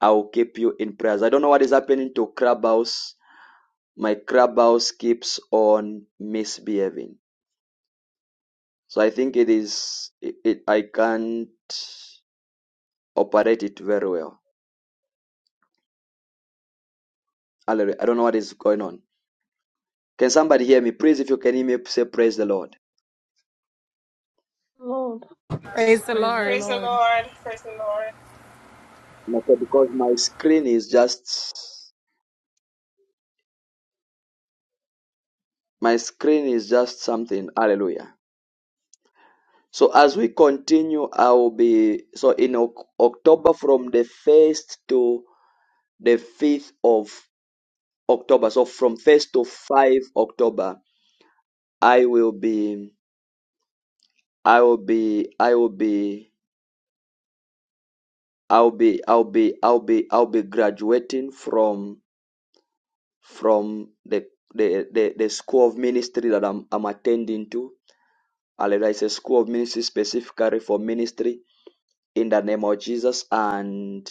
i will keep you in prayers i don't know what is happening to clubhouse my clubhouse keeps on misbehaving so i think it is it, it i can't operate it very well hallelujah i don't know what is going on can somebody hear me please if you can hear me say praise the lord Praise the Praise the Lord. Praise the Lord. Lord. Praise the Lord. Okay, because my screen is just my screen is just something hallelujah So as we continue, I will be so in Oc- October from the first to the fifth of October. So from first to five October, I will be, I will be, I will be, I'll be, I'll be, I'll be, I'll be graduating from from the the the, the school of ministry that I'm I'm attending to. Hallelujah! It's a school of ministry specifically for ministry in the name of Jesus and.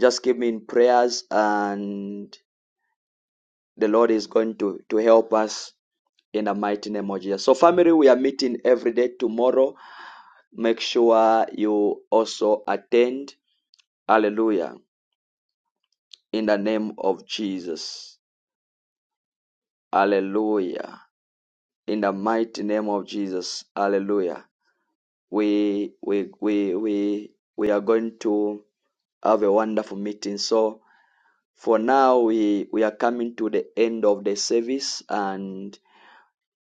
Just keep me in prayers and the Lord is going to, to help us in the mighty name of Jesus. So family, we are meeting every day tomorrow. Make sure you also attend. Hallelujah. In the name of Jesus. Hallelujah. In the mighty name of Jesus. Hallelujah. We we we we we are going to have a wonderful meeting. So for now we we are coming to the end of the service and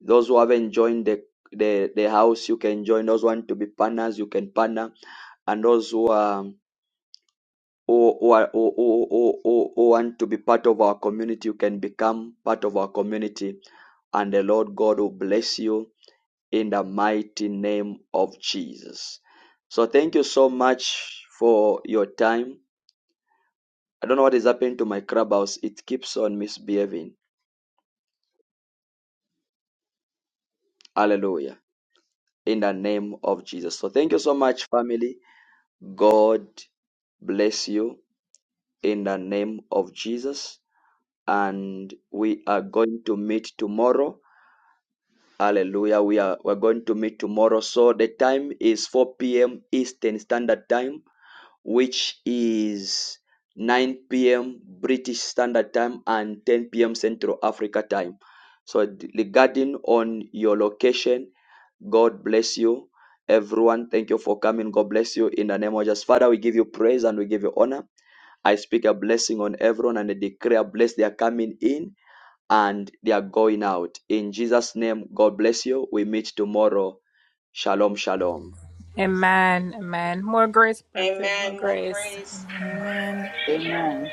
Those who haven't joined the, the, the house, you can join. Those who want to be partners, you can partner. And those who are who, who, are, who, who, who, who who want to be part of our community, you can become part of our community. And the Lord God will bless you in the mighty name of Jesus. So thank you so much for your time. I don't know what is happening to my clubhouse. It keeps on misbehaving. Hallelujah. In the name of Jesus. So thank you so much, family. God bless you in the name of Jesus. And we are going to meet tomorrow. Hallelujah. We are we're going to meet tomorrow. So the time is 4 p.m. Eastern Standard Time, which is 9 p.m. British Standard Time and 10 p.m. Central Africa Time. So regarding on your location, God bless you. Everyone, thank you for coming. God bless you in the name of Jesus. Father, we give you praise and we give you honor. I speak a blessing on everyone and I declare, bless their coming in and they are going out. In Jesus' name, God bless you. We meet tomorrow. Shalom, shalom. Amen. Amen. More grace, prophet. More Amen. More grace. grace. Amen. Amen. Thank you, Amen. Prophet.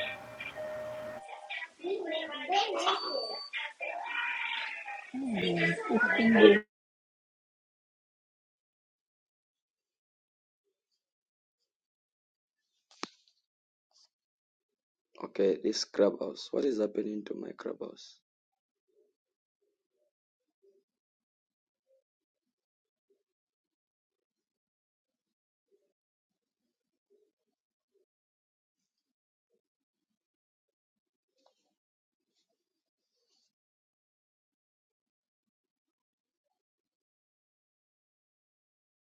Yes, 15 days Okay, this clubhouse. What is happening to my clubhouse?